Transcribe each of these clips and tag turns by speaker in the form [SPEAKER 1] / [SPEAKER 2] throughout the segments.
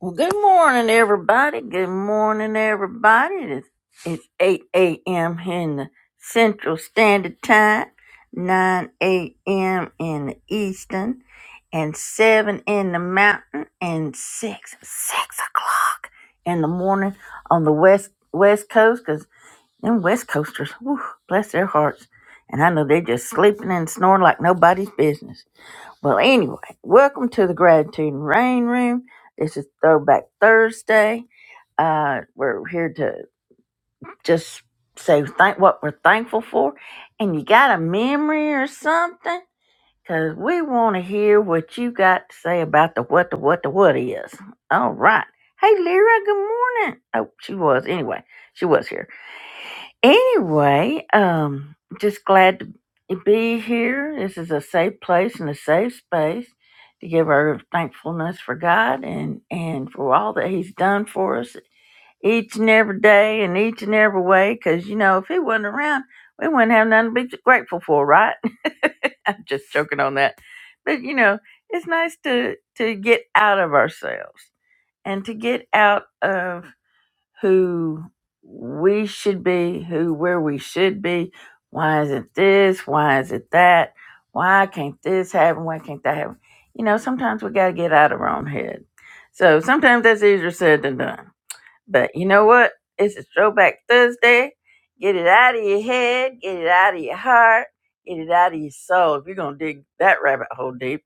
[SPEAKER 1] Well, good morning, everybody. Good morning, everybody. It's, it's 8 a.m. in the Central Standard Time, 9 a.m. in the Eastern, and 7 in the Mountain, and 6, 6 o'clock in the morning on the West West Coast, because them West Coasters, whew, bless their hearts. And I know they're just sleeping and snoring like nobody's business. Well, anyway, welcome to the Gratitude and Rain Room. This is Throwback Thursday. Uh, we're here to just say thank what we're thankful for, and you got a memory or something, because we want to hear what you got to say about the what the what the what is. All right. Hey, Lyra. Good morning. Oh, she was anyway. She was here. Anyway, um, just glad to be here. This is a safe place and a safe space to give our thankfulness for God and and for all that He's done for us each and every day and each and every way. Because you know, if He wasn't around, we wouldn't have nothing to be grateful for, right? I'm just joking on that, but you know, it's nice to to get out of ourselves and to get out of who we should be, who where we should be. Why isn't this? Why is it that? Why can't this happen? Why can't that happen? You know, sometimes we got to get out of our own head. So sometimes that's easier said than done. But you know what? It's a throwback Thursday. Get it out of your head, get it out of your heart, get it out of your soul. If you're going to dig that rabbit hole deep,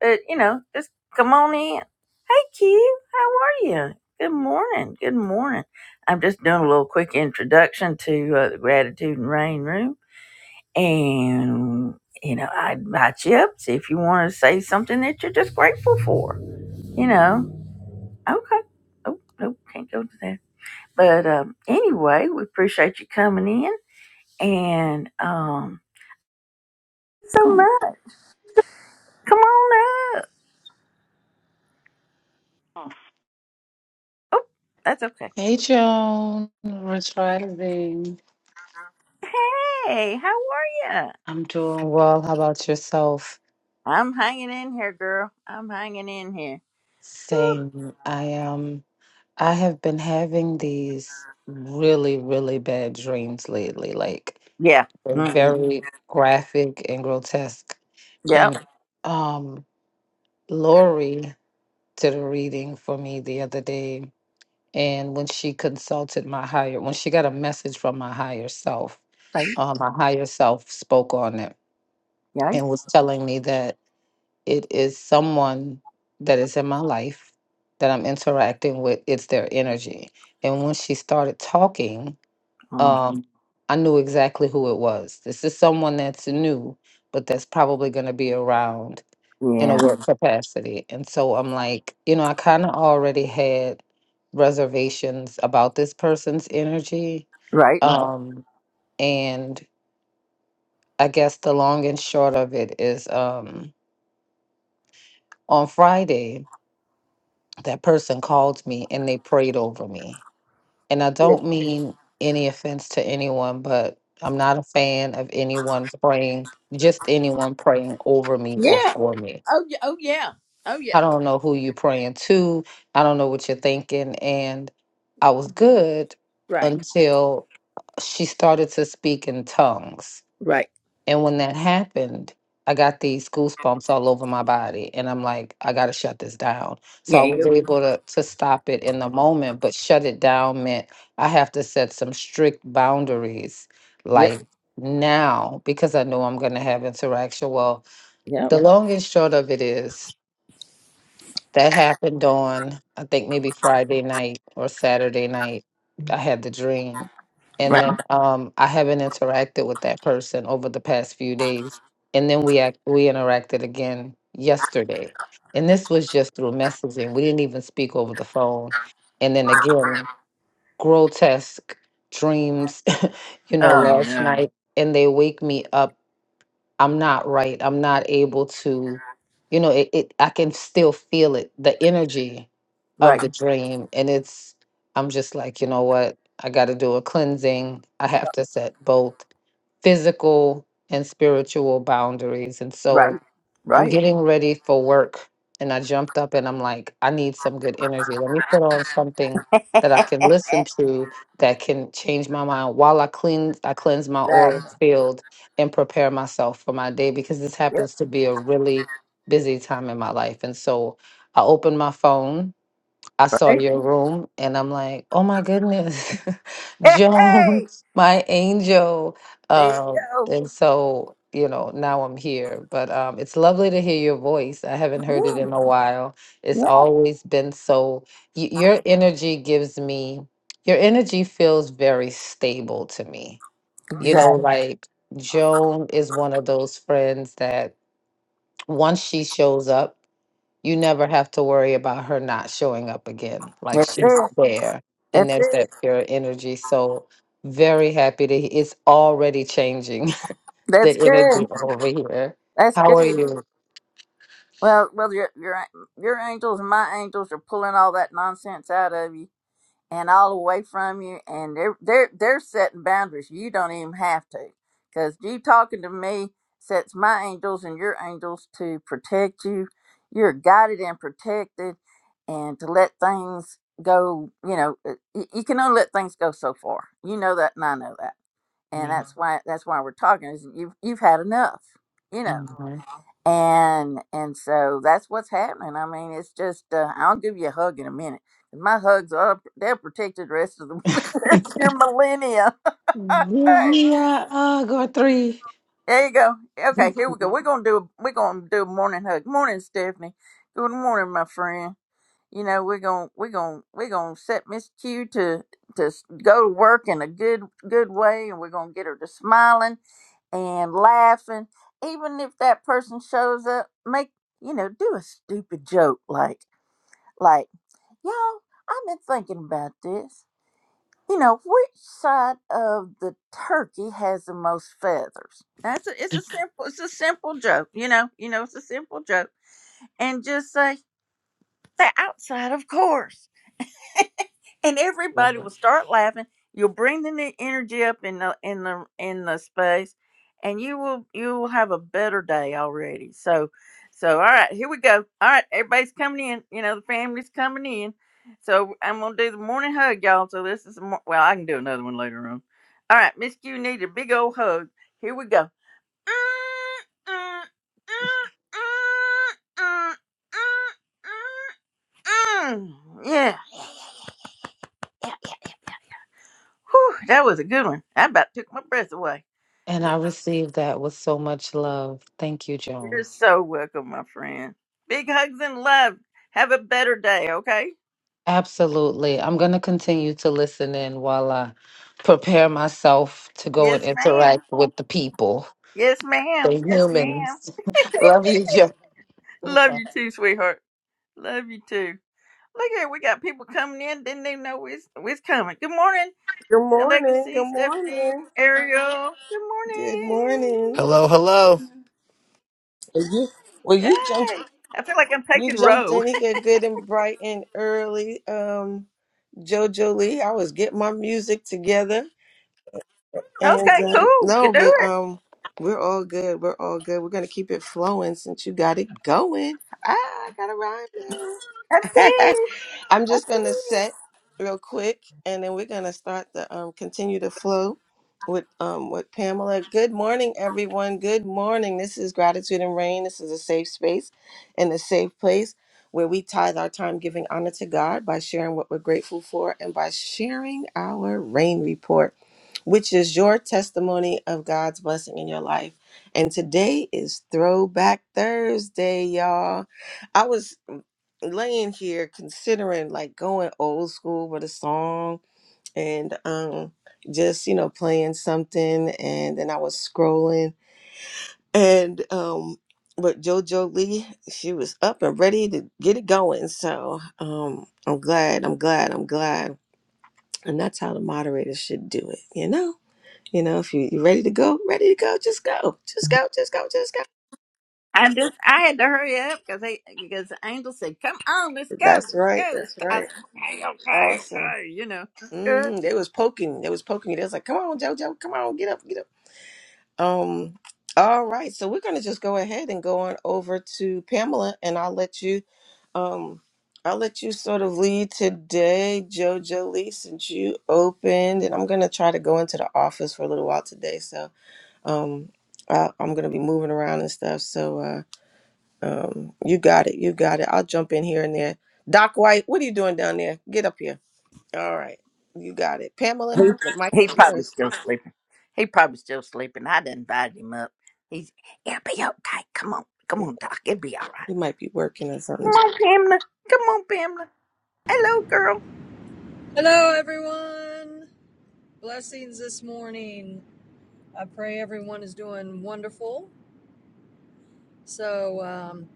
[SPEAKER 1] but you know, just come on in. Hey, Q, how are you? Good morning. Good morning. I'm just doing a little quick introduction to uh, the Gratitude and Rain Room, and you know, I invite you up. See if you want to say something that you're just grateful for. You know, okay. Oh, nope, can't go to that. But um, anyway, we appreciate you coming in, and um, so much. Come on up. Oh, that's okay.
[SPEAKER 2] Hey, Joan. Rich Rising.
[SPEAKER 1] Hey, how are you?
[SPEAKER 2] I'm doing well. How about yourself?
[SPEAKER 1] I'm hanging in here, girl. I'm hanging in here. Whew.
[SPEAKER 2] Same. I um I have been having these really, really bad dreams lately. Like
[SPEAKER 1] Yeah.
[SPEAKER 2] they're
[SPEAKER 1] Mm-mm.
[SPEAKER 2] very graphic and grotesque.
[SPEAKER 1] Yep.
[SPEAKER 2] And um Lori did a reading for me the other day. And when she consulted my higher, when she got a message from my higher self,
[SPEAKER 1] Right.
[SPEAKER 2] um, my higher self spoke on it
[SPEAKER 1] Yeah.
[SPEAKER 2] and was telling me that it is someone that is in my life that I'm interacting with. It's their energy. And when she started talking,
[SPEAKER 1] Oh,
[SPEAKER 2] um, I knew exactly who it was. This is someone that's new, but that's probably going to be around in a
[SPEAKER 1] yeah.
[SPEAKER 2] work Mhm. capacity. And so I'm like, you know, I kind of already had reservations about this person's energy.
[SPEAKER 1] Right.
[SPEAKER 2] Mhm. Um, and I guess the long and short of it is um, on Friday, that person called me and they prayed over me. And I
[SPEAKER 1] Yeah.
[SPEAKER 2] don't Mhm. mean any offense to anyone, but I'm not a fan of anyone praying, just anyone praying over me or
[SPEAKER 1] Yeah.
[SPEAKER 2] for me.
[SPEAKER 1] Oh, y- oh, yeah. Oh, yeah.
[SPEAKER 2] I don't know who you're praying to. I don't know what you're thinking. And I was good
[SPEAKER 1] Right.
[SPEAKER 2] until she started to speak in tongues.
[SPEAKER 1] Right.
[SPEAKER 2] And when that happened, I got these goosebumps all over my body. And I'm like, I got to shut this down. So
[SPEAKER 1] Yeah,
[SPEAKER 2] I
[SPEAKER 1] you
[SPEAKER 2] was
[SPEAKER 1] go.
[SPEAKER 2] able to, to stop it in the moment, but shut it down meant I have to set some strict boundaries,
[SPEAKER 1] Yep.
[SPEAKER 2] like now, because I know I'm going to have interaction. Well,
[SPEAKER 1] Yep.
[SPEAKER 2] the long and short of it is that happened on, I think maybe Friday night or Saturday night. I had the dream. And
[SPEAKER 1] Right.
[SPEAKER 2] then um, I haven't interacted with that person over the past few days. And then we act, we interacted again yesterday. And this was just through messaging. We didn't even speak over the phone. And then again, grotesque dreams, you know,
[SPEAKER 1] Oh,
[SPEAKER 2] last
[SPEAKER 1] no.
[SPEAKER 2] night. And they wake me up I'm not right. I'm not able to, you know, it, it I can still feel it, the energy
[SPEAKER 1] Right.
[SPEAKER 2] of the dream. And it's I'm just like, you know what? I gotta do a cleansing. I have to set both physical and spiritual boundaries. And so
[SPEAKER 1] Right.
[SPEAKER 2] I'm
[SPEAKER 1] Right.
[SPEAKER 2] getting ready for work and I jumped up and I'm like, I need some good energy. Let me put on something that I can listen
[SPEAKER 1] exactly.
[SPEAKER 2] to that can change my mind while I clean I cleanse my aura Mhm. field and prepare myself for my day because this
[SPEAKER 1] Yep.
[SPEAKER 2] happens to be a really busy time in my life. And so I opened my phone I saw
[SPEAKER 1] Right.
[SPEAKER 2] your room and I'm like, oh my goodness,
[SPEAKER 1] Hey.
[SPEAKER 2] Joan, my angel.
[SPEAKER 1] There you
[SPEAKER 2] Uh,
[SPEAKER 1] go.
[SPEAKER 2] and so, you know, now I'm here. But um, it's lovely to hear your voice. I haven't heard it in
[SPEAKER 1] Yeah.
[SPEAKER 2] a while. It's
[SPEAKER 1] yeah.
[SPEAKER 2] always been so, y- your energy gives me, your energy feels very stable to me. You know,
[SPEAKER 1] Exactly.
[SPEAKER 2] Mhm. like Joan is one of those friends that once she shows up, you never have to worry about her not showing up again. Like
[SPEAKER 1] That's
[SPEAKER 2] she's
[SPEAKER 1] it.
[SPEAKER 2] there and
[SPEAKER 1] That's
[SPEAKER 2] there's that
[SPEAKER 1] it.
[SPEAKER 2] pure energy. So very happy to it's already changing the
[SPEAKER 1] That's good.
[SPEAKER 2] energy over here.
[SPEAKER 1] That's
[SPEAKER 2] How are
[SPEAKER 1] good.
[SPEAKER 2] you?
[SPEAKER 1] Well, well, your your your angels and my angels are pulling all that nonsense out of you and all away from you, and they're they're they're setting boundaries. You don't even have to, because you talking to me sets my angels and your angels to protect you. You're guided and protected, and to let things go. You know, uh, y- you can only let things go so far. You know that, and I know that, and that's why that's why we're talking. Is you've you've had enough. You know
[SPEAKER 2] Mm-hmm.
[SPEAKER 1] and and so that's what's happening. I mean, it's just uh, I'll give you a hug in a minute. My hugs are they're protected the rest of the rest of your millennia.
[SPEAKER 2] Give
[SPEAKER 1] hey,
[SPEAKER 2] me a hug or three.
[SPEAKER 1] there you go. Okay, here we go. We're gonna do we're gonna do a morning hug. Morning, Stephanie. Good morning, my friend you know we're gonna we're gonna we're gonna set miss q to to s- go to work in a good good way and we're gonna get her to smiling and laughing even if that person shows up make you know do a stupid joke like like y'all i've been thinking about this you know which side of the turkey has the most feathers that's a, it's a simple it's a simple joke you know you know it's a simple joke and just say the outside of course and everybody
[SPEAKER 2] Mhm.
[SPEAKER 1] will start laughing. You'll bring the new energy up in the in the in the space, and you will you will have a better day already. So, so all right, here we go. All right, everybody's coming in. You know the family's coming in. So I'm gonna do the morning hug, y'all. So this is the mor- well, I can do another one later on. All right, Miss Q need a big old hug. Here we go. Yeah. yeah, yeah, yeah yeah, yeah, yeah. Whew, that was a good one. I about took my breath away.
[SPEAKER 2] And I received that with so much love. Thank you,
[SPEAKER 1] You're
[SPEAKER 2] Joan.
[SPEAKER 1] so welcome, my friend. Big hugs and love. Have a better day, okay?
[SPEAKER 2] Absolutely. I'm going to continue to listen in while I prepare myself to go and
[SPEAKER 1] Yes, ma'am.
[SPEAKER 2] interact with the people.
[SPEAKER 1] Yes, ma'am.
[SPEAKER 2] The
[SPEAKER 1] Yes, ma'am.
[SPEAKER 2] humans. Love you, Joe.
[SPEAKER 1] Love you too, sweetheart. Love you too. Look here, we got people coming in. Didn't even know we was coming. Good morning,
[SPEAKER 3] Good morning.
[SPEAKER 1] Legacy,
[SPEAKER 3] Good
[SPEAKER 1] Stephanie,
[SPEAKER 3] morning.
[SPEAKER 1] Ariel. Good
[SPEAKER 3] Good
[SPEAKER 1] morning.
[SPEAKER 3] morning.
[SPEAKER 4] Hello, hello.
[SPEAKER 3] Well, you, well, you jumped.
[SPEAKER 1] Yay. I feel like I'm
[SPEAKER 3] You
[SPEAKER 1] taking
[SPEAKER 3] jumped
[SPEAKER 1] row.
[SPEAKER 3] in here good and bright and early. Um, Jojo Lee, I was getting my music together, and
[SPEAKER 1] Okay,
[SPEAKER 3] um,
[SPEAKER 1] cool. You
[SPEAKER 3] no,
[SPEAKER 1] do
[SPEAKER 3] but
[SPEAKER 1] it.
[SPEAKER 3] um, we're all good. We're all good. We're gonna keep it flowing since you got it going. Ah, I got a rhyme. now.
[SPEAKER 1] I see.
[SPEAKER 3] I'm
[SPEAKER 1] I
[SPEAKER 3] just gonna
[SPEAKER 1] see.
[SPEAKER 3] set real quick, and then we're gonna start the um, continue to flow with um, with Pamela. Good morning, everyone. Good morning. This is gratitude and rain. This is a safe space and a safe place where we tithe our time giving honor to God by sharing what we're grateful for and by sharing our rain report, which is your testimony of God's blessing in your life. And today is Throwback Thursday, y'all. I was laying here considering like going old school with a song and um just you know playing something and then I was scrolling and um but JoJo Lee she was up and ready to get it going so um I'm glad I'm glad I'm glad and that's how the moderator should do it you know you know if you, you're ready to go ready to go just go just go just go just go
[SPEAKER 1] I just I had to hurry up because they because the angel said, "Come on, let's go,
[SPEAKER 3] that's
[SPEAKER 1] let's
[SPEAKER 3] right
[SPEAKER 1] go." Let's
[SPEAKER 3] that's
[SPEAKER 1] I
[SPEAKER 3] right
[SPEAKER 1] said, "Okay, okay,
[SPEAKER 3] awesome
[SPEAKER 1] okay," you know.
[SPEAKER 3] hmm They was poking. They was poking. you. They was like, "Come on, JoJo, come on, get up, get up." Um. All right, so we're gonna just go ahead and go on over to Pamela, and I'll let you, um, I'll let you sort of lead today, JoJo Lee, since you opened, and I'm gonna try to go into the office for a little while today. So, um, I, I'm gonna be moving around and stuff. So, uh, um, you got it, you got it. I'll jump in here and there. Doc White, what are you doing down there? Get up here. All right. You got it. Pamela,
[SPEAKER 1] He,
[SPEAKER 3] the mic
[SPEAKER 1] he
[SPEAKER 3] is
[SPEAKER 1] probably
[SPEAKER 3] yours.
[SPEAKER 1] still sleeping. He probably still sleeping. I done invited him up. He's it'll be okay. Come on, come on, Doc. It'll be all right.
[SPEAKER 3] You might be working or
[SPEAKER 1] Come
[SPEAKER 3] something.
[SPEAKER 1] on, Pamela. Come on, Pamela. Hello, girl.
[SPEAKER 5] Hello, everyone. Blessings this morning. I pray everyone is doing wonderful. So, um,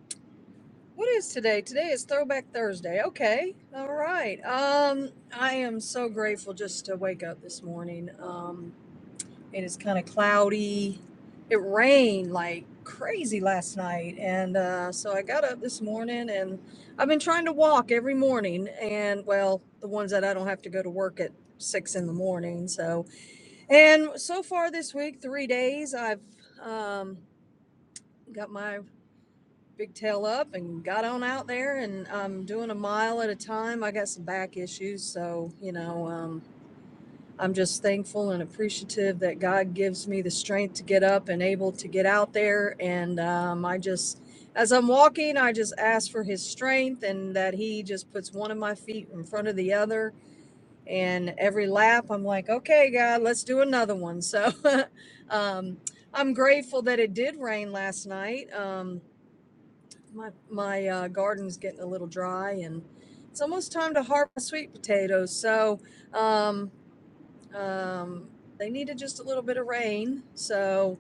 [SPEAKER 5] what is today? Today is Throwback Thursday. Okay. All right. Um, I am so grateful just to wake up this morning. Um, it is kind of cloudy. It rained like crazy last night. And uh, so I got up this morning and I've been trying to walk every morning. And, well, the ones that I don't have to go to work at six in the morning. So, And so far this week, three days, I've um, got my big tail up and got on out there, and I'm doing a mile at a time. I got some back issues, so you know, um, I'm just thankful and appreciative that God gives me the strength to get up and able to get out there. And um, I just, as I'm walking, I just ask for His strength and that He just puts one of my feet in front of the other and every lap i'm like okay god let's do another one so um, i'm grateful that it did rain last night um, my, my uh, garden's getting a little dry and it's almost time to harvest sweet potatoes so um, um, they needed just a little bit of rain so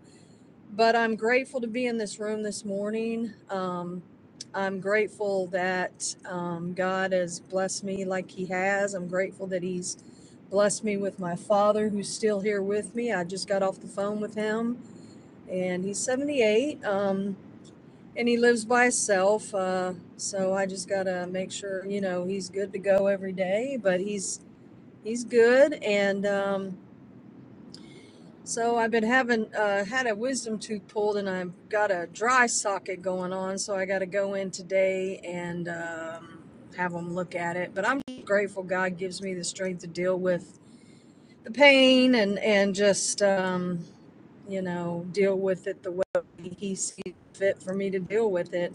[SPEAKER 5] but I'm grateful to be in this room this morning. Um, I'm grateful that um, God has blessed me like He has. I'm grateful that He's blessed me with my father, who's still here with me. I just got off the phone with him, and he's 78, um, and he lives by himself. Uh, so I just gotta make sure, you know, he's good to go every day. But he's he's good, and um, so I've been having uh, had a wisdom tooth pulled, and I've got a dry socket going on. So I got to go in today and um, have them look at it. But I'm grateful God gives me the strength to deal with the pain and and just um, you know deal with it the way He sees fit for me to deal with it.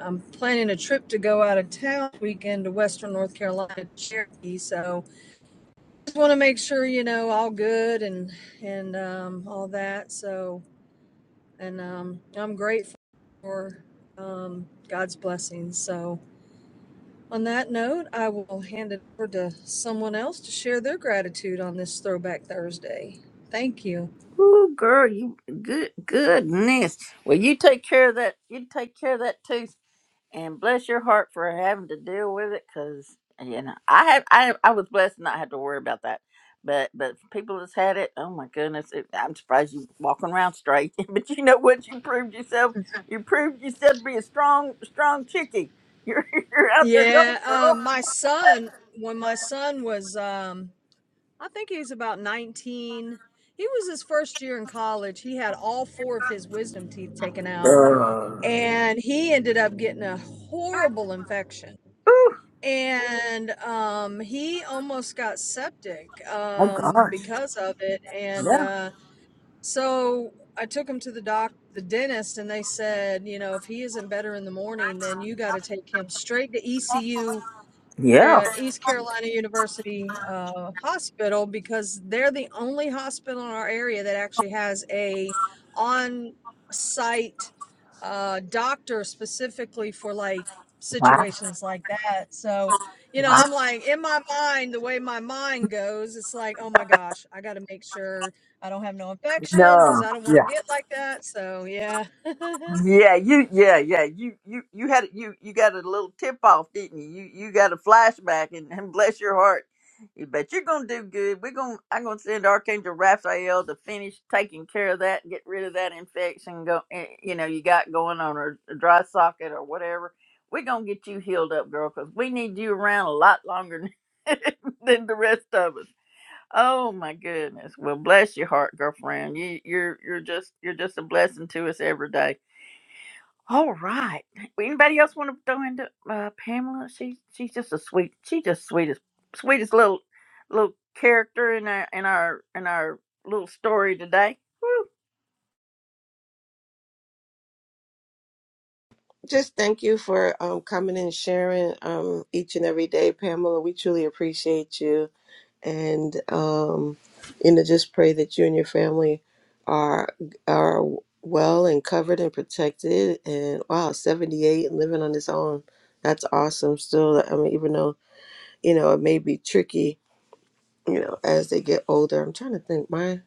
[SPEAKER 5] I'm planning a trip to go out of town this weekend to Western North Carolina, Cherokee. So just want to make sure you know all good and and um, all that. So and um, I'm grateful for um, God's blessings. So, on that note, I will hand it over to someone else to share their gratitude on this Throwback Thursday. Thank you.
[SPEAKER 1] Ooh, girl, you good goodness. Well, you take care of that. You take care of that too. and bless your heart for having to deal with it because you know i have I, I was blessed to not have to worry about that but but people that's had it oh my goodness it, i'm surprised you walking around straight but you know what you proved yourself you proved yourself to be a strong strong chickie you're, you're out there going
[SPEAKER 5] Yeah,
[SPEAKER 1] girl
[SPEAKER 5] um, my son, when my son was, um, I think he was about 19, he was his first year in college. He had all four of his wisdom teeth taken out, and he ended up getting a horrible infection
[SPEAKER 1] Whew.
[SPEAKER 5] and um, he almost got septic
[SPEAKER 1] Oh,
[SPEAKER 5] um, because of it. And
[SPEAKER 1] yeah.
[SPEAKER 5] uh, so I took him to the doc, the dentist, and they said, you know, if he isn't better in the morning, then you got to take him straight to ECU
[SPEAKER 1] Yeah.
[SPEAKER 5] the East Carolina University uh, Hospital because they're the only hospital in our area that actually has a on-site uh, doctor specifically for like
[SPEAKER 1] Wow.
[SPEAKER 5] situations like that. So, you know, I'm like in my mind, the way my mind goes, it's like, oh my gosh, I got to make sure I don't have no infection because I don't want to get like that. So, yeah.
[SPEAKER 1] Yeah, you yeah, yeah. You you you had you you got a little tip off, didn't you? You you got a flashback and, and bless your heart. You bet you're gonna do good. We're gonna I'm gonna send Archangel Raphael to finish taking care of that, get rid of that infection go eh, you know, you got going on or a dry socket or whatever. We're gonna get you healed up, girl, because we need you around a lot longer than than the rest of us. Oh my goodness. Well bless your heart, girlfriend. You you're you're just you're just a blessing to us every day all right. Anybody else want to throw into uh, Pamela? She she's just a sweet. She just sweetest sweetest little little character in our in our in our little story today. Woo.
[SPEAKER 3] Just thank you for um, coming and sharing um, each and every day, Pamela. We truly appreciate you. and um, you know, just pray that you and your family are are well and covered and protected. And wow, seventy eight and living on his own, that's awesome. Still, I mean, even though you know it may be tricky, you know, as they get older. I'm trying to think. My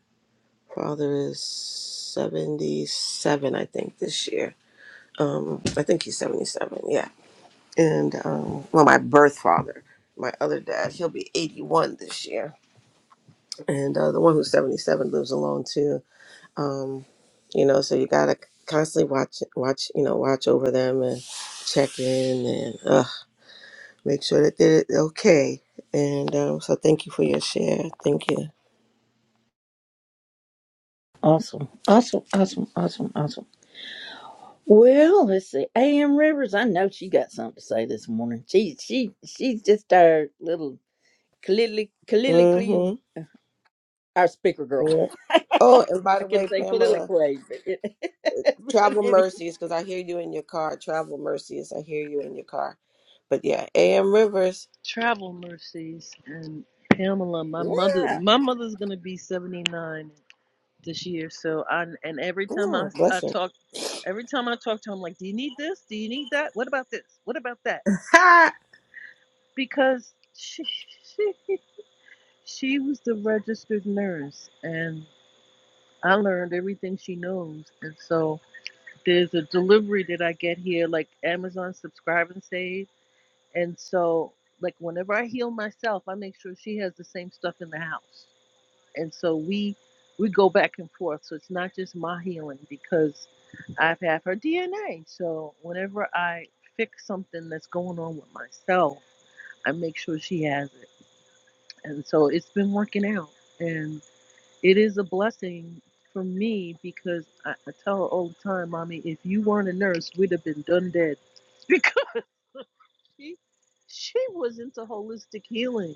[SPEAKER 3] father is seventy seven, I think, this year. Um, I think he's seventy seven. Yeah, and um, well, my birth father. My other dad, he'll be 81 this year and uh, the one who's 77 lives alone too um you know so you gotta constantly watch watch you know watch over them and check in and uh, make sure that they're okay and um so thank you for your share thank you
[SPEAKER 1] Awesome, awesome, awesome, awesome, awesome. Well, let's see. A.M. Rivers, I know she got something to say this morning. She, she, she's just our little colloquially, colloquially
[SPEAKER 3] mm-hmm
[SPEAKER 1] our speaker girl.
[SPEAKER 3] yeah. oh and by
[SPEAKER 1] I
[SPEAKER 3] the
[SPEAKER 1] can
[SPEAKER 3] way
[SPEAKER 1] say
[SPEAKER 3] pamela
[SPEAKER 1] colloquially, but, it, but
[SPEAKER 3] travel
[SPEAKER 1] anyway.
[SPEAKER 3] mercies because i hear you in your car travel mercies i hear you in your car but yeah am rivers
[SPEAKER 6] Travel mercies and Pamela, my mother,
[SPEAKER 1] yeah.
[SPEAKER 6] my mother's gonna be seventy nine this year. So I and every time I
[SPEAKER 3] Ooh,
[SPEAKER 6] I
[SPEAKER 3] bless her.
[SPEAKER 6] talk, every time I talk to her, I'm like, do you need this? Do you need that? What about this? What about that? Because she she she was the registered nurse, and I learned everything she knows. And so there's a delivery that I get here, like Amazon Subscribe and Save, and so like whenever I heal myself, I make sure she has the same stuff in the house and so we we go back and forth. So it's not just my healing because I've had her DNA. So whenever I fix something that's going on with myself, I make sure she has it. And so it's been working out. And it is a blessing for me because I, I tell her all the time, Mommy, if you weren't a nurse, we'd have been done dead. she she was into holistic healing,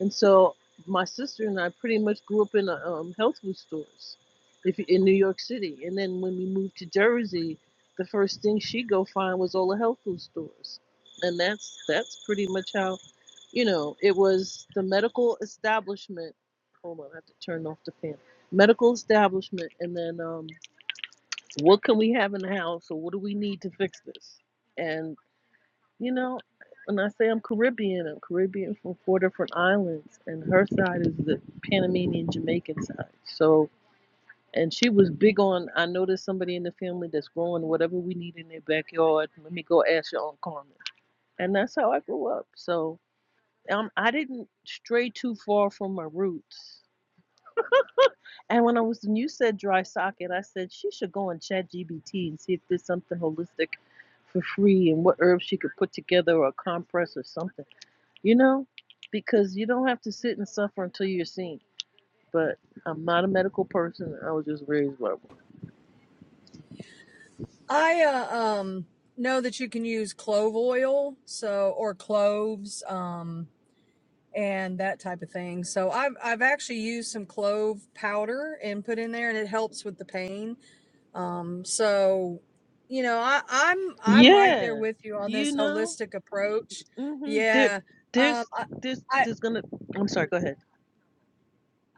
[SPEAKER 6] and so my sister and I pretty much grew up in um, health food stores, if in New York City. And then when we moved to Jersey, the first thing she go find was all the health food stores, and that's that's pretty much how, you know, it was the medical establishment. Hold on, I have to turn off the fan. Medical establishment, and then um, what can we have in the house, or what do we need to fix this? You know, when I say I'm Caribbean, I'm Caribbean from four different islands, and her side is the Panamanian Jamaican side. So, and she was big on, I know there's somebody in the family that's growing whatever we need in their backyard. Let me go ask your Aunt Carmen. And that's how I grew up. So, um, I didn't stray too far from my roots. And when I was, when you said dry socket, I said she should go on ChatGPT and see if there's something holistic for free and what herbs she could put together or a compress or something. you know, because you don't have to sit and suffer until you're seen. But I'm not a medical person. I was just raised by one.
[SPEAKER 5] I uh, um know that you can use clove oil, so or cloves, um, and that type of thing. So I've I've actually used some clove powder and put in there, and it helps with the pain. Um, so you know, I, I'm I'm right there
[SPEAKER 6] Yeah,
[SPEAKER 5] with you on
[SPEAKER 6] you
[SPEAKER 5] this
[SPEAKER 6] know,
[SPEAKER 5] holistic approach.
[SPEAKER 6] hmm there,
[SPEAKER 5] Yeah. Um,
[SPEAKER 6] there's,
[SPEAKER 5] I,
[SPEAKER 6] there's,
[SPEAKER 5] I
[SPEAKER 6] there's gonna. I'm sorry. Go ahead.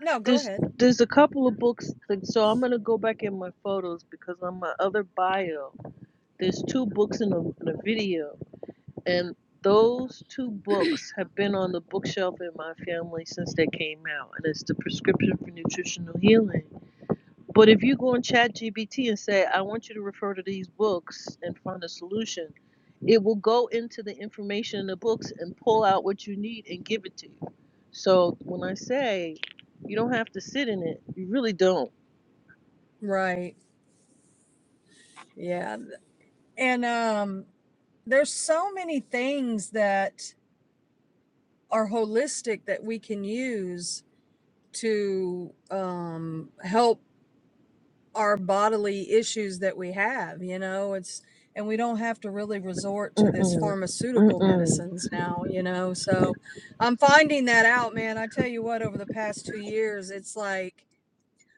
[SPEAKER 5] no, go
[SPEAKER 6] There's,
[SPEAKER 5] ahead.
[SPEAKER 6] there's a couple of books. Like, so I'm gonna go back in my photos because on my other bio, there's two books in a, in a video, and those two books have been on the bookshelf in my family since they came out, and it's the prescription for nutritional healing But if you go on ChatGPT and say, I want you to refer to these books and find a solution, it will go into the information in the books and pull out what you need and give it to you. So when I say you don't have to sit in it, you really don't.
[SPEAKER 5] Right. Yeah. And um, there's so many things that are holistic that we can use to um, help our bodily issues that we have. You know, it's and we don't have to really resort to this
[SPEAKER 6] Mm-mm.
[SPEAKER 5] pharmaceutical
[SPEAKER 6] Mm-mm.
[SPEAKER 5] medicines now. You know, so I'm finding that out, man. I tell you what, over the past two years, it's like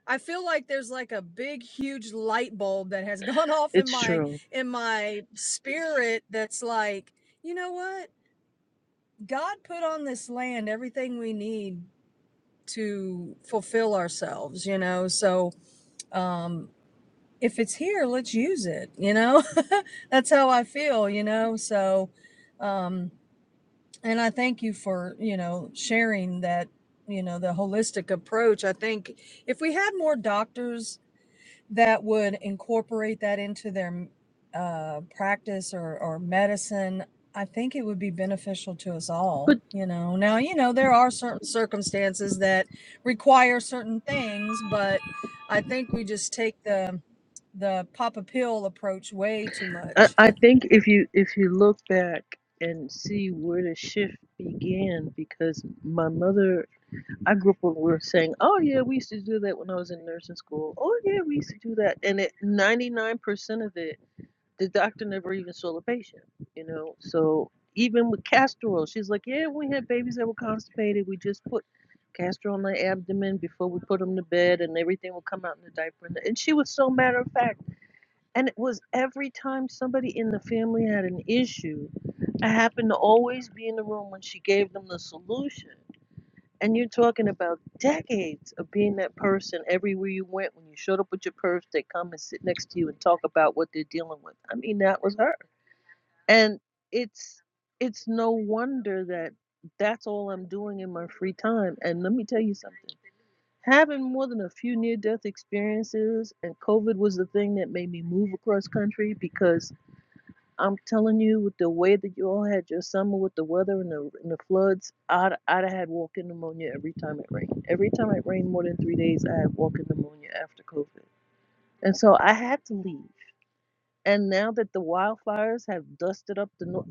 [SPEAKER 5] I feel like there's like a big, huge light bulb that has gone off in
[SPEAKER 6] It's
[SPEAKER 5] my
[SPEAKER 6] true.
[SPEAKER 5] in my spirit. That's like, you know what? God put on this land everything we need to fulfill ourselves. You know, so um if it's here let's use it you know that's how i feel you know so um and i thank you for you know sharing that you know the holistic approach i think if we had more doctors that would incorporate that into their mm, uh, practice or, or medicine, I think it would be beneficial to us all.
[SPEAKER 6] But
[SPEAKER 5] You know, now, you know, there are certain circumstances that require certain things, but I think we just take the the pop a pill approach way too
[SPEAKER 6] I,
[SPEAKER 5] much.
[SPEAKER 6] I think if you if you look back and see where the shift began, because my mother I grew up when we were saying, "Oh yeah, we used to do that when I was in nursing school." Oh yeah, we used to do that, and it ninety nine percent of it, the doctor never even saw the patient. You know, so even with castor oil, she's like, "Yeah, we had babies that were constipated. We just put castor on their abdomen before we put them to bed, and everything would come out in the diaper." And and she was so matter of fact. And it was every time somebody in the family had an issue, I happened to always be in the room when she gave them the solution and you're talking about decades of being that person everywhere you went. When you showed up with your purse, they come and sit next to you and talk about what they're dealing with. I mean, that was her. And it's it's no wonder that that's all I'm doing in my free time. And let me tell you something. Having more than a few near death experiences and COVID was the thing that made me move across country because I'm telling you, with the way that you all had your summer, with the weather and the and the floods, I'd I'd have had walking pneumonia every time it rained. Every time it rained more than three days, I had walking pneumonia after COVID, and so I had to leave. And now that the wildfires have dusted up the north,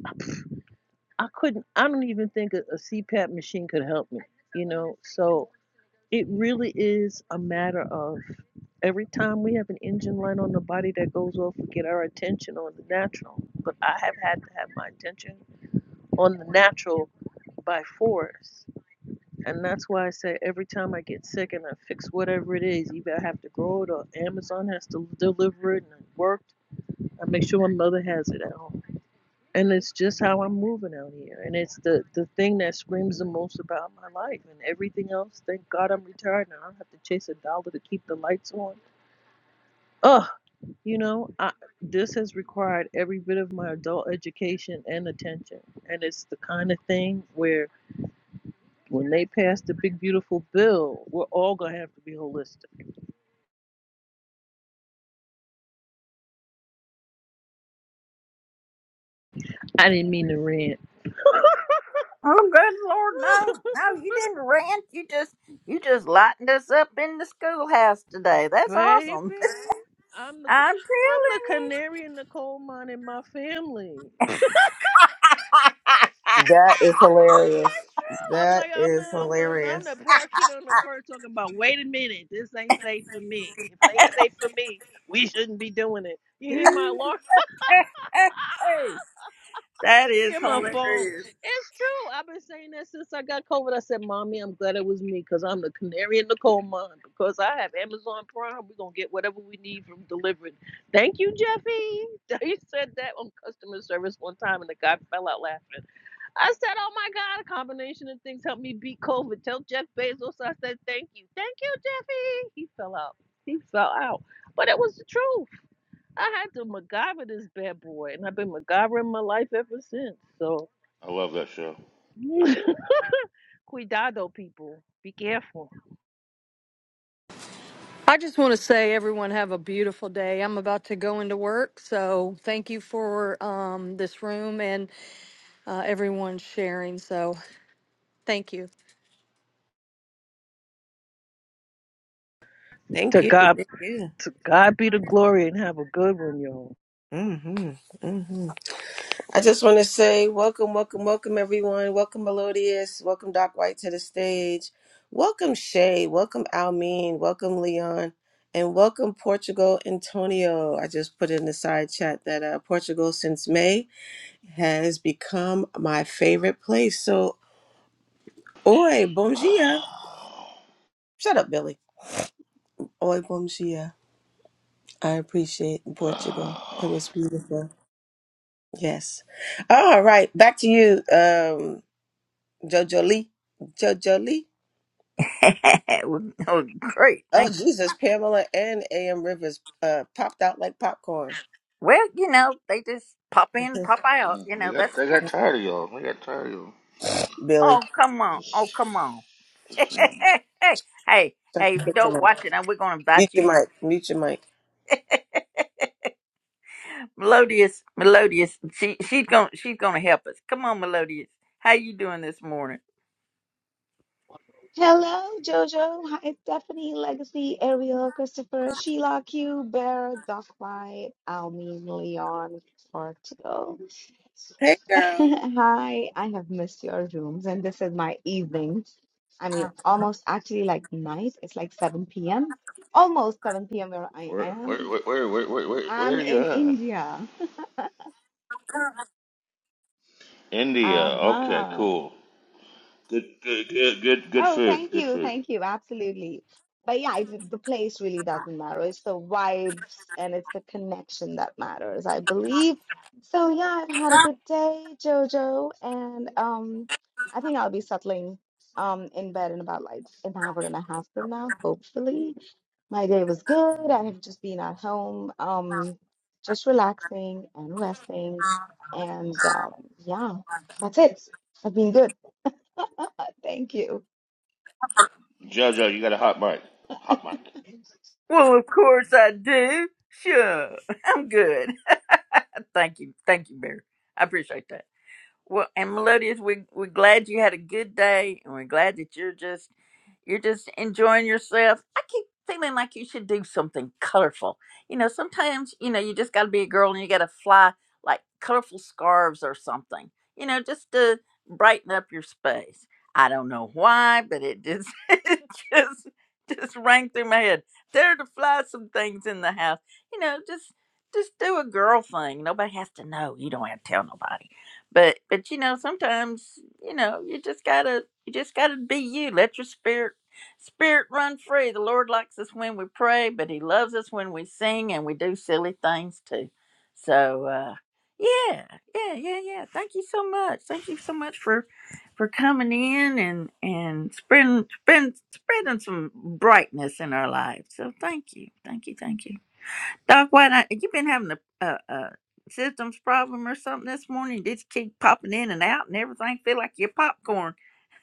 [SPEAKER 6] I couldn't. I don't even think a, a CPAP machine could help me. You know, so it really is a matter of every time we have an engine light on the body that goes off, we get our attention on the natural. But I have had to have my attention on the natural by force. And that's why I say every time I get sick and I fix whatever it is, either I have to grow it or Amazon has to deliver it and it worked, I make sure my mother has it at home. And it's just how I'm moving out here. And it's the, the thing that screams the most about my life and everything else. Thank God I'm retired and I don't have to chase a dollar to keep the lights on. Ugh, you know, I, this has required every bit of my adult education and attention. And it's the kind of thing where When they pass the big beautiful bill, we're all gonna have to be holistic. I didn't mean to rant.
[SPEAKER 1] Oh, good Lord, no, no, you didn't rant. You just, you just lightened us up in the schoolhouse today. That's
[SPEAKER 6] Baby,
[SPEAKER 1] awesome.
[SPEAKER 6] I'm the
[SPEAKER 1] I'm
[SPEAKER 6] I'm the
[SPEAKER 1] telling you,
[SPEAKER 6] canary in the coal mine in my family. I swear to
[SPEAKER 3] that is
[SPEAKER 6] God,
[SPEAKER 3] hilarious
[SPEAKER 6] that's true. I'm
[SPEAKER 3] that
[SPEAKER 6] like I'm
[SPEAKER 3] is
[SPEAKER 6] the I'm the,
[SPEAKER 3] hilarious
[SPEAKER 6] I'm the parakeet on the perch talking about. Wait a minute, this ain't safe for me. If it ain't safe for me, we shouldn't be doing it. You hear my alarm?
[SPEAKER 1] that is
[SPEAKER 6] in my phone.
[SPEAKER 1] hilarious.
[SPEAKER 6] It's true. I've been saying that since I got COVID. I said, Mommy, I'm glad it was me because I'm the canary in the coal mine. Because I have Amazon Prime, we're going to get whatever we need from delivered. Thank you, Jeffy. He said that on customer service one time and the guy fell out laughing. I said, Oh my God, a combination of things helped me beat COVID. Tell Jeff Bezos I said, Thank you. Thank you, Jeffy. He fell out. He fell out. But it was the truth. I had to MacGyver this bad boy, and I've been MacGyvering my life ever since. So
[SPEAKER 7] I love that show.
[SPEAKER 6] Cuidado, people. Be careful.
[SPEAKER 5] I just want to say, everyone, have a beautiful day. I'm about to go into work, so thank you for um, this room and uh, everyone sharing. So, thank you.
[SPEAKER 3] Thank
[SPEAKER 6] to
[SPEAKER 3] you.
[SPEAKER 6] God,
[SPEAKER 3] Thank you.
[SPEAKER 6] to God be the glory, and have a good one, y'all.
[SPEAKER 3] hmm hmm I just want to say welcome, welcome, welcome, everyone. Welcome, Melodious. Welcome, Doc White, to the stage. Welcome, Shay. Welcome, Almeen. Welcome, Leon. And welcome, Portugal Antonio. I just put in the side chat that uh, Portugal, since May, has become my favorite place. So, oi, bom dia. Shut up, Billy. Oi, bom dia. I appreciate Portugal. It was beautiful. Yes. All right. Back to you, um, Jojo Lee. Jojo Lee.
[SPEAKER 1] well, oh, great,
[SPEAKER 3] Oh,
[SPEAKER 1] thank. you.
[SPEAKER 3] Jesus. Pamela and A.M. Rivers uh, popped out like popcorn.
[SPEAKER 1] Well, you know, they just pop in,
[SPEAKER 3] Mhm.
[SPEAKER 1] pop out. You know,
[SPEAKER 7] They got
[SPEAKER 1] that's.
[SPEAKER 7] they got tired of y'all. They got tired of y'all.
[SPEAKER 3] Billy,
[SPEAKER 1] Oh, come on. Oh,
[SPEAKER 7] Just
[SPEAKER 1] come on. hey,
[SPEAKER 7] just you know.
[SPEAKER 1] hey, hey!
[SPEAKER 3] shut
[SPEAKER 1] hey, if you
[SPEAKER 3] shut your
[SPEAKER 1] don't
[SPEAKER 3] mic.
[SPEAKER 1] watch it, now we're gonna invite
[SPEAKER 3] Mute
[SPEAKER 1] you.
[SPEAKER 3] your
[SPEAKER 1] To...
[SPEAKER 3] mic. Mute your mic.
[SPEAKER 1] Melodious, Melodious, she she's gonna she's gonna help us. Come on, Melodious, how you doing this morning?
[SPEAKER 8] Hello, Jojo. Hi, Stephanie, Legacy, Ariel, Christopher, Sheila, Q, Bear, Doc5, Almin, Leon, Portugal.
[SPEAKER 3] Hey, girl.
[SPEAKER 8] Hi, I have missed your rooms, and this is my evening. I mean, almost actually like night. It's like 7 p.m. Almost 7 p.m. where I
[SPEAKER 7] Where where
[SPEAKER 8] am.
[SPEAKER 7] where where where where, where, where
[SPEAKER 8] I'm
[SPEAKER 7] are you
[SPEAKER 8] in
[SPEAKER 7] at?
[SPEAKER 8] India.
[SPEAKER 7] India. Okay,
[SPEAKER 8] Uh-huh.
[SPEAKER 7] cool. Good good good good good
[SPEAKER 8] Oh,
[SPEAKER 7] food.
[SPEAKER 8] thank
[SPEAKER 7] Good
[SPEAKER 8] you.
[SPEAKER 7] food.
[SPEAKER 8] Thank you. Absolutely. But yeah, it, the place really doesn't matter. It's the vibes and it's the connection that matters, I believe. So yeah, I've had a good day, Jojo, and um, I think I'll be settling um in bed in about like an hour and a half from now, hopefully. My day was good. I have just been at home, um, just relaxing and resting, and um, yeah, that's it. I've been good. Thank you.
[SPEAKER 7] Jojo, you got a hot mic. Hot mic.
[SPEAKER 1] Well, of course I do. Sure, I'm good. thank you, thank you, Mary. I appreciate that. Well, and Melodious, we we're glad you had a good day, and we're glad that you're just you're just enjoying yourself. I keep feeling like you should do something colorful. You know, sometimes you know you just got to be a girl, and you got to fly like colorful scarves or something. You know, just to brighten up your space. I don't know why, but it just it just just rang through my head. There to fly some things in the house. You know, just just do a girl thing. Nobody has to know. You don't have to tell nobody but but you know sometimes you know you just gotta you just gotta be you let your spirit spirit run free the lord likes us when we pray but he loves us when we sing and we do silly things too so uh yeah yeah yeah yeah thank you so much thank you so much for for coming in and and spreading spreading, spreading some brightness in our lives so thank you thank you thank you Doc, why not? You been having a, a, a systems problem or something this morning? Did you keep popping in and out and everything? Feel like you're popcorn.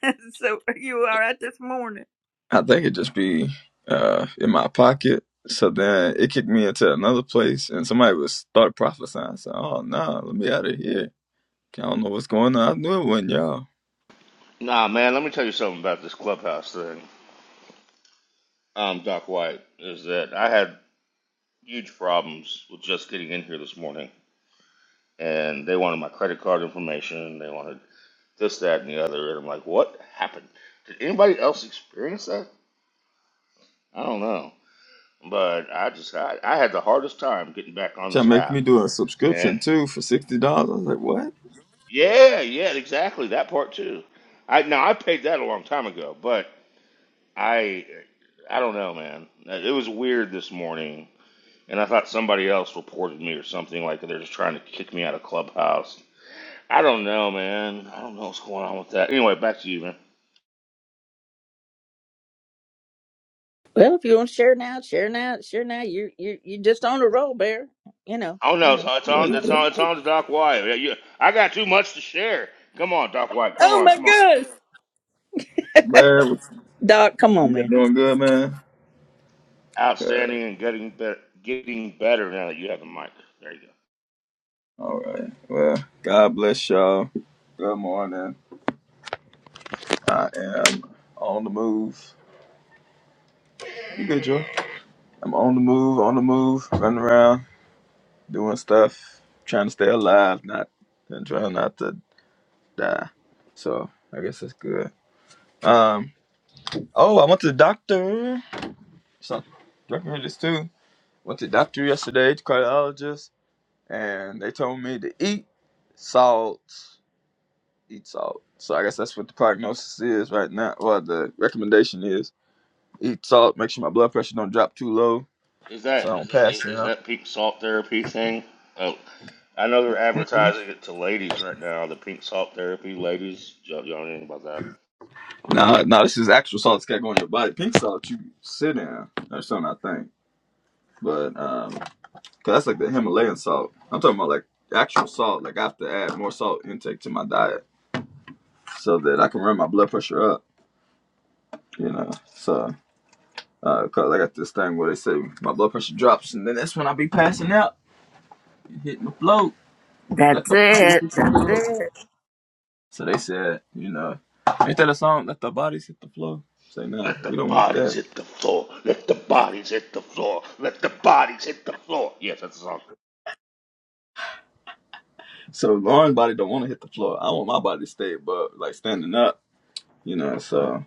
[SPEAKER 1] so are you all right this morning?
[SPEAKER 9] I think it'd just be uh, in my pocket. So then it kicked me into another place, and somebody would start prophesying. So, oh no, nah, let me out of here. I don't know what's going on. I knew it wasn't y'all.
[SPEAKER 7] Nah, man, let me tell you something about this clubhouse thing. Um, Doc White is that I had huge problems with just getting in here this morning, and they wanted my credit card information. They wanted this, that, and the other. And I'm like, what happened? Did anybody else experience that? I don't know. But I just, I, I had the hardest time getting back on
[SPEAKER 9] Trying
[SPEAKER 7] this
[SPEAKER 9] to make
[SPEAKER 7] app.
[SPEAKER 9] me do a
[SPEAKER 7] And
[SPEAKER 9] subscription too for sixty dollars. I was like, what?
[SPEAKER 7] yeah, yeah, exactly. That part too. I, now I paid that a long time ago, but I, I don't know, man. It was weird this morning. And I thought somebody else reported me or something like they're just trying to kick me out of Clubhouse. I don't know, man. I don't know what's going on with that. Anyway, back to you, man.
[SPEAKER 1] Well, if you want to share now, share now, share now. You you you just on a roll, bear. You know,
[SPEAKER 7] I don't
[SPEAKER 1] you
[SPEAKER 7] know. It's,
[SPEAKER 1] know.
[SPEAKER 7] it's
[SPEAKER 9] Yeah,
[SPEAKER 7] on.
[SPEAKER 1] You-
[SPEAKER 7] It's
[SPEAKER 9] yeah.
[SPEAKER 7] on. It's on to Doc White. Yeah, you, I got too much to share. Come on, Doc White. Come
[SPEAKER 1] Oh
[SPEAKER 7] on.
[SPEAKER 1] my
[SPEAKER 7] Come on.
[SPEAKER 1] gosh,
[SPEAKER 9] where you
[SPEAKER 1] Doc, come on,
[SPEAKER 9] been
[SPEAKER 1] man.
[SPEAKER 9] doing good, man? Good.
[SPEAKER 7] Outstanding and getting better. Getting better now that you have the mic. There you go.
[SPEAKER 9] All right. Well, God bless y'all. Good morning. I am on the move. You good, Joe? I'm on the move, on the move, running around. doing stuff, trying to stay alive, not and trying not to die. So I guess that's good. Um. Oh, I went to the doctor. So doctor heard this too. Went to the doctor yesterday, the cardiologist, and they told me to eat salt, eat salt. So I guess that's what the prognosis is right now. Well, the recommendation is eat salt, make sure my blood pressure don't drop too low,
[SPEAKER 7] Is
[SPEAKER 9] so I
[SPEAKER 7] that is
[SPEAKER 9] don't
[SPEAKER 7] that,
[SPEAKER 9] pass
[SPEAKER 7] is
[SPEAKER 9] out.
[SPEAKER 7] that pink salt therapy thing? Oh, I know they're
[SPEAKER 9] Mm-mm.
[SPEAKER 7] advertising it to ladies right now. The pink salt therapy, ladies. Y'all, y'all know anything about that?
[SPEAKER 9] No, no, this is actual salt that's got going in your body. Pink salt you sit in or something, I think. But um, 'cause that's like the Himalayan salt. I'm talking about like actual salt. Like I have to add more salt intake to my diet so that I can run my blood pressure up. You know, so uh 'cause I got this thing where they say my blood pressure drops, and then that's when I be passing out, hitting the float.
[SPEAKER 1] That's
[SPEAKER 9] Let the body hit
[SPEAKER 1] it.
[SPEAKER 9] the
[SPEAKER 1] That's
[SPEAKER 9] floor.
[SPEAKER 1] it.
[SPEAKER 9] So they said, you know, ain't that a song? Let the bodies hit the floor. Say nah,
[SPEAKER 7] Let the
[SPEAKER 9] we don't want that.
[SPEAKER 7] bodies hit the floor. Let the bodies hit the floor. Let the bodies hit the floor. Yes, that's the song.
[SPEAKER 9] So Lauren's body don't want to hit the floor. I want my body to stay, but like standing up, you know. So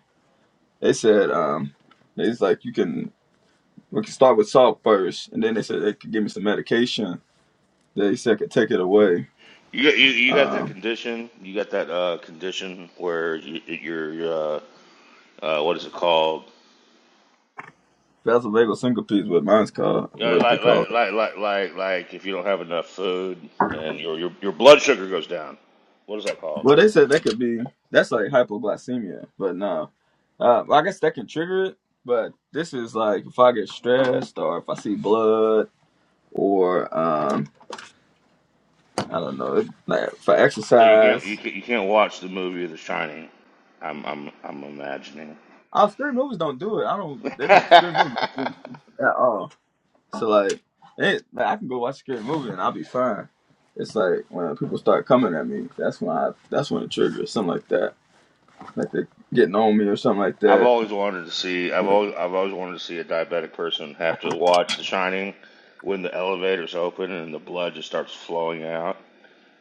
[SPEAKER 9] they said, um, it's like you can we can start with salt first, and then they said they could give me some medication. They said I could take it away.
[SPEAKER 7] You got you, you got that
[SPEAKER 9] Um,
[SPEAKER 7] condition. You got that uh, condition where you, you're uh, uh, what is it called?
[SPEAKER 9] that's a vagal syncope is what mine's called,
[SPEAKER 7] You know,
[SPEAKER 9] what they
[SPEAKER 7] like like
[SPEAKER 9] call it.
[SPEAKER 7] like like like like if you don't have enough food and your your your blood sugar goes down. What is that called?
[SPEAKER 9] Well, they said that could be that's like hypoglycemia, but no, uh, I guess that can trigger it. But this is like if I get stressed or if I see blood or um, I don't know, like if I
[SPEAKER 7] So you can't you
[SPEAKER 9] exercise
[SPEAKER 7] can't, you can't watch the movie The Shining. I'm I'm I'm imagining.
[SPEAKER 9] Our scary movies don't do it. I don't. They don't. Scary movies don't
[SPEAKER 7] I've
[SPEAKER 9] do it at all. So like, it, like, I can go watch a scary movie and I'll be fine. It's like when people start coming at me. That's when I. That's when it triggers something like that. Like they getting on me or something like that.
[SPEAKER 7] always wanted to see. I've always I've always wanted to see a diabetic person have to watch The Shining when the elevator's open and the blood just starts flowing out.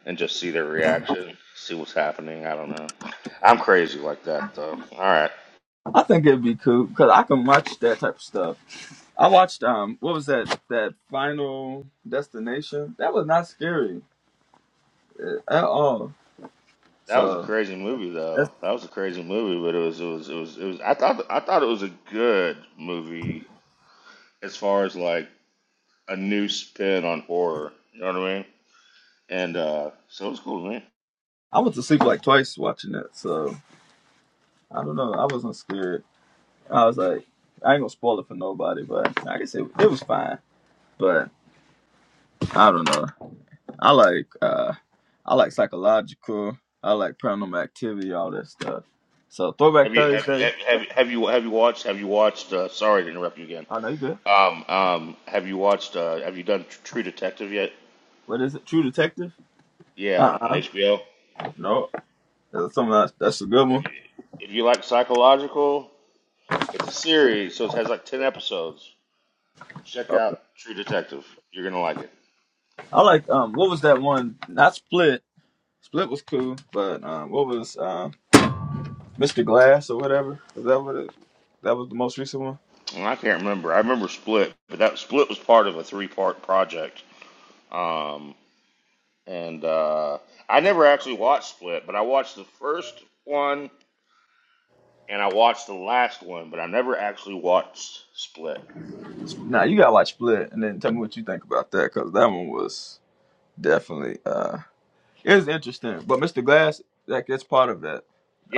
[SPEAKER 7] and just see their reaction, see what's happening. I don't know. I'm crazy like that though. All right.
[SPEAKER 9] I think it'd be cool because I can watch that type of stuff. I watched um, what was that? That Final Destination. That was not scary at all.
[SPEAKER 7] That was a
[SPEAKER 9] So
[SPEAKER 7] crazy movie though.
[SPEAKER 9] that's.
[SPEAKER 7] That was a crazy movie, but it was it was it was it was I thought I thought it was a good movie as far as like a new spin on horror, you know what I mean? And uh so it was cool, man.
[SPEAKER 9] I went to sleep like twice watching that. So I don't know. I wasn't scared. I was like, I ain't gonna spoil it for nobody, but like I said, it was fine. But I don't know. I like uh I like psychological. I like paranormal activity, all that stuff. So
[SPEAKER 7] Have
[SPEAKER 9] Throwback
[SPEAKER 7] you have you
[SPEAKER 9] Thursday.
[SPEAKER 7] have, you, have you have you watched have you watched uh sorry to interrupt you again.
[SPEAKER 9] I know you good.
[SPEAKER 7] Um um have you watched uh have you done True Detective yet?
[SPEAKER 9] What is it? True Detective?
[SPEAKER 7] Yeah,
[SPEAKER 9] Uh
[SPEAKER 7] on, on
[SPEAKER 9] uh
[SPEAKER 7] HBO.
[SPEAKER 9] No, that's something else. that's a good
[SPEAKER 7] If
[SPEAKER 9] one.
[SPEAKER 7] you if you like psychological, It's a series, so it has like ten episodes. Check out True Detective. You're gonna like it.
[SPEAKER 9] I like um what was that one? Not Split. Split was cool, but um what was um Mr. Glass or whatever? Is that what it? That was the most recent one.
[SPEAKER 7] And I can't remember. I remember Split, but that Split was part of a three-part project. Um, and uh, I never actually watched Split, but I watched the first one and I watched the last one, but I never actually watched Split.
[SPEAKER 9] Nah, you gotta watch Split and then tell me what you think about that because that one was definitely uh it was interesting. But Mr. Glass, that that's part of that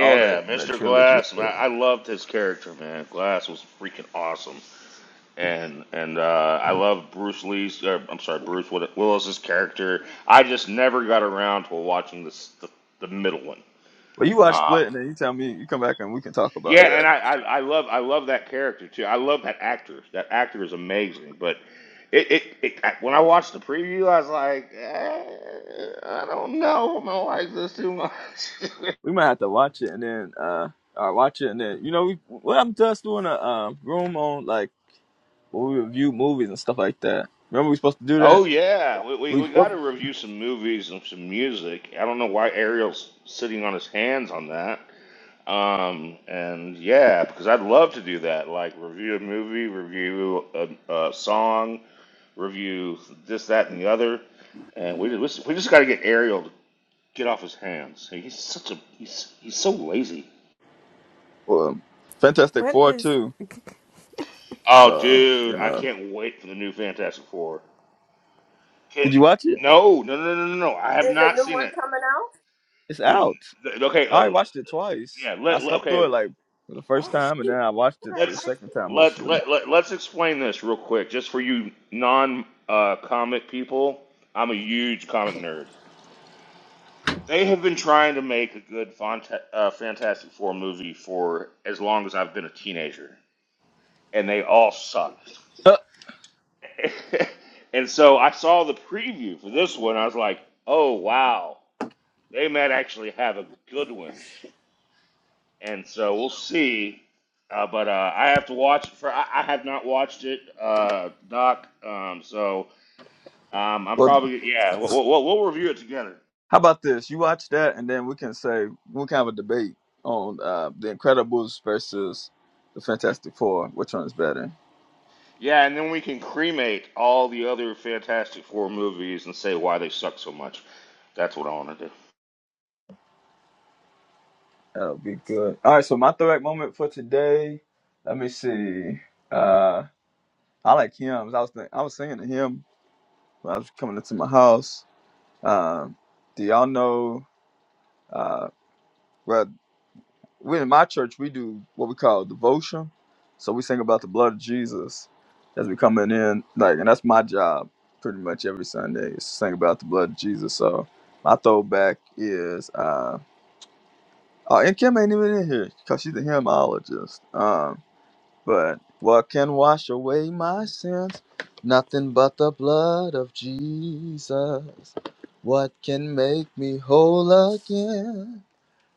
[SPEAKER 9] all that that
[SPEAKER 7] Mr.
[SPEAKER 9] trilogy.
[SPEAKER 7] Glass. Man, I
[SPEAKER 9] Well,
[SPEAKER 7] loved his character, man. Glass was freaking awesome. and and uh, I love Bruce Lee's. Or, I'm sorry, Bruce Willis's character. I just never got around to watching this, the the middle one.
[SPEAKER 9] you watch
[SPEAKER 7] Uh,
[SPEAKER 9] Split and then you tell me you come back and we can talk
[SPEAKER 7] yeah,
[SPEAKER 9] about
[SPEAKER 7] and
[SPEAKER 9] that.
[SPEAKER 7] I, I, I love I love that character too. I love that actor. That actor is amazing. But it, it, it when I watched the preview, I was like, eh, I don't know. I'm gonna like this too much.
[SPEAKER 9] We might have to watch it and then uh or watch it and then you know we what I'm to us doing a um room on like where we review movies and stuff like that. Remember we supposed to do that?
[SPEAKER 7] Oh yeah, we, we,
[SPEAKER 9] We
[SPEAKER 7] we got to review some movies and some music. I don't know why Ariel's sitting on his hands on that. Um, and yeah, because I'd love to do that. Like review a movie, review a, a song, review this, that, and the other. And we just, we just got to get Ariel to get off his hands. He's such a he's he's so lazy.
[SPEAKER 9] well, Fantastic
[SPEAKER 10] What
[SPEAKER 9] Four
[SPEAKER 10] is.
[SPEAKER 9] too.
[SPEAKER 7] Oh,
[SPEAKER 9] So
[SPEAKER 7] dude,
[SPEAKER 9] you
[SPEAKER 7] I
[SPEAKER 9] know,
[SPEAKER 7] can't wait for the new Fantastic Four. Can't,
[SPEAKER 9] did you watch it?
[SPEAKER 7] no, no, no, no, no, no. I have
[SPEAKER 3] There's a
[SPEAKER 7] not
[SPEAKER 3] new
[SPEAKER 7] seen
[SPEAKER 3] one
[SPEAKER 7] it.
[SPEAKER 3] coming out?
[SPEAKER 9] It's
[SPEAKER 7] The-
[SPEAKER 9] out.
[SPEAKER 7] the- okay,
[SPEAKER 9] I
[SPEAKER 7] uh,
[SPEAKER 9] watched it twice.
[SPEAKER 7] yeah.
[SPEAKER 9] I
[SPEAKER 7] Let, let-
[SPEAKER 9] slept through
[SPEAKER 7] okay.
[SPEAKER 9] it like the first
[SPEAKER 3] Oh,
[SPEAKER 9] time, and
[SPEAKER 3] shoot.
[SPEAKER 9] then I watched
[SPEAKER 3] You
[SPEAKER 9] it
[SPEAKER 3] gotta
[SPEAKER 9] the
[SPEAKER 7] Let's
[SPEAKER 3] watch-
[SPEAKER 9] second time
[SPEAKER 7] let
[SPEAKER 9] mostly.
[SPEAKER 7] let, let let's explain this real quick, just for you non uh, comic people. I'm a huge comic nerd. They have been trying to make a good Fanta- uh, Fantastic Four movie for as long as I've been a teenager, and they all sucked.
[SPEAKER 9] Huh.
[SPEAKER 7] and so I saw the preview for this one. I was like, oh wow, they might actually have a good one. and so we'll see. Uh, but uh, I have to watch it for. I, I have not watched it, uh, Doc. Um, so um, I'm
[SPEAKER 9] well,
[SPEAKER 7] probably yeah. We'll, we'll, we'll review it together.
[SPEAKER 9] how about this? You watch that, and then we can say we can have a debate on uh, the Incredibles versus the Fantastic Four. Which one's better?
[SPEAKER 7] Yeah, and then we can cremate all the other Fantastic Four movies and say why they suck so much. That's what I want to do.
[SPEAKER 9] That'll be good. All right. So my throwback moment for today. Let me see. Uh, I like hymns. I was think, I was singing to him when I was coming into my house. Um, do y'all know? Uh, well, we in my church we do what we call devotion. So we sing about the blood of Jesus as we coming in, like, and that's my job pretty much every Sunday is to sing about the blood of Jesus. So my throwback is, uh, oh, and Kim ain't even in here because she's a hymnologist. Um, but what can wash away my sins? Nothing but the blood of Jesus. What can make me whole again?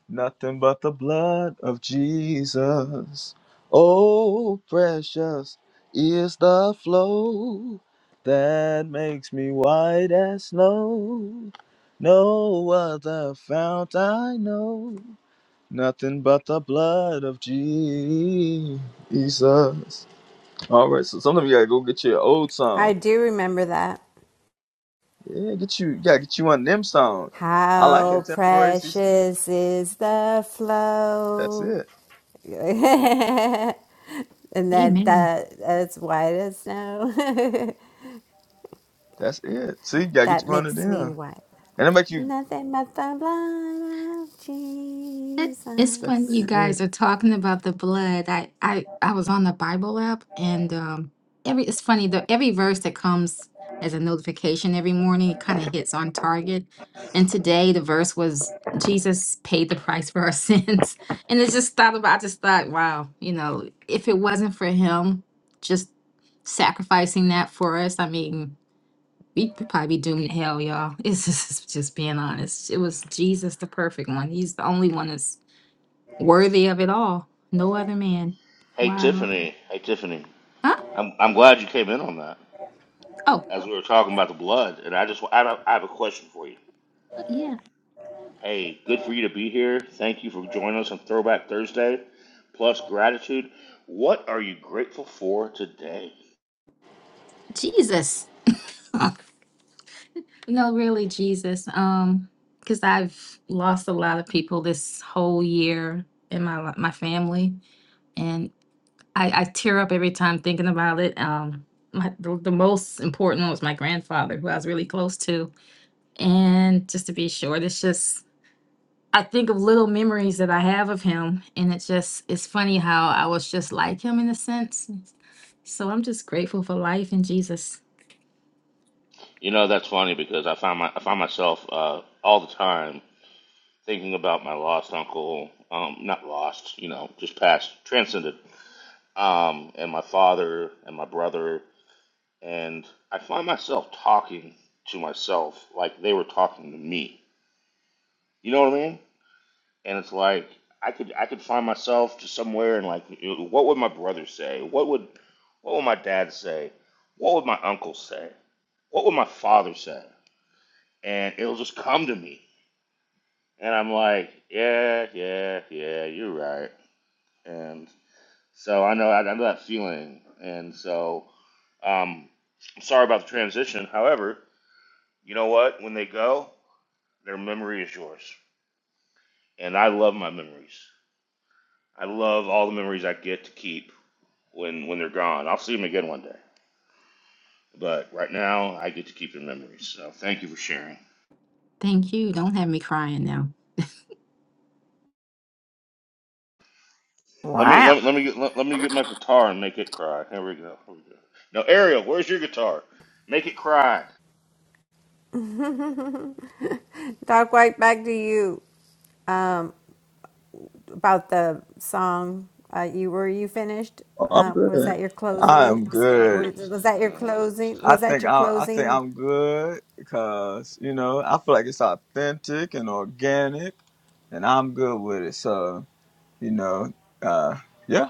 [SPEAKER 9] Nothing but the blood of Jesus. Oh, precious is the flow that makes me white as snow. No other fount I know. Nothing but the blood of Jesus. All right, so some of you gotta go get your old
[SPEAKER 10] I
[SPEAKER 9] song.
[SPEAKER 10] do remember that.
[SPEAKER 9] Yeah, get you, you gotta get you one of them songs. I like
[SPEAKER 10] How
[SPEAKER 9] contemporary. CC.
[SPEAKER 10] precious is the
[SPEAKER 9] That's
[SPEAKER 10] flow.
[SPEAKER 9] it.
[SPEAKER 10] and that,
[SPEAKER 11] Amen.
[SPEAKER 10] that that's white as snow.
[SPEAKER 9] That's it. See, you gotta get
[SPEAKER 10] that
[SPEAKER 9] you one of
[SPEAKER 10] makes me
[SPEAKER 9] them.
[SPEAKER 10] white.
[SPEAKER 9] And how about you?
[SPEAKER 10] Nothing but the blood of
[SPEAKER 11] It- It's
[SPEAKER 9] That's
[SPEAKER 11] funny you
[SPEAKER 10] Jesus.
[SPEAKER 9] it.
[SPEAKER 11] guys are talking about the blood. I I I was on the Bible app and um every it's funny the every verse that comes as a notification every morning it kind of hits on target. And today the verse was Jesus paid the price for our sins. And it just thought about I just thought, wow, you know, if it wasn't for him just sacrificing that for us, I mean, we could probably be doomed to hell, y'all. It's just, it's just being honest. It was Jesus, the perfect one. He's the only one that's worthy of it all. No other man.
[SPEAKER 7] Hey
[SPEAKER 11] Wow.
[SPEAKER 7] Tiffany, hey Tiffany,
[SPEAKER 11] Huh?
[SPEAKER 7] I'm I'm glad you came in on that
[SPEAKER 11] Oh,
[SPEAKER 7] as we were talking about the blood, and I just I have, I have a question for you.
[SPEAKER 11] yeah.
[SPEAKER 7] Hey, good for you to be here. Thank you for joining us on Throwback Thursday, plus gratitude. What are you grateful for today?
[SPEAKER 11] Jesus. no, really, Jesus. Um, because I've lost a lot of people this whole year in my li- my family, and I, I tear up every time thinking about it. Um, my, the, the most important one was my grandfather, who I was really close to, and just to be short, it's just I think of little memories that I have of him, and it's just it's funny how I was just like him in a sense. So I'm just grateful for life and Jesus.
[SPEAKER 7] You know that's funny because I find my I find myself uh, all the time thinking about my lost uncle. Um, not lost, you know, just passed, transcended. Um, and my father and my brother, and I find myself talking to myself like they were talking to me. You know what I mean? and it's like I could I could find myself just somewhere and like what would my brother say? What would what would my dad say? What would my uncle say? What would my father say? And it'll just come to me, and I'm like, yeah, yeah, yeah, you're right. And so I know I, I know that feeling, and so um, I'm sorry about the transition. However, you know what? When they go, their memory is yours, and I love my memories. I love all the memories I get to keep when when they're gone. I'll see them again one day. But right now, I get to keep their memories. So thank you for sharing.
[SPEAKER 11] Thank you. Don't have me crying now.
[SPEAKER 7] Let me
[SPEAKER 1] Wow.
[SPEAKER 7] let me let me get, let, let me get my guitar and make it cry. Here we go. Here we go. Now, Ariel, where's your guitar? Make it cry.
[SPEAKER 10] Doc White, back to you uh, about the song. Uh, you were you finished?
[SPEAKER 9] Oh, I'm
[SPEAKER 10] Uh, was
[SPEAKER 9] good.
[SPEAKER 10] that your
[SPEAKER 9] I
[SPEAKER 10] closing?
[SPEAKER 9] am
[SPEAKER 7] Uh,
[SPEAKER 9] good.
[SPEAKER 10] Was, was that your
[SPEAKER 7] uh,
[SPEAKER 10] closing?
[SPEAKER 7] Stephanie,
[SPEAKER 9] I
[SPEAKER 10] Was that
[SPEAKER 9] think
[SPEAKER 10] your
[SPEAKER 9] I,
[SPEAKER 7] come
[SPEAKER 9] I
[SPEAKER 7] on.
[SPEAKER 9] think
[SPEAKER 10] closing?
[SPEAKER 9] I'm good because you know I feel like it's authentic and organic, and I'm good with it. So you know, uh, yeah,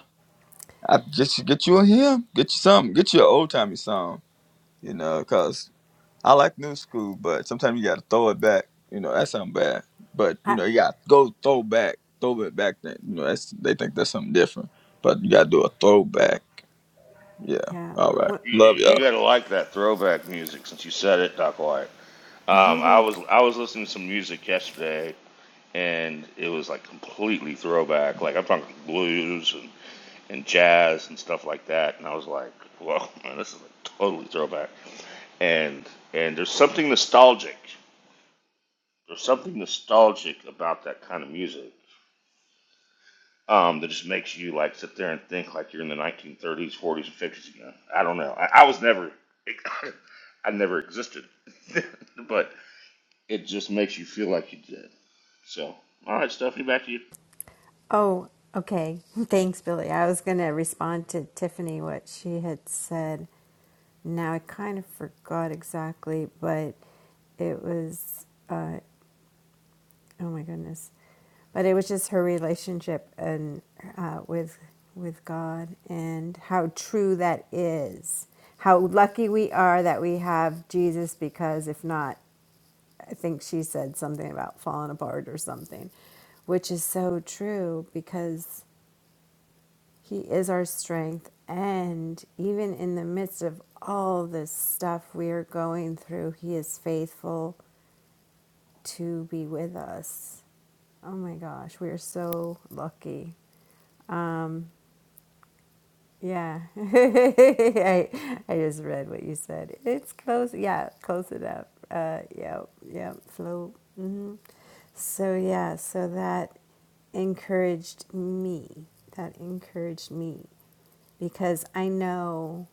[SPEAKER 9] I just get you a hymn, get you something, get you an old timey song. You know, because I like new school, but sometimes you got to throw it back. You know, that's something bad. But you
[SPEAKER 10] I,
[SPEAKER 9] know, you got to go throw back, throw it back. Then you know, that's they think that's something different, but you got to do a throwback. Yeah.
[SPEAKER 10] Yeah.
[SPEAKER 9] All right.
[SPEAKER 10] What?
[SPEAKER 7] You,
[SPEAKER 9] Love
[SPEAKER 7] you
[SPEAKER 10] Wait.
[SPEAKER 9] y'all.
[SPEAKER 7] gotta like that throwback music since you said it, Doc White. Um, I was I was listening to some music yesterday, and it was like completely throwback. Like I'm talking blues and jazz and stuff like that. And I was like, whoa, man, this is like totally throwback. And and there's something nostalgic. There's something nostalgic about that kind of music um, that just makes you like sit there and think like you're in the 1930s, 40s, and 50s again. I don't know. I, I was never, I never existed, but it just makes you feel like you did. So, all right, Stephanie, back to you.
[SPEAKER 10] Oh, okay. Thanks, Billy. I was going to respond to Tiffany what she had said. Now I kind of forgot exactly, but it was. Uh, Oh my goodness. But it was just her relationship and uh, with with God and how true that is. How lucky we are that we have Jesus because if not, I think she said something about falling apart or something, which is so true because he is our strength. And even in the midst of all this stuff we are going through, he is faithful to be with us. Oh my gosh, we are so lucky. Um, yeah, I, I just read what you said. It's close. Yeah, close enough. Uh, yeah, yeah, flow. hmm So yeah, so that encouraged me. That encouraged me because I know.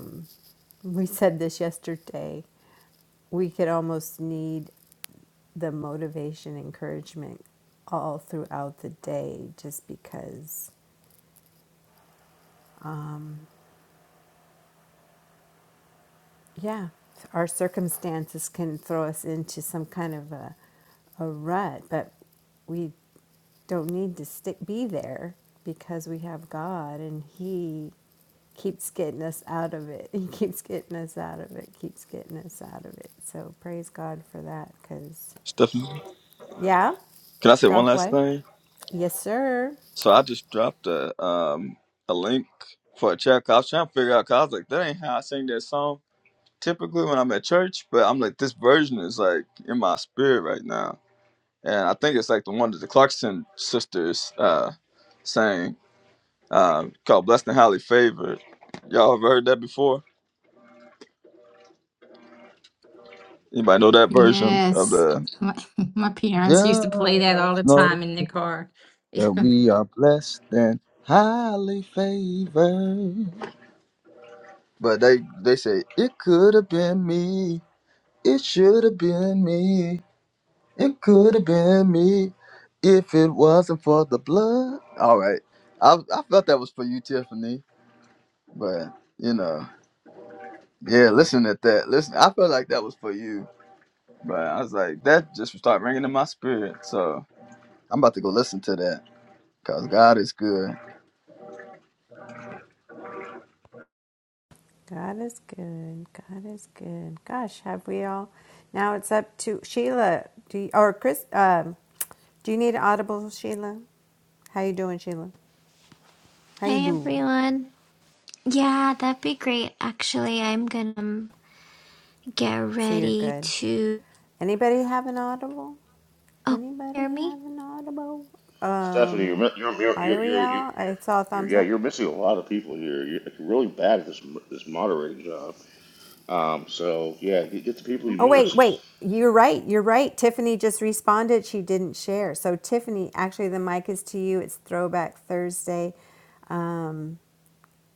[SPEAKER 10] um, We said this yesterday. We could almost need the motivation, encouragement all throughout the day just because, yeah, our circumstances can throw us into some kind of a, a rut, but we don't need to stick, be there because we have God and He keeps getting us out of it. He keeps getting us out of it, keeps getting us out of it. So praise God for that because.
[SPEAKER 9] Stephanie,
[SPEAKER 10] Yeah,
[SPEAKER 9] can I say one
[SPEAKER 10] dark
[SPEAKER 9] last
[SPEAKER 10] White.
[SPEAKER 9] thing?
[SPEAKER 10] Yes, sir.
[SPEAKER 9] So I just dropped a um a link for a track. I was trying to figure out because I was like, that ain't how I sing that song typically when I'm at church. But I'm like, this version is like in my spirit right now, and I think it's like the one that the Clarkson sisters uh sang um called "Blessed and Highly Favored." Y'all have heard that before? Anybody know that version of
[SPEAKER 11] Yes,
[SPEAKER 9] the?
[SPEAKER 11] my, my parents used to play that all the
[SPEAKER 9] Yeah,
[SPEAKER 11] time in the car,
[SPEAKER 9] that we are blessed and highly favored. But they they say it could have been me. It should have been me. It could have been me if it wasn't for the blood. All right, I I felt that was for you, Tiffany. But you know, yeah, listen at that. Listen, I felt like that was for you. But I was like, that just started ringing in my spirit. So I'm about to go listen to that because God is good.
[SPEAKER 10] God is good. God is good. Gosh, have we all? Now it's up to Sheila. Do you, or Chris? Um, do you need an audible, Sheila? How you doing, Sheila? How you
[SPEAKER 12] Hey
[SPEAKER 10] doing?
[SPEAKER 12] everyone. Yeah, that'd be great. Actually, I'm gonna um, get
[SPEAKER 10] So you're
[SPEAKER 12] ready
[SPEAKER 10] good.
[SPEAKER 12] to.
[SPEAKER 10] Anybody have an audible?
[SPEAKER 12] Oh,
[SPEAKER 10] Anybody
[SPEAKER 12] hear me?
[SPEAKER 10] have an audible?
[SPEAKER 7] Stephanie, you're
[SPEAKER 10] Um,
[SPEAKER 7] mi- you're you're you're you're, you're,
[SPEAKER 10] Ariel,
[SPEAKER 7] you're
[SPEAKER 10] I saw a
[SPEAKER 7] you're-
[SPEAKER 10] thumbs
[SPEAKER 7] yeah,
[SPEAKER 10] up.
[SPEAKER 7] you're missing a lot of people here. You're like, really bad at this mo- this moderating job. Um, so yeah, get, get the people
[SPEAKER 10] Oh,
[SPEAKER 7] you
[SPEAKER 10] wait,
[SPEAKER 7] missed.
[SPEAKER 10] wait. You're right. You're right. Tiffany just responded. She didn't share. So, Tiffany, actually, the mic is to you. It's Throwback Thursday. Um,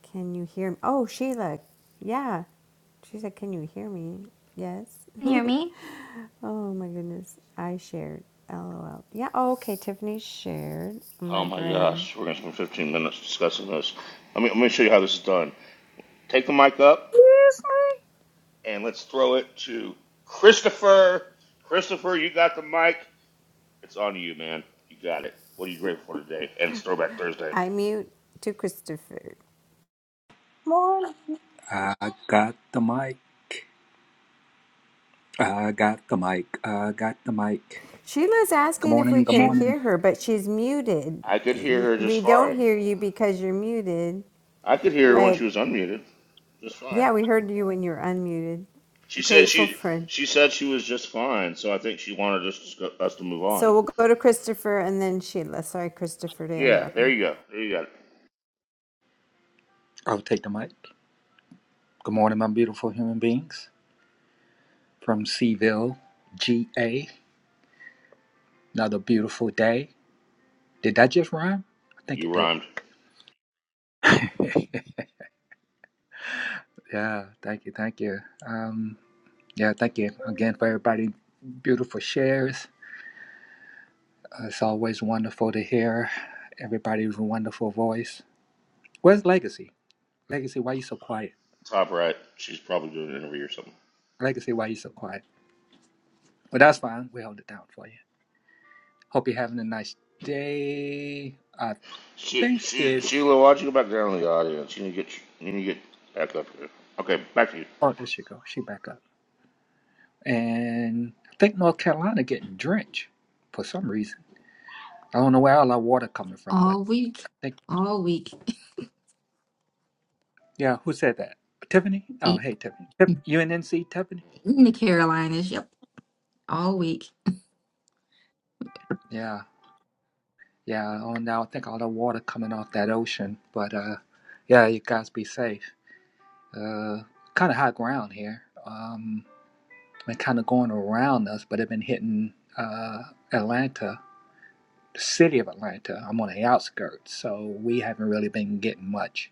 [SPEAKER 10] can you hear me? Oh, Sheila. Yeah. She said, Can you hear me? Yes.
[SPEAKER 12] Can you hear
[SPEAKER 10] oh,
[SPEAKER 12] me?
[SPEAKER 10] my goodness. I shared. LOL. Yeah. Oh, okay. Tiffany shared
[SPEAKER 7] Oh
[SPEAKER 10] my
[SPEAKER 7] my
[SPEAKER 10] brain.
[SPEAKER 7] gosh, we're gonna spend 15 minutes discussing this. Let me let me show you how this is done. Take the mic up and let's throw it to Christopher. Christopher, you got the mic. It's on you, man. You got it. What are you grateful for today? And it's Throwback Thursday.
[SPEAKER 10] I mute to Christopher.
[SPEAKER 1] Morning.
[SPEAKER 13] I got the mic. I got the mic. I got the mic.
[SPEAKER 10] Sheila's
[SPEAKER 13] Good
[SPEAKER 10] asking if
[SPEAKER 13] morning.
[SPEAKER 10] we
[SPEAKER 13] Good
[SPEAKER 10] can
[SPEAKER 13] morning.
[SPEAKER 10] hear her, but she's muted.
[SPEAKER 7] I could hear her just
[SPEAKER 10] We don't
[SPEAKER 7] fine.
[SPEAKER 10] hear you because you're muted.
[SPEAKER 7] I could hear her when she
[SPEAKER 10] But
[SPEAKER 7] was unmuted, just fine.
[SPEAKER 10] yeah, we heard you when you were unmuted.
[SPEAKER 7] She said
[SPEAKER 10] Grateful
[SPEAKER 7] she
[SPEAKER 10] for.
[SPEAKER 7] she said she was just fine, so I think she wanted us to, us to move
[SPEAKER 10] So
[SPEAKER 7] on.
[SPEAKER 10] we'll go to Christopher and then Sheila. Sorry, Christopher, to
[SPEAKER 7] Yeah,
[SPEAKER 10] interrupt
[SPEAKER 7] there
[SPEAKER 10] you.
[SPEAKER 7] you go. There you got it.
[SPEAKER 13] I'll take the mic. Good morning, my beautiful human beings from Seaville, GA. Another beautiful day. Did that just rhyme? I think it
[SPEAKER 7] You
[SPEAKER 13] did.
[SPEAKER 7] rhymed.
[SPEAKER 13] Yeah. Thank you. Thank you. Um, yeah. Thank you again for everybody. Beautiful shares. Uh, it's always wonderful to hear everybody's wonderful voice. Where's Legacy? Legacy, why you so quiet?
[SPEAKER 7] Top right. She's probably doing an interview or something.
[SPEAKER 13] Legacy, why you so quiet? But that's fine. We hold it down for you. Hope you're having a nice day. I
[SPEAKER 7] She
[SPEAKER 13] think
[SPEAKER 7] she
[SPEAKER 13] it.
[SPEAKER 7] Sheila, why'd you go back down to the audience? You need to get you need to get back up here. Okay, back to you.
[SPEAKER 13] Oh, there she go. She back up. And I think North Carolina getting drenched for some reason. I don't know where all that water coming from, but
[SPEAKER 11] all week,
[SPEAKER 13] I think
[SPEAKER 11] all week
[SPEAKER 13] yeah. Who said that? Tiffany. Oh, hey Tiffany. Tip, UNNC Tiffany.
[SPEAKER 11] in the Carolinas. Yep, all week.
[SPEAKER 13] Yeah, yeah. Oh, now I think all the water coming off that ocean. But uh, yeah, you guys be safe. Uh, kind of high ground here. Um, been kind of going around us, but have been hitting uh, Atlanta, the city of Atlanta. I'm on the outskirts, so we haven't really been getting much.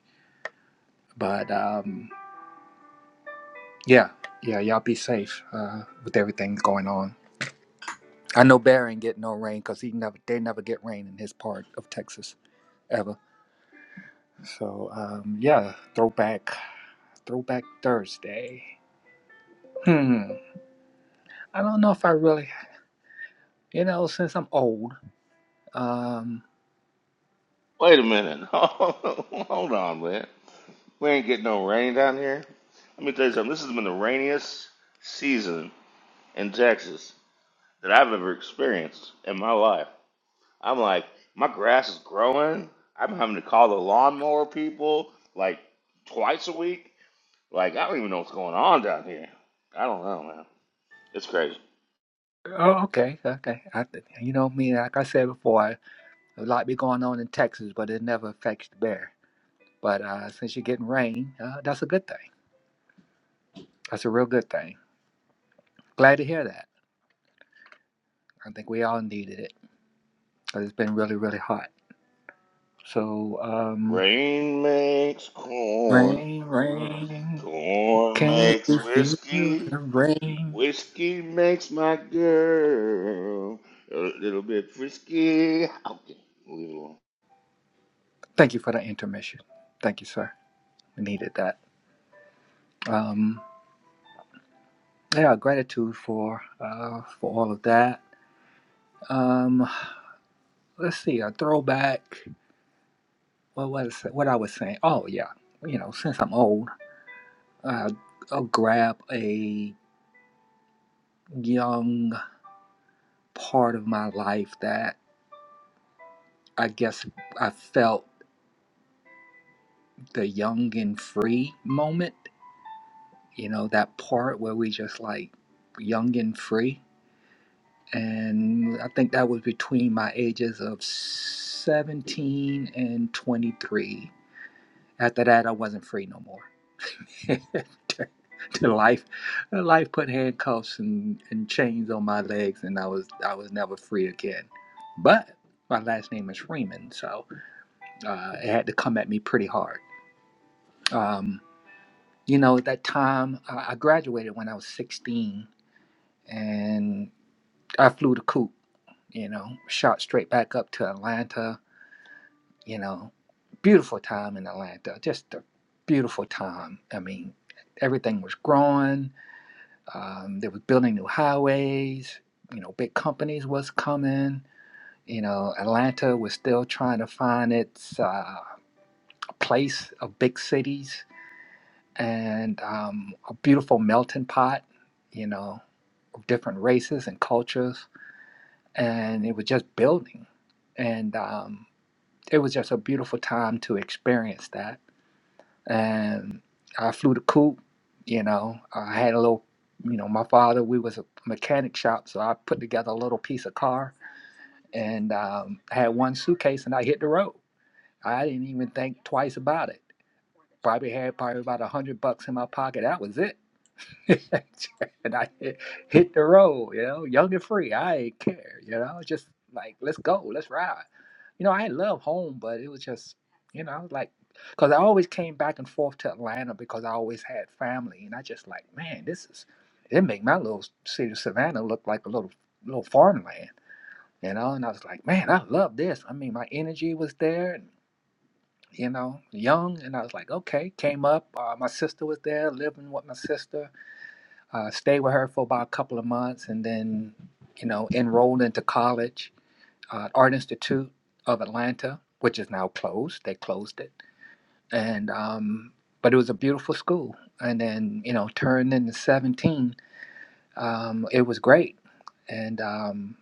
[SPEAKER 13] But um, yeah, yeah, y'all be safe uh, with everything going on. I know Barry ain't getting no rain because he never, they never get rain in his part of Texas ever. So um, yeah, throwback, throwback Thursday. Hmm. I don't know if I really, you know, since I'm old. um,
[SPEAKER 7] Wait a minute. Hold on, man. We ain't getting no rain down here. Let me tell you something. This has been the rainiest season in Texas that I've ever experienced in my life. I'm like, my grass is growing. I'm having to call the lawnmower people like twice a week. Like, I don't even know what's going on down here. I don't know, man. It's crazy.
[SPEAKER 13] Oh, okay, okay. I, th- you know me, like I said before, I- a lot be going on in Texas, but it never affects the bear. But uh, since you're getting rain, uh, that's a good thing. That's a real good thing. Glad to hear that. I think we all needed it because it's been really, really hot. So, um,
[SPEAKER 7] Rain makes corn.
[SPEAKER 13] rain, rain,
[SPEAKER 7] Corn
[SPEAKER 13] can't
[SPEAKER 7] makes
[SPEAKER 13] you feel the
[SPEAKER 7] whiskey.
[SPEAKER 13] rain?
[SPEAKER 7] Whiskey makes my girl a little bit frisky. Okay, we'll leave it alone.
[SPEAKER 13] Thank you for the intermission. Thank you, sir. We needed that. Um, yeah, gratitude for uh, for all of that. Um, let's see, a throwback. What was what I was saying? Oh yeah, you know, since I'm old, uh, I'll grab a young part of my life that I guess I felt the young and free moment. You know, that part where we just like young and free, and I think that was between my ages of 17 and 23. After that, I wasn't free no more. to to life uh, life put handcuffs and, and chains on my legs and i was i was never free again but my last name is freeman so uh, it had to come at me pretty hard um, you know at that time I, I graduated when i was 16 and i flew the coop you know shot straight back up to atlanta you know beautiful time in atlanta just a beautiful time i mean everything was growing Um, they was building new highways. You know, big companies was coming. You know, Atlanta was still trying to find its uh, place of big cities and um, a beautiful melting pot. You know, of different races and cultures, and it was just building, and um, it was just a beautiful time to experience that and I flew the coop. You know, I had a little, you know, my father, we was a mechanic shop, so I put together a little piece of car and um, I had one suitcase and I hit the road. I didn't even think twice about it. Probably had probably about a hundred bucks in my pocket. That was it. and I hit, hit the road, you know, young and free. I ain't care, you know, just like, let's go, let's ride. You know, I love home, but it was just, you know, I was like, because I always came back and forth to Atlanta because I always had family, and I just like, man, this is, it make my little city of Savannah look like a little little farmland, you know. And I was like, man, I love this. I mean, my energy was there, and you know, young, and I was like, okay, came up. Uh, my sister was there, living with my sister. Uh, stayed with her for about a couple of months, and then, you know, enrolled into college uh, Art Institute of Atlanta, which is now closed. They closed it, and um, but it was a beautiful school. And then you know, turned into seventeen, um, it was great. And um,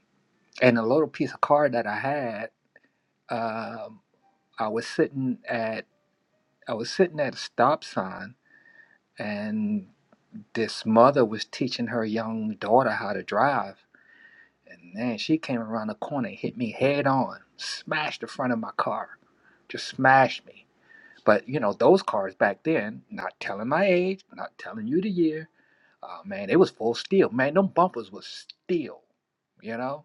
[SPEAKER 13] and a little piece of car that I had, um I was sitting at I was sitting at a stop sign, and this mother was teaching her young daughter how to drive And then she came around the corner and hit me head on, smashed the front of my car, just smashed me. But you know, those cars back then, not telling my age, not telling you the year, uh, man, it was full steel. Man, them bumpers was steel, you know?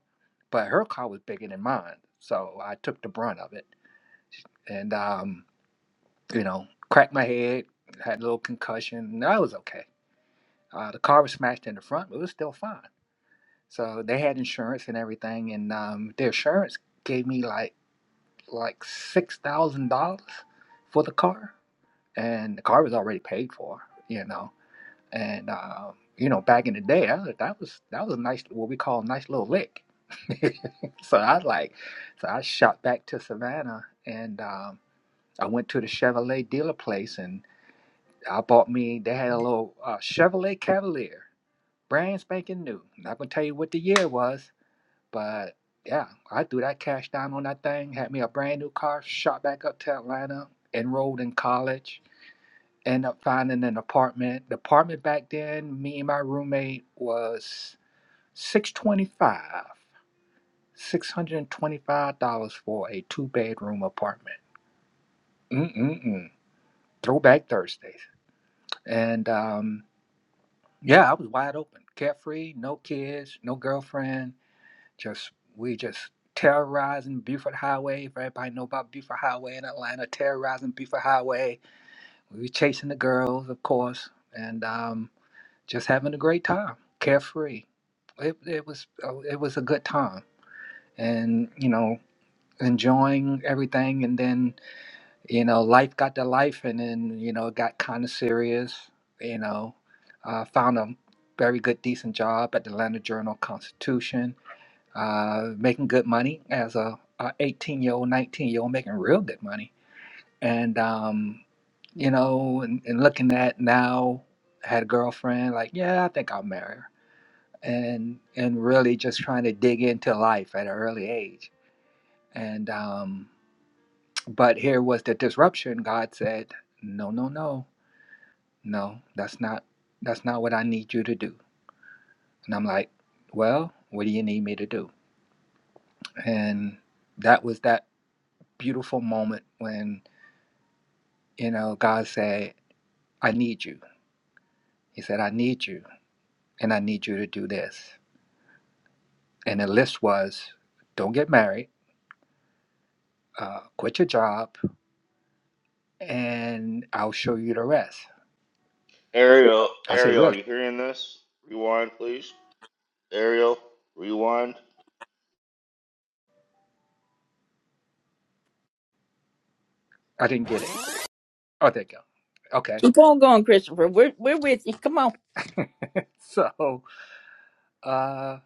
[SPEAKER 13] But her car was bigger than mine, so I took the brunt of it. And, um, you know, cracked my head, had a little concussion. No, I was okay. Uh, the car was smashed in the front, but it was still fine. So they had insurance and everything, and um, their insurance gave me like like six thousand dollars for the car, and the car was already paid for, you know. And um, you know, back in the day, I, was- that was that was a nice what we call a nice little lick. so I like, so I shot back to Savannah, and um, I went to the Chevrolet dealer place, and I bought me. They had a little uh, Chevrolet Cavalier, brand spanking new. Not gonna tell you what the year was but yeah, I threw that cash down on that thing, had me a brand new car, shot back up to Atlanta, enrolled in college, ended up finding an apartment. The apartment back then, me and my roommate was six twenty five. Six hundred and twenty-five dollars for a two-bedroom apartment. Mm-mm-mm. Throwback Thursdays, and um, yeah, I was wide open, carefree, no kids, no girlfriend, Just we just terrorizing Buford Highway. If everybody know about Buford Highway in Atlanta, terrorizing Buford Highway. We were chasing the girls, of course, and um, just having a great time, carefree. It, it was uh, it was a good time, and you know enjoying everything. And then you know life got to life, and then you know it got kind of serious. You know, uh, found a very good decent job at the Atlanta Journal Constitution uh, making good money as a, 18 year old, 19 year old, making real good money. And, um, you know, and, and looking at now, had a girlfriend, like, yeah, I think I'll marry her. And, and really just trying to dig into life at an early age. And, um, but here was the disruption. God said, no, no, no, no, that's not, that's not what I need you to do. And I'm like, well, what do you need me to do? And that was that beautiful moment when, you know, God said, I need you. He said, I need you, and I need you to do this. And the list was don't get married, uh, quit your job, and I'll show you the rest.
[SPEAKER 7] Ariel,
[SPEAKER 13] I said,
[SPEAKER 7] Ariel, are
[SPEAKER 13] Really?
[SPEAKER 7] you hearing this? Rewind, please. Ariel, rewind.
[SPEAKER 13] I didn't get it. Oh, there you go. Okay.
[SPEAKER 1] Keep on going, Christopher. We're we're with you. Come on.
[SPEAKER 13] So, uh,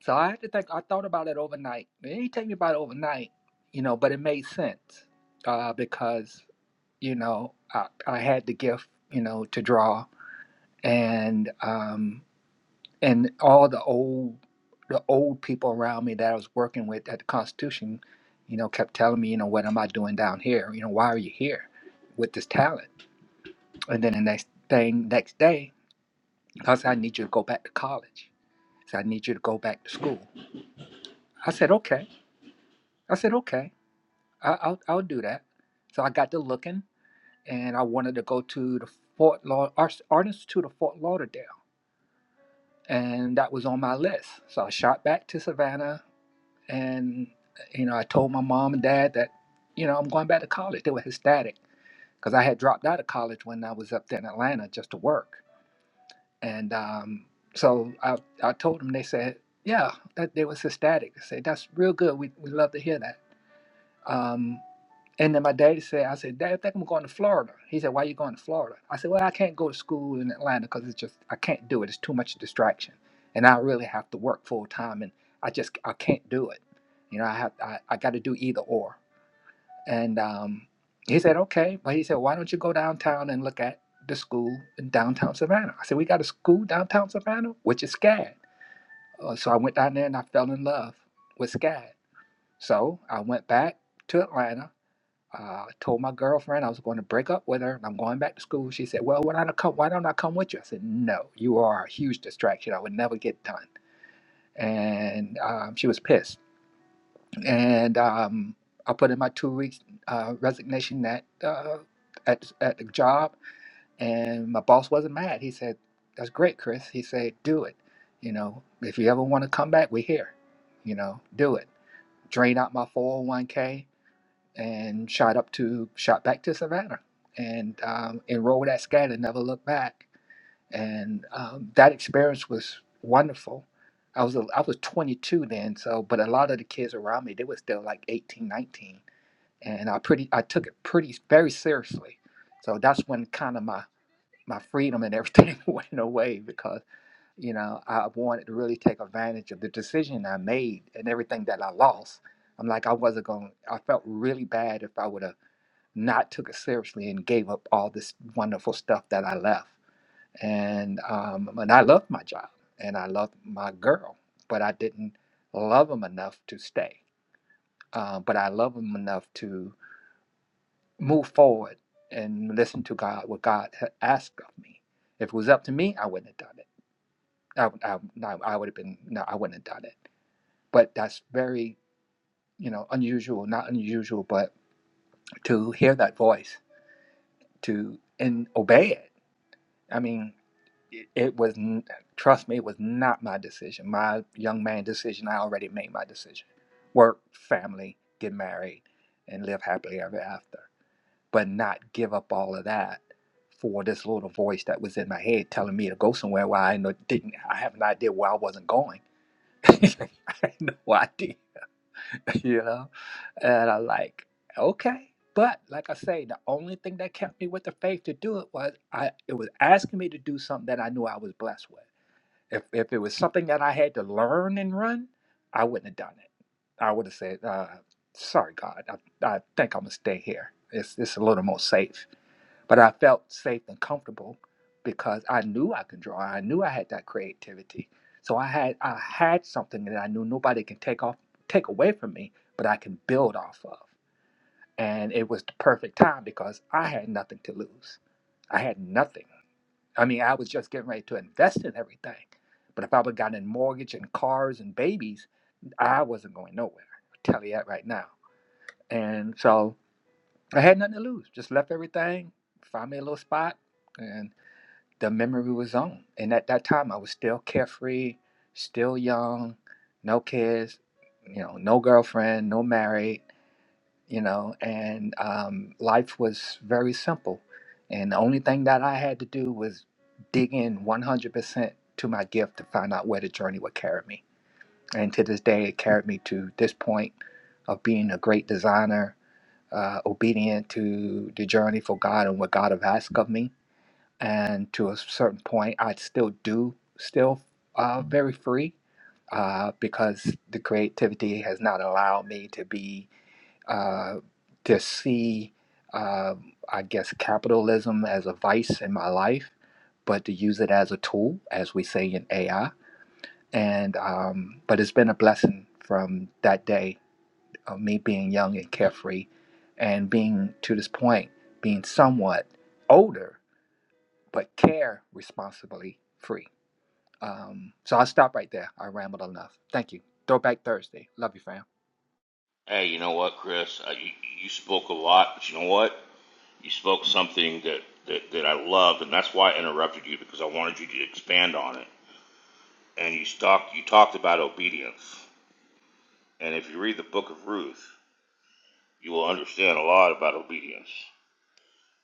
[SPEAKER 13] so I had to think, I thought about it overnight. It didn't take me about it overnight, you know, but it made sense uh, because, you know, I, I had the gift, you know, to draw. And, um, and all the old the old people around me that I was working with at the Constitution, you know, kept telling me, you know, what am I doing down here? You know, why are you here with this talent? And then the next thing, next day, I said, I need you to go back to college. So I need you to go back to school. I said, okay. I said, okay. I, I'll I'll do that. So I got to looking, and I wanted to go to the Fort Laud Art Art Institute of Fort Lauderdale, and that was on my list. So I shot back to Savannah and you know i told my mom and dad that you know i'm going back to college they were ecstatic because i had dropped out of college when i was up there in atlanta just to work and um, so I, I told them they said yeah that they was ecstatic they said that's real good we, we love to hear that Um, and then my dad said, I said, Dad, I think I'm going to Florida. He said, Why are you going to Florida? I said, Well, I can't go to school in Atlanta because it's just, I can't do it. It's too much distraction. And I really have to work full time and I just, I can't do it. You know, I have, I, I got to do either or. And um, he said, Okay. But he said, Why don't you go downtown and look at the school in downtown Savannah? I said, We got a school downtown Savannah, which is SCAD. Uh, so I went down there and I fell in love with SCAD. So I went back to Atlanta uh, I told my girlfriend I was going to break up with her and I'm going back to school. She said, Well, why don't I come, why don't I come with you? I said, No, you are a huge distraction. I would never get done. And um, she was pissed. And um, I put in my two weeks uh, resignation at, uh, at, at the job. And my boss wasn't mad. He said, That's great, Chris. He said, Do it. You know, if you ever want to come back, we're here. You know, do it. Drain out my 401k and shot up to shot back to Savannah and um, enrolled at SCAD and never looked back. And um, that experience was wonderful. I was I was 22 then, so but a lot of the kids around me they were still like 18, 19, and I pretty I took it pretty very seriously. So that's when kind of my my freedom and everything went away because you know I wanted to really take advantage of the decision I made and everything that I lost. I'm like I wasn't going. to I felt really bad if I would have not took it seriously and gave up all this wonderful stuff that I left. And um, and I loved my job and I loved my girl, but I didn't love him enough to stay. Uh, but I love him enough to move forward and listen to God, what God had asked of me. If it was up to me, I wouldn't have done it. I, would- I, no, I would have been, no, I wouldn't have done it. But that's very, you know, unusual, not unusual, but to hear that voice to and obey it. I mean, it, it was n- trust me it was not my decision my young man decision i already made my decision work family get married and live happily ever after but not give up all of that for this little voice that was in my head telling me to go somewhere where i know, didn't i have an idea where i wasn't going i had no idea you know and i like okay but like i say the only thing that kept me with the faith to do it was i it was asking me to do something that i knew i was blessed with if if it was something that I had to learn and run, I wouldn't have done it. I would have said, uh, "Sorry, God, I, I think I'm gonna stay here. It's it's a little more safe." But I felt safe and comfortable because I knew I could draw. I knew I had that creativity. So I had I had something that I knew nobody can take off take away from me, but I can build off of. And it was the perfect time because I had nothing to lose. I had nothing. I mean, I was just getting ready to invest in everything. But if I would have gotten a mortgage and cars and babies, I wasn't going nowhere. i tell you that right now. And so I had nothing to lose. Just left everything, found me a little spot, and the memory was on. And at that time, I was still carefree, still young, no kids, you know, no girlfriend, no married you know, and um, life was very simple. And the only thing that I had to do was dig in 100% to my gift to find out where the journey would carry me. And to this day, it carried me to this point of being a great designer, uh, obedient to the journey for God and what God have asked of me. And to a certain point, I still do, still uh, very free uh, because the creativity has not allowed me to be uh, to see, uh, I guess, capitalism as a vice in my life, but to use it as a tool, as we say in AI. And um, but it's been a blessing from that day of me being young and carefree, and being to this point being somewhat older, but care responsibly free. Um, so I'll stop right there. I rambled enough. Thank you. Throwback Thursday. Love you, fam.
[SPEAKER 7] Hey, you know what, Chris? I, you, you spoke a lot, but you know what? You spoke something that, that, that I loved, and that's why I interrupted you because I wanted you to expand on it. And you talked you talked about obedience, and if you read the Book of Ruth, you will understand a lot about obedience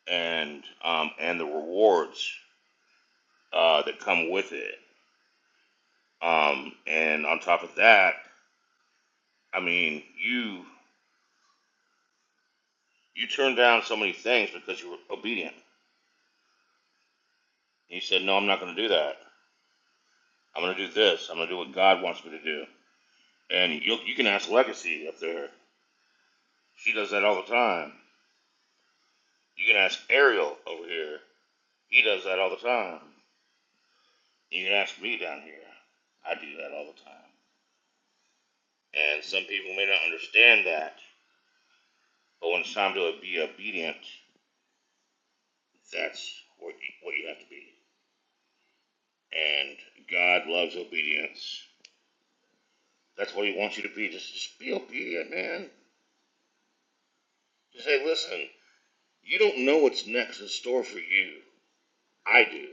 [SPEAKER 7] and um, and the rewards uh, that come with it. Um, and on top of that, I mean, you you turned down so many things because you were obedient. And you said, "No, I'm not going to do that." I'm gonna do this. I'm gonna do what God wants me to do. And you you can ask Legacy up there. She does that all the time. You can ask Ariel over here. He does that all the time. You can ask me down here. I do that all the time. And some people may not understand that, but when it's time to be obedient, that's what you, what you have to be. And God loves obedience. That's what He wants you to be. Just, just be obedient, man. Just say, listen, you don't know what's next in store for you. I do.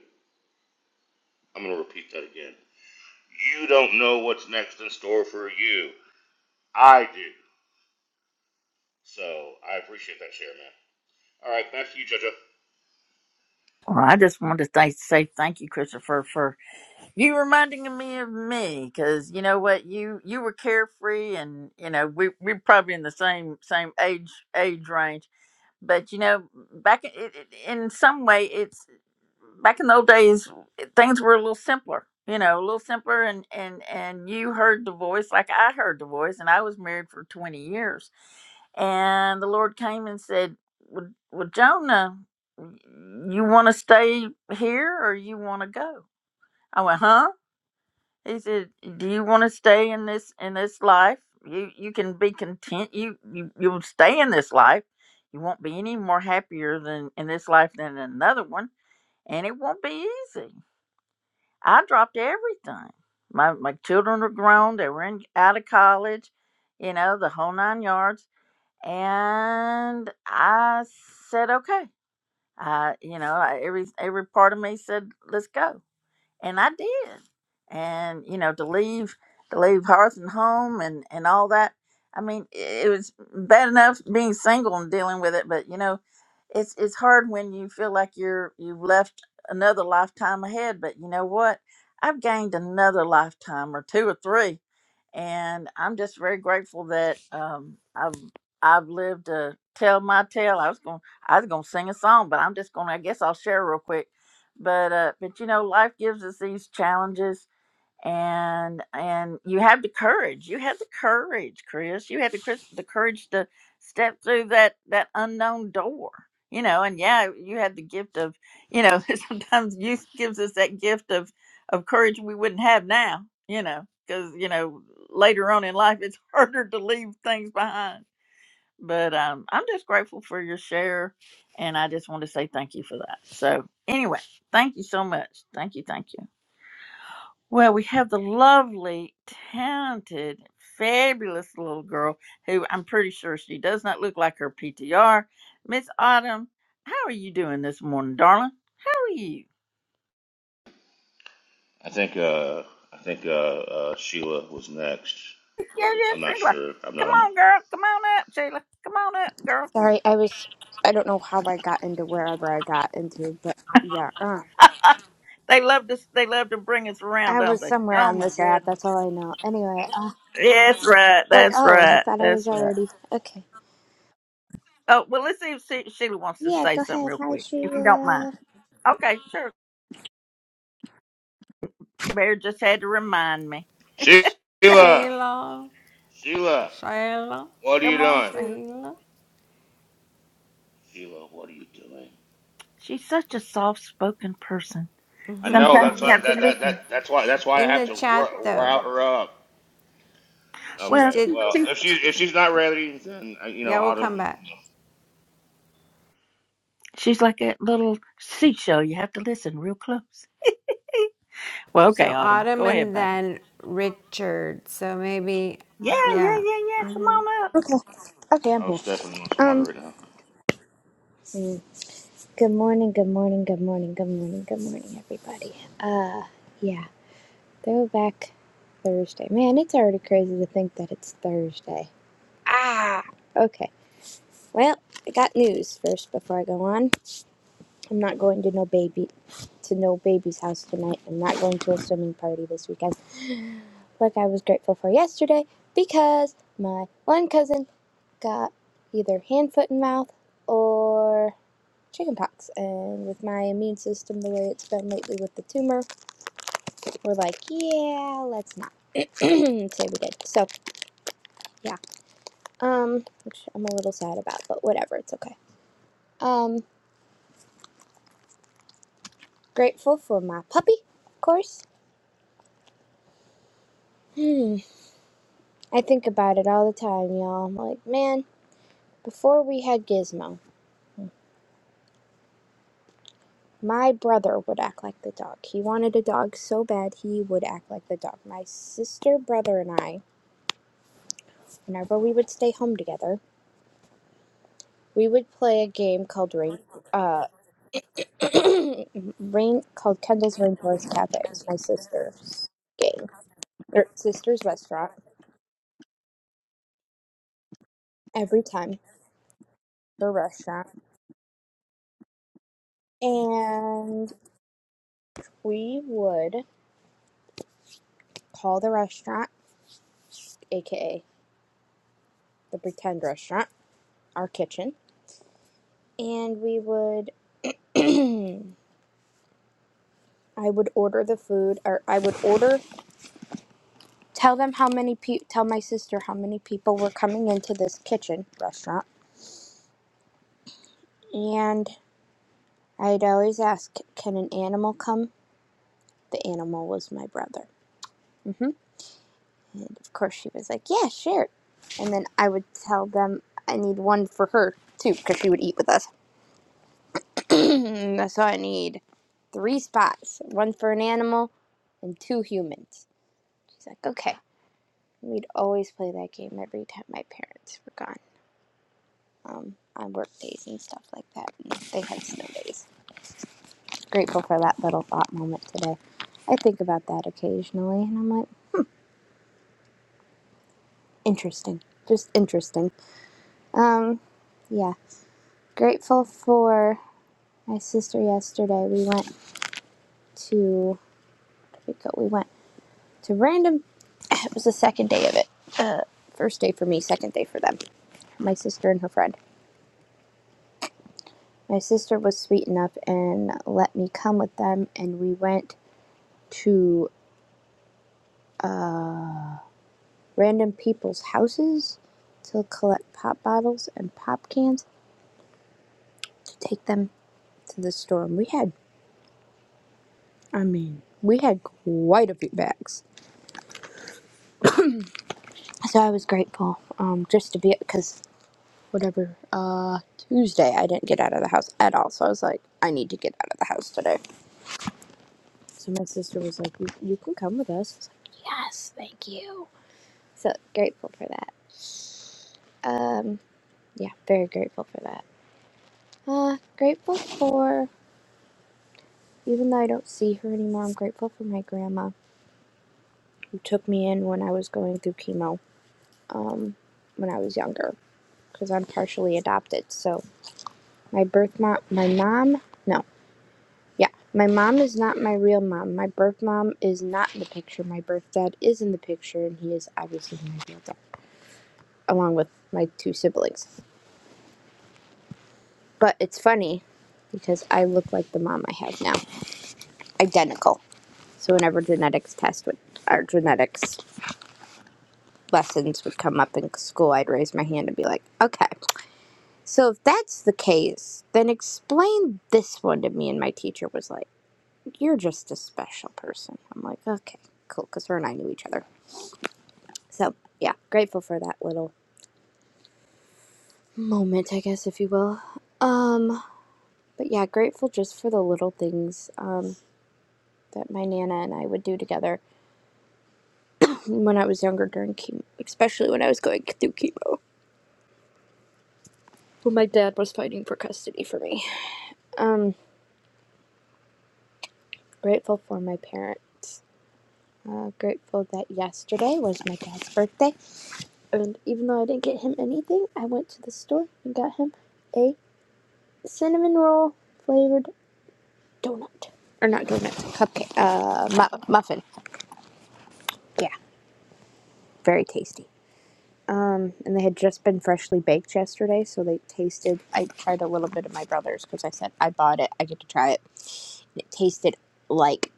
[SPEAKER 7] I'm going to repeat that again. You don't know what's next in store for you. I do. So I appreciate that share, man. All right, back to you, JoJo.
[SPEAKER 1] Well, I just wanted to thank, say thank you, Christopher, for You reminding me of me, because you know what, you you were carefree, and you know we we're probably in the same same age age range. But you know, back in, it, it- in some way, it's back in the old days, things were a little simpler. You know, a little simpler, and and and you heard the voice like I heard the voice, and I was married for twenty years, and the Lord came and said, "Well, well Jonah, you want to stay here or you want to go?" I went, "Huh." He said, "Do you want to stay in this in this life? You you can be content. You you you'll stay in this life. You won't be any more happier than in this life than in another one, and it won't be easy. I dropped everything. My my children are grown. They were in out of college, you know, the whole nine yards. And I said, okay. I you know I, every every part of me said, let's go and I did. And you know, to leave to leave hearth and home and and all that. I mean, it it was bad enough being single and dealing with it, but you know, it's it's hard when you feel like you're you've left another lifetime ahead. But you know what? I've gained another lifetime or two or three, and I'm just very grateful that um, I've I've lived to tell my tale. I was going I was gonna sing a song, but I'm just gonna I guess I'll share real quick but uh but you know life gives us these challenges and and you have the courage you had the courage chris you had the chris the courage to step through that that unknown door you know and yeah you had the gift of you know sometimes youth gives us that gift of of courage we wouldn't have now you know because you know later on in life it's harder to leave things behind but um, I'm just grateful for your share, and I just want to say thank you for that. So anyway, thank you so much. Thank you, thank you. Well, we have the lovely, talented, fabulous little girl who I'm pretty sure she does not look like her PTR. Miss Autumn, how are you doing this morning, darling? How are you?
[SPEAKER 7] I think uh, I think uh, uh, Sheila was next.
[SPEAKER 1] Yeah, yes,
[SPEAKER 7] I'm not
[SPEAKER 1] Sheila.
[SPEAKER 7] sure. I'm
[SPEAKER 1] Come
[SPEAKER 7] not a
[SPEAKER 1] on, girl. Come on up, Sheila. Come on up, girl.
[SPEAKER 14] Sorry, I was. I don't know how I got into wherever I got into, but yeah. Uh,
[SPEAKER 1] they love to they love to bring us around,
[SPEAKER 14] I
[SPEAKER 1] don't
[SPEAKER 14] was
[SPEAKER 1] they?
[SPEAKER 14] somewhere
[SPEAKER 1] Oh
[SPEAKER 14] on
[SPEAKER 1] my
[SPEAKER 14] this app.
[SPEAKER 1] goodness.
[SPEAKER 14] That's all I know. Anyway, uh,
[SPEAKER 1] That's right.
[SPEAKER 14] like,
[SPEAKER 1] That's
[SPEAKER 14] oh, I
[SPEAKER 1] right.
[SPEAKER 14] thought I was
[SPEAKER 1] That's right.
[SPEAKER 14] already. Okay.
[SPEAKER 1] Oh well, let's see if she- Sheila wants to
[SPEAKER 14] Yeah,
[SPEAKER 1] say
[SPEAKER 14] go
[SPEAKER 1] something
[SPEAKER 14] ahead.
[SPEAKER 1] real
[SPEAKER 14] Hi,
[SPEAKER 1] quick, if you don't mind.
[SPEAKER 14] Sheila.
[SPEAKER 1] Okay, sure. Bear just had to remind me.
[SPEAKER 10] Sh-
[SPEAKER 7] Sheila.
[SPEAKER 10] Shayla,
[SPEAKER 7] Sheila,
[SPEAKER 10] Shayla,
[SPEAKER 7] what are
[SPEAKER 1] Come
[SPEAKER 7] you
[SPEAKER 1] on,
[SPEAKER 7] doing?
[SPEAKER 1] Sheila.
[SPEAKER 10] Shayla.
[SPEAKER 7] Sheila, what are you doing?
[SPEAKER 1] She's such a soft-spoken person.
[SPEAKER 7] I know
[SPEAKER 1] Sometimes
[SPEAKER 7] that's
[SPEAKER 1] you
[SPEAKER 7] why
[SPEAKER 1] have to
[SPEAKER 7] that, that,
[SPEAKER 1] listen.
[SPEAKER 7] that that's why that's why I
[SPEAKER 10] In
[SPEAKER 7] have
[SPEAKER 10] the
[SPEAKER 7] to
[SPEAKER 10] chat
[SPEAKER 7] ru-
[SPEAKER 10] though,
[SPEAKER 7] route her up.
[SPEAKER 10] she
[SPEAKER 1] Well,
[SPEAKER 7] Okay,
[SPEAKER 10] did.
[SPEAKER 7] well
[SPEAKER 1] she,
[SPEAKER 7] if she if she's not ready, then uh, you know
[SPEAKER 10] Yeah, we'll come
[SPEAKER 7] Autumn.
[SPEAKER 10] back.
[SPEAKER 1] she's like a little seashell. You have to listen real close. Well, okay,
[SPEAKER 10] So
[SPEAKER 1] Autumn,
[SPEAKER 10] Autumn
[SPEAKER 1] go ahead,
[SPEAKER 10] and
[SPEAKER 1] baby.
[SPEAKER 10] then Richard. So maybe,
[SPEAKER 1] Yeah, yeah,
[SPEAKER 10] yeah.
[SPEAKER 1] yeah, yeah. Come on up.
[SPEAKER 14] Okay. Okay, I'm
[SPEAKER 7] Oh,
[SPEAKER 14] here.
[SPEAKER 7] Stephanie wants to
[SPEAKER 14] Um.
[SPEAKER 7] moderate now.
[SPEAKER 14] hmm. Good morning. Good morning. Good morning. Good morning. Good morning, everybody. Uh, yeah. Throwback Thursday. Man, it's already crazy to think that it's Thursday. Ah. Okay. Well, I got news first before I go on. I'm not going to no baby to no baby's house tonight. I'm not going to a swimming party this weekend. Like I was grateful for yesterday because my one cousin got either hand, foot, and mouth or chickenpox. And with my immune system the way it's been lately with the tumor, we're like, yeah, let's not say we did. So yeah, um, which I'm a little sad about, but whatever, it's okay. Um, grateful for my puppy, of course. Hmm. I think about it all the time, y'all. I'm like, man, before we had Gizmo, my brother would act like the dog. He wanted a dog so bad he would act like the dog. My sister, brother, and I, whenever we would stay home together, we would play a game called Rain, uh, Rain called Kendall's Rainforest Cafe. It was my sister's game, or sister's restaurant. Every time the restaurant, and we would call the restaurant, aka the pretend restaurant our kitchen and we would I would order the food or I would order tell them how many pe- tell my sister how many people were coming into this kitchen restaurant and I'd always ask can an animal come the animal was my brother mm hmm and of course she was like yeah sure and then I would tell them I need one for her too because she would eat with us so I need three spots one for an animal and two humans she's like okay We'd always play that game every time my parents were gone um, on work days and stuff like that. And they had snow days. Grateful for that little thought moment today. I think about that occasionally and I'm like, interesting. Just interesting. Yeah. Grateful for my sister yesterday. We went to, we, go, we went to random, it was the second day of it. Uh, first day for me, second day for them. My sister and her friend. My sister was sweet enough and let me come with them, and we went to random people's houses to collect pop bottles and pop cans to take them to the store. And we had we had quite a few bags, so I was grateful um, just to be because whatever uh, Tuesday I didn't get out of the house at all, so I was like, I need to get out of the house today. So my sister was like, "You, you can come with us." I was like, "Yes, thank you." So grateful for that. Um, yeah, very grateful for that. Uh, grateful for, even though I don't see her anymore, I'm grateful for my grandma who took me in when I was going through chemo um, when I was younger because I'm partially adopted. So my birth mom, my mom, no, yeah, my mom is not my real mom. My birth mom is not in the picture. My birth dad is in the picture, and he is obviously my real dad, along with my two siblings. But it's funny because I look like the mom I have now, identical. So whenever genetics test would, our genetics lessons would come up in school, I'd raise my hand and be like, "Okay, so if that's the case, then explain this one to me." And my teacher was like, "You're just a special person." I'm like, "Okay, cool," because her and I knew each other. So yeah, grateful for that little moment, I guess, if you will. Um, but yeah, grateful just for the little things um, that my nana and I would do together when I was younger during chemo, especially when I was going through chemo. When my dad was fighting for custody for me. Um, grateful for my parents. Uh, grateful that yesterday was my dad's birthday. And even though I didn't get him anything, I went to the store and got him a cinnamon roll flavored donut. Or not donut, cupcake, uh, mu- muffin. Yeah, very tasty. Um, and they had just been freshly baked yesterday, so they tasted. I tried a little bit of my brother's because I said I bought it. I get to try it. And it tasted like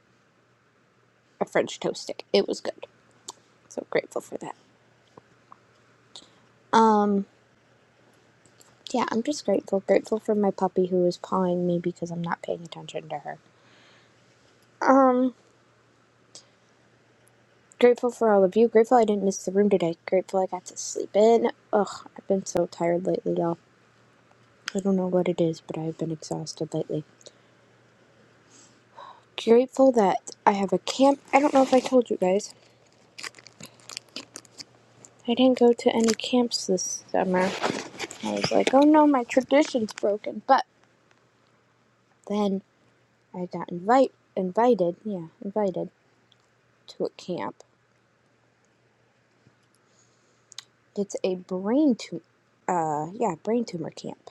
[SPEAKER 14] a French toast stick. It was good. So grateful for that. Um, yeah, I'm just grateful. Grateful for my puppy who is pawing me because I'm not paying attention to her. Um, grateful for all of you. Grateful I didn't miss the room today. Grateful I got to sleep in. Ugh, I've been so tired lately, y'all. I don't know what it is, but I've been exhausted lately. grateful that I have a camp. I don't know if I told you guys. I didn't go to any camps this summer. I was like, oh no, my tradition's broken. But then I got invite invited, yeah, invited to a camp. It's a brain tumor, uh, yeah, brain tumor camp.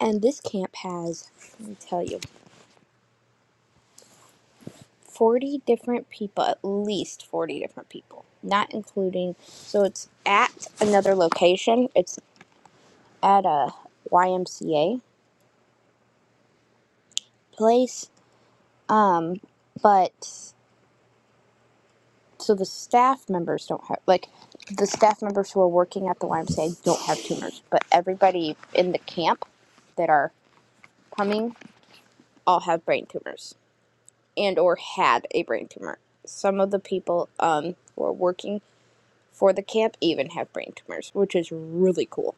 [SPEAKER 14] And this camp has, let me tell you, 40 different people, at least 40 different people, not including, so it's at another location. It's at a YMCA place Um, but so the staff members don't have like the staff members who are working at the YMCA don't have tumors, but everybody in the camp that are coming all have brain tumors and or had a brain tumor. Some of the people um who are working for the camp even have brain tumors, which is really cool.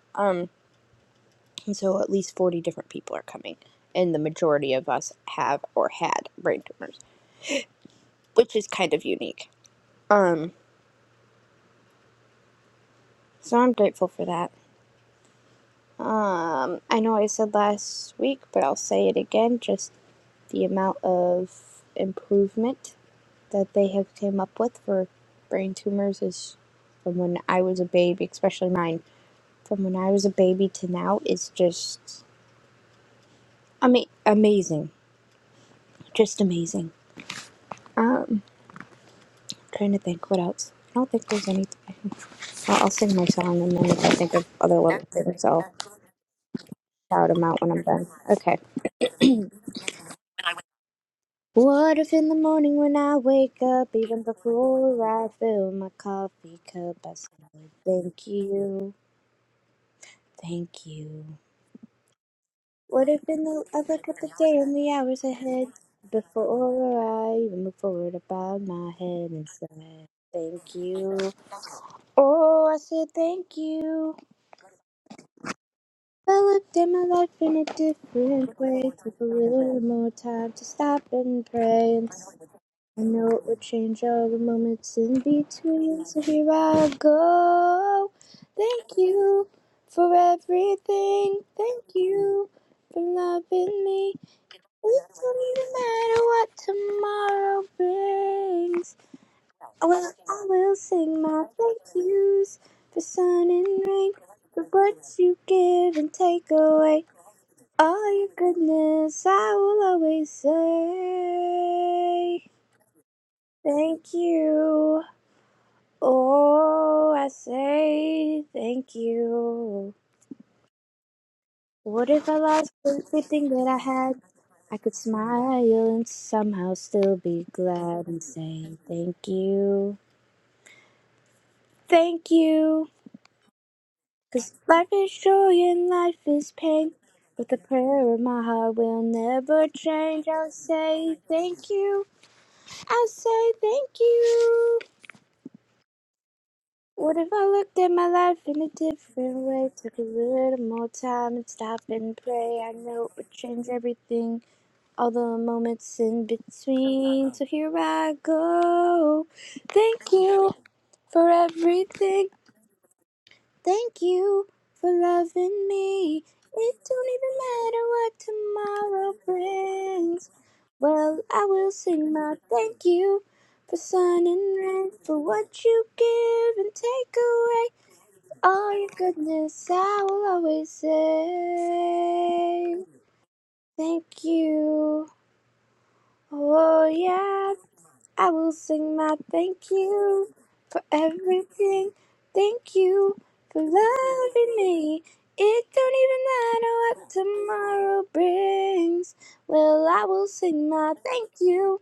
[SPEAKER 14] And so at least 40 different people are coming and the majority of us have or had brain tumors, which is kind of unique. Um so I'm grateful for that. Um, I know I said last week, but I'll say it again just the amount of improvement that they have came up with for brain tumors is from when I was a baby, especially mine, from when I was a baby to now is just ama- amazing. Just amazing. Um, trying to think what else. I don't think there's anything. I'll, I'll sing my song and then if I think of other little things, so I'll shout them out when I'm done. Okay. What if in the morning when I wake up, even before I fill my coffee cup, I say thank you, thank you? What if in the I look at the day and the hours ahead, before I even move forward, I bow my head and say thank you? Oh, I said thank you. I looked at my life in a different way, took a little more time to stop and pray and I know it would change all the moments in between, so here I go. Thank you for everything. Thank you for loving me. It doesn't matter what tomorrow brings. Well, I will sing my thank yous for sun and rain, for what you give and take away. All your goodness, I will always say. Thank you. Oh, I say thank you. What if I lost everything that I had? I could smile and somehow still be glad and say thank you. Thank you. 'Cause life is joy and life is pain. But the prayer of my heart will never change. I'll say thank you. I'll say thank you. What if I looked at my life in a different way? Took a little more time and stop and pray. I know it would change everything, all the moments in between. So here I go. Thank you for everything. Thank you for loving me. It don't even matter what tomorrow brings. Well, I will sing my thank you for sun and rain, for what you give and take away. All your goodness, I will always say thank you. Oh, yeah, I will sing my thank you for everything. Thank you for loving me. It don't even matter what tomorrow brings. Well, I will sing my thank you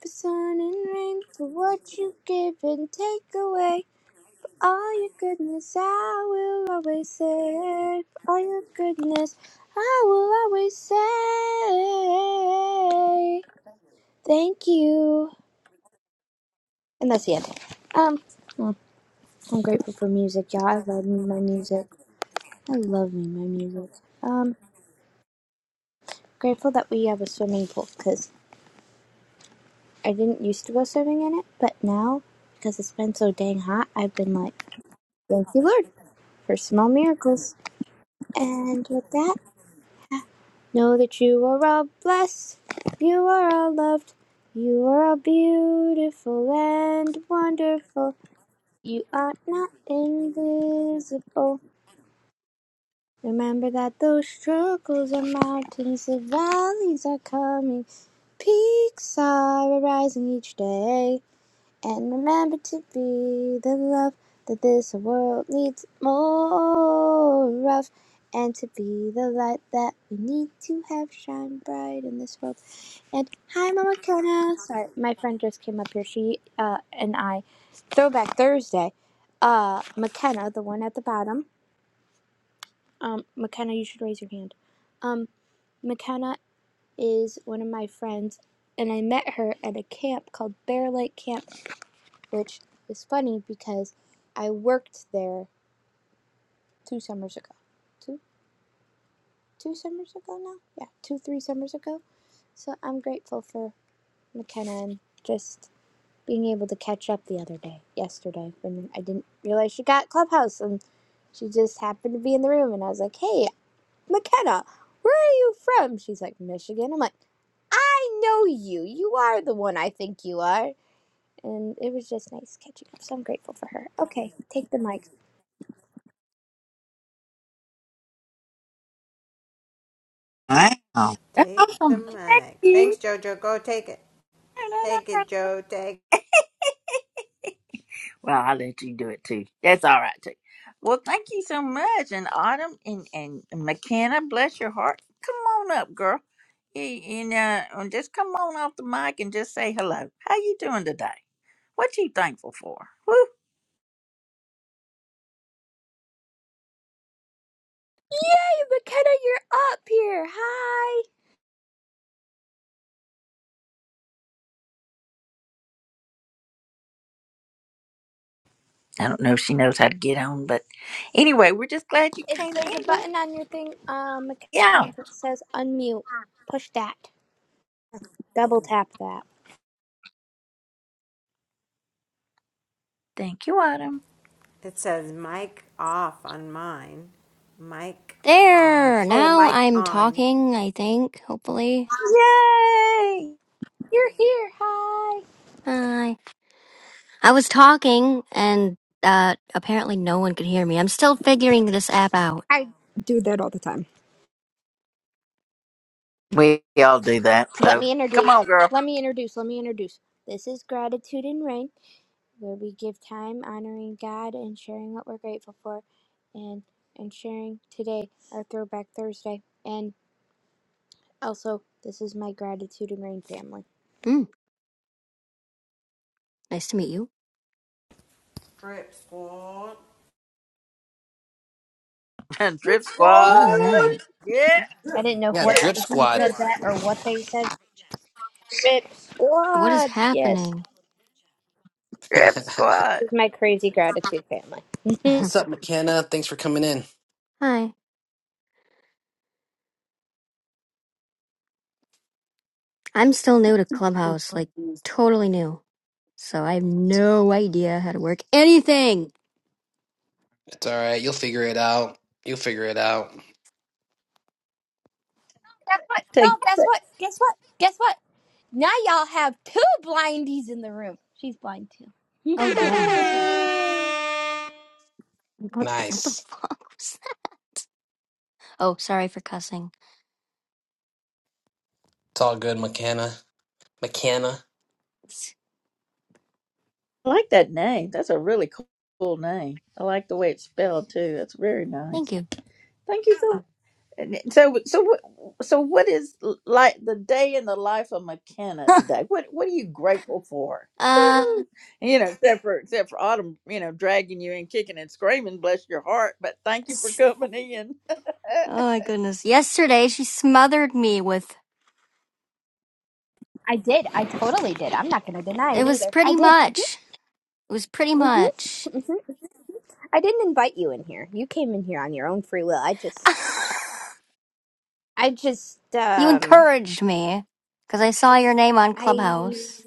[SPEAKER 14] for sun and rain, for what you give and take away. All your goodness I will always say. All your goodness I will always say. Thank you. And that's the end. Um, well, I'm grateful for music, y'all. I love me my music. I love me my music. Um, grateful that we have a swimming pool because I didn't used to go swimming in it, but now because it's been so dang hot, I've been like, thank you, Lord, for small miracles. And with that. Know that you are all blessed, you are all loved, you are all beautiful and wonderful. You are not invisible. Remember that those struggles are mountains, the valleys are coming, peaks are arising each day. And remember to be the love that this world needs more of. And to be the light that we need to have shine bright in this world. And hi, Mama Kona. Sorry, my friend just came up here. She uh, and I, Throwback Thursday. Uh, McKenna, the one at the bottom. Um, McKenna, you should raise your hand. Um, McKenna is one of my friends, and I met her at a camp called Bear Lake Camp which is funny because I worked there two summers ago. Two two summers ago now? Yeah, two three summers ago. So I'm grateful for McKenna and just being able to catch up the other day, yesterday, when I didn't realize she got Clubhouse and she just happened to be in the room and I was like, "Hey, McKenna, where are you from?" She's like, "Michigan." I'm like, "I know you. You are the one I think you are." And it was just nice catching up. So I'm grateful for her. Okay, take the mic.
[SPEAKER 1] Wow. That's
[SPEAKER 10] Take the
[SPEAKER 1] Awesome. Thank
[SPEAKER 10] mic. Thanks,
[SPEAKER 1] you.
[SPEAKER 10] Jojo. Go take it. Take it, Joe. Take
[SPEAKER 1] Well, I'll let you do it too. That's all right too. Well, thank you so much. And Autumn and, and McKenna, bless your heart. Come on up, girl. Y- And uh, and just come on off the mic and just say hello. How you doing today? What you thankful for? Woo.
[SPEAKER 14] Yay, McKenna, you're up here. Hi.
[SPEAKER 1] I don't know if she knows how to get on, but anyway, we're just glad you
[SPEAKER 14] It's
[SPEAKER 1] came
[SPEAKER 14] there's a
[SPEAKER 1] in, girl.
[SPEAKER 14] button on your thing, um,
[SPEAKER 1] Yeah.
[SPEAKER 14] McKenna that says unmute. Push that. Double tap that.
[SPEAKER 1] Thank you, Autumn.
[SPEAKER 10] It says mic off on mine, mic on,
[SPEAKER 15] There!
[SPEAKER 10] oh,
[SPEAKER 15] Now
[SPEAKER 10] mic
[SPEAKER 15] I'm
[SPEAKER 10] on.
[SPEAKER 15] talking, I think, hopefully.
[SPEAKER 1] Yay.
[SPEAKER 14] You're here. Hi.
[SPEAKER 15] Hi. I was talking and uh apparently no one could hear me. I'm still figuring this app out.
[SPEAKER 14] I do that all the time.
[SPEAKER 1] We all do that.
[SPEAKER 14] let
[SPEAKER 1] So
[SPEAKER 14] me
[SPEAKER 1] come
[SPEAKER 14] introduce.
[SPEAKER 1] on, girl.
[SPEAKER 14] Let me introduce. Let me introduce. This is gratitude and rain, where we give time honoring God and sharing what we're grateful for, and and sharing today our Throwback Thursday. And also, this is my gratitude and rain family.
[SPEAKER 15] Hmm. Nice to meet you.
[SPEAKER 10] Strip squad.
[SPEAKER 1] Drip
[SPEAKER 15] What
[SPEAKER 1] squad.
[SPEAKER 15] was that?
[SPEAKER 1] Yeah.
[SPEAKER 14] I didn't know
[SPEAKER 4] Yeah, the
[SPEAKER 1] Yeah.
[SPEAKER 14] what's
[SPEAKER 4] drip
[SPEAKER 14] who
[SPEAKER 4] squad.
[SPEAKER 14] said
[SPEAKER 3] You're,
[SPEAKER 14] that or what they said. Rip
[SPEAKER 15] What is
[SPEAKER 14] squad. Yes,
[SPEAKER 15] happening?
[SPEAKER 1] Drip
[SPEAKER 4] What's
[SPEAKER 1] squad.
[SPEAKER 14] this is my crazy gratitude family. Y'all,
[SPEAKER 4] up, McKenna? Thanks for coming in.
[SPEAKER 15] Hi. I'm still new to Clubhouse, like
[SPEAKER 4] It's
[SPEAKER 15] totally new. So I have no idea how to work anything.
[SPEAKER 4] all right. You'll figure it out. You'll figure it out.
[SPEAKER 15] That's what-
[SPEAKER 14] guess what? Guess what? Guess what? Now y'all have two blindies in the room. She's blind too.
[SPEAKER 15] Oh god. What what the
[SPEAKER 4] Nice.
[SPEAKER 15] fuck was that? Oh, sorry for cussing.
[SPEAKER 4] It's all good, McKenna. McKenna.
[SPEAKER 1] I like that name. That's a really cool, cool name. I like the way it's spelled too. That's very
[SPEAKER 15] Thank
[SPEAKER 1] nice.
[SPEAKER 15] you.
[SPEAKER 1] Thank you so. and it- So so what so what is l- like the day in the life of McKenna today? What what are you grateful for?
[SPEAKER 15] Uh
[SPEAKER 1] Woo-hoo. You know, except for except for Autumn, you know, dragging you in, kicking and screaming, bless your heart. But thank you for coming in.
[SPEAKER 15] Oh my goodness. Yesterday she smothered me with
[SPEAKER 14] I did. I totally did. I'm not going to deny
[SPEAKER 15] it
[SPEAKER 14] it
[SPEAKER 15] was
[SPEAKER 14] either. I
[SPEAKER 15] pretty
[SPEAKER 14] did. Mhm.
[SPEAKER 15] much. It was pretty
[SPEAKER 14] Mhm.
[SPEAKER 15] much.
[SPEAKER 14] Mhm. I didn't invite you in here. You came in here on your own free will. I just, I just,
[SPEAKER 15] you
[SPEAKER 14] um,
[SPEAKER 15] encouraged me because I saw your name on
[SPEAKER 14] I
[SPEAKER 15] Clubhouse.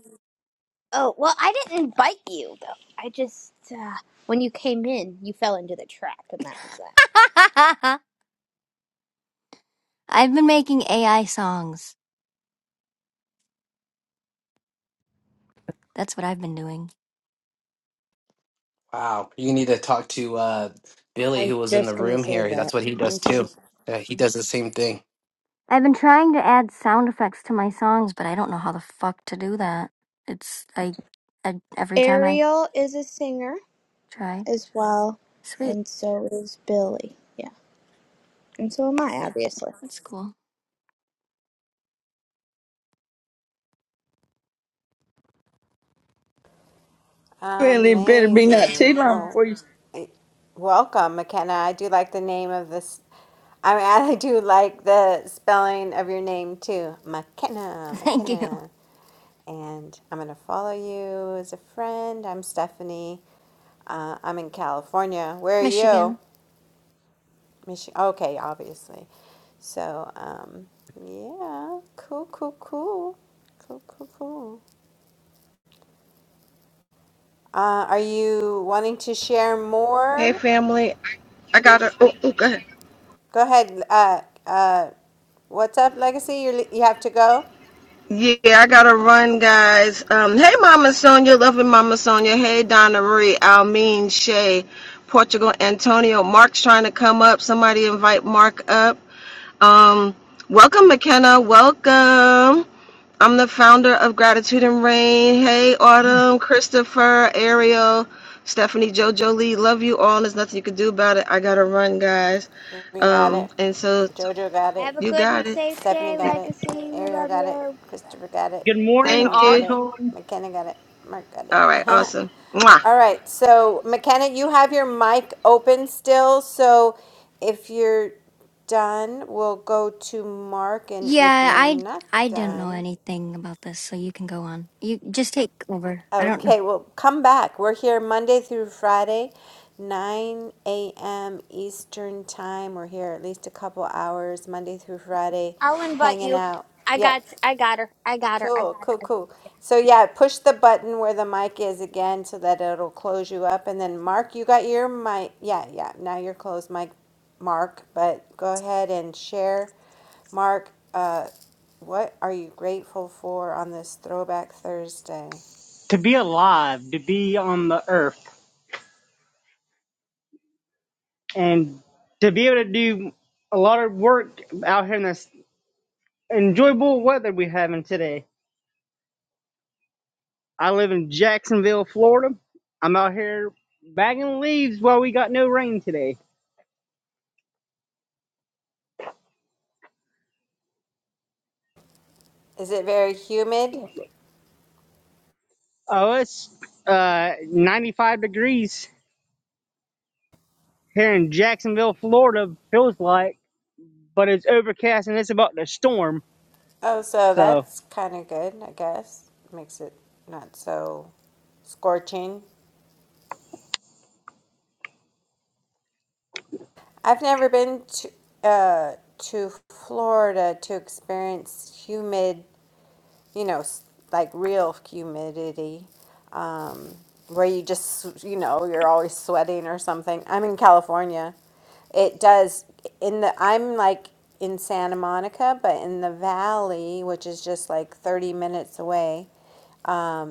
[SPEAKER 14] Oh, well, I didn't invite you, though. I just, uh, when you came in, you fell into the trap, and that was that.
[SPEAKER 15] I've been making AI songs. That's what I've been doing.
[SPEAKER 4] Wow. You need to talk to uh,
[SPEAKER 14] I
[SPEAKER 4] Billy,
[SPEAKER 14] was
[SPEAKER 4] who was in the
[SPEAKER 14] just gonna
[SPEAKER 4] room
[SPEAKER 14] say
[SPEAKER 4] here.
[SPEAKER 14] that.
[SPEAKER 4] That's what he does
[SPEAKER 14] hmm
[SPEAKER 4] too. Yeah, he does the same thing.
[SPEAKER 15] I've been trying to add sound effects to my songs, but I don't know how the fuck to do that. It's I, I every time I
[SPEAKER 14] Ariel is a singer
[SPEAKER 15] try.
[SPEAKER 14] as well,
[SPEAKER 15] Sweet.
[SPEAKER 14] and so is Billy. Yeah, and so am I, obviously.
[SPEAKER 15] That's cool.
[SPEAKER 1] really, better be not too
[SPEAKER 10] Amazing.
[SPEAKER 1] long
[SPEAKER 10] Well,
[SPEAKER 1] before you.
[SPEAKER 10] it- welcome, McKenna. I do like the name of this. I mean, I do like the spelling of your name too. McKenna,
[SPEAKER 15] Thank you.
[SPEAKER 10] McKenna. And I'm going to follow you as a friend. I'm Stephanie. Uh, I'm in California. Where are you?
[SPEAKER 15] Michigan.
[SPEAKER 10] Michigan. Okay, obviously. So, um, yeah, cool, cool, cool, cool, cool, cool. Uh, are you wanting to share
[SPEAKER 3] Hey
[SPEAKER 10] more?
[SPEAKER 3] family, I got to. Oh, oh, go ahead.
[SPEAKER 10] Go ahead. Uh, uh, what's up, Legacy? You you have to go.
[SPEAKER 3] Yeah, I gotta run, guys. Um, hey, Mama Sonia, loving Mama Sonia. Hey, Donna Marie, Almeen, Shay, Portugal, Antonio. Mark's trying to come up. Somebody invite Mark up. Um, welcome, McKenna. Welcome. I'm the founder of Gratitude and Rain. Hey, Autumn, Christopher, Ariel, Stephanie, JoJo Lee. Love you all. There's nothing you can do about it. I gotta run, guys.
[SPEAKER 10] We got
[SPEAKER 3] Um,
[SPEAKER 10] it.
[SPEAKER 3] and so
[SPEAKER 10] Jojo got it.
[SPEAKER 14] Have a
[SPEAKER 3] you
[SPEAKER 14] good and
[SPEAKER 3] got it.
[SPEAKER 14] safe
[SPEAKER 10] Stephanie
[SPEAKER 14] day,
[SPEAKER 10] got it.
[SPEAKER 14] Legacy. We
[SPEAKER 10] Ariel
[SPEAKER 14] love
[SPEAKER 10] got it.
[SPEAKER 14] you.
[SPEAKER 10] Christopher got it.
[SPEAKER 16] Good morning,
[SPEAKER 10] Autumn
[SPEAKER 3] Thank
[SPEAKER 10] got
[SPEAKER 3] you.
[SPEAKER 10] it.
[SPEAKER 16] Autumn.
[SPEAKER 10] McKenna got it. Mark got it.
[SPEAKER 3] All right, awesome. Mwah.
[SPEAKER 10] All right. So, McKenna, you have your mic open still. So, if you're done, we'll go to Mark. And if
[SPEAKER 15] Yeah,
[SPEAKER 10] you're
[SPEAKER 15] I
[SPEAKER 10] not
[SPEAKER 15] I don't know
[SPEAKER 10] done,
[SPEAKER 15] anything about this, so you can go on. You just take over. I don't
[SPEAKER 10] okay, well, come back. We're here Monday through Friday, 9 a.m. Eastern Time. We're here at least a couple hours, Monday through Friday,
[SPEAKER 14] I'll invite
[SPEAKER 10] hanging
[SPEAKER 14] you.
[SPEAKER 10] out.
[SPEAKER 14] I
[SPEAKER 10] Yep.
[SPEAKER 14] got, I got her. I got her. I
[SPEAKER 10] Cool,
[SPEAKER 14] got her.
[SPEAKER 10] cool,
[SPEAKER 14] I got her.
[SPEAKER 10] cool. So yeah, push the button where the mic is again so that it'll close you up. And then Mark, you got your mic. Yeah, yeah. Now you're closed, mic, Mark. But go ahead and share, Mark. Uh, what are you grateful for on this Throwback Thursday?
[SPEAKER 16] To be alive, to be on the earth, and to be able to do a lot of work out here in this enjoyable weather we're having today. I live in Jacksonville, Florida. I'm out here bagging leaves while we got no rain today.
[SPEAKER 10] Is it very humid?
[SPEAKER 16] Oh, it's uh, 95 degrees here in Jacksonville, Florida, feels like, but it's overcast and it's about to storm.
[SPEAKER 10] Oh, so
[SPEAKER 16] So.
[SPEAKER 10] that's kind of good, I guess. Makes it not so scorching. I've never been to uh, to Florida to experience humid, you know, s- like real humidity, um, where you just, you know, you're always sweating or something. I'm in California. It does in the I'm like in Santa Monica, but in the valley, which is just like 30 minutes away um,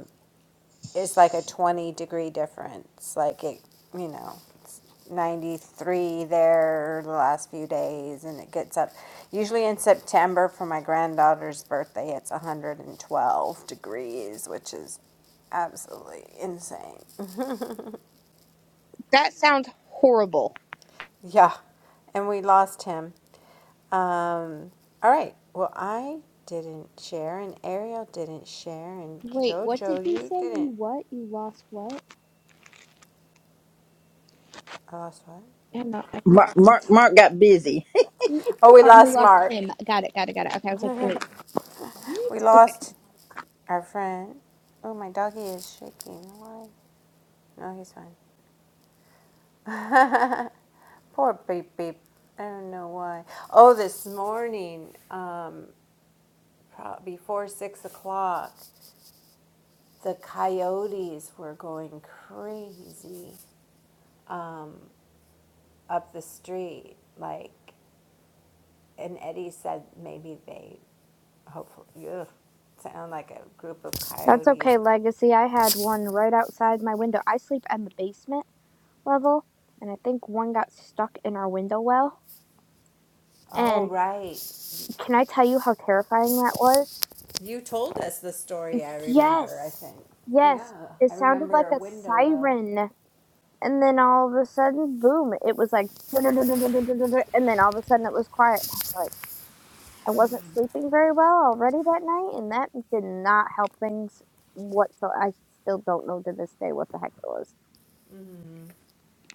[SPEAKER 10] is like a 20 degree difference. Like it, you know, it's 93 there the last few days, and it gets up. Usually in September for my granddaughter's birthday, it's 112 degrees, which is absolutely insane.
[SPEAKER 14] That sounds horrible.
[SPEAKER 10] Yeah. And we lost him. Um, all right. Well, I didn't share, and Ariel didn't share, and
[SPEAKER 14] Wait, what did
[SPEAKER 10] JoJo,
[SPEAKER 14] you
[SPEAKER 10] you
[SPEAKER 14] say?
[SPEAKER 10] didn't.
[SPEAKER 14] You what? You lost what?
[SPEAKER 10] I lost what?
[SPEAKER 14] I'm not.
[SPEAKER 1] Mark Mark, Mark got busy.
[SPEAKER 10] Oh, we
[SPEAKER 14] Oh, and we
[SPEAKER 10] lost
[SPEAKER 14] lost
[SPEAKER 10] Mark.
[SPEAKER 14] him. Got it, got it, got it. Okay, I was like, wait, what?
[SPEAKER 10] We
[SPEAKER 14] Okay.
[SPEAKER 10] lost Our friend. Oh, my doggy is shaking. Why? No, he's fine. Poor beep beep. I don't know why. Oh, this morning, um, pro- before six o'clock, the coyotes were going crazy up the street. Like, and Eddie said maybe they, hopefully, ugh, sound like a group of
[SPEAKER 14] That's
[SPEAKER 10] coyotes.
[SPEAKER 14] okay, Legacy. I had one right outside my window. I sleep in the basement level, and I think one got stuck in our window well.
[SPEAKER 10] Oh,
[SPEAKER 14] And
[SPEAKER 10] right.
[SPEAKER 14] can I tell you how terrifying that was?
[SPEAKER 10] You told us the story, I remember, I
[SPEAKER 14] Yes,
[SPEAKER 10] think. Yeah,
[SPEAKER 14] yes. It
[SPEAKER 10] I
[SPEAKER 14] sounded
[SPEAKER 10] remember
[SPEAKER 14] like
[SPEAKER 10] a
[SPEAKER 14] a
[SPEAKER 10] window well.
[SPEAKER 14] siren, and then all of a sudden, boom! It was like, dun dun dun dun dun dun dun dun, dun, and then all of a sudden, it was quiet. And I was like, I wasn't sleeping very well already that night, and that did not help things whatsoever. I still don't know to this day what the heck it was.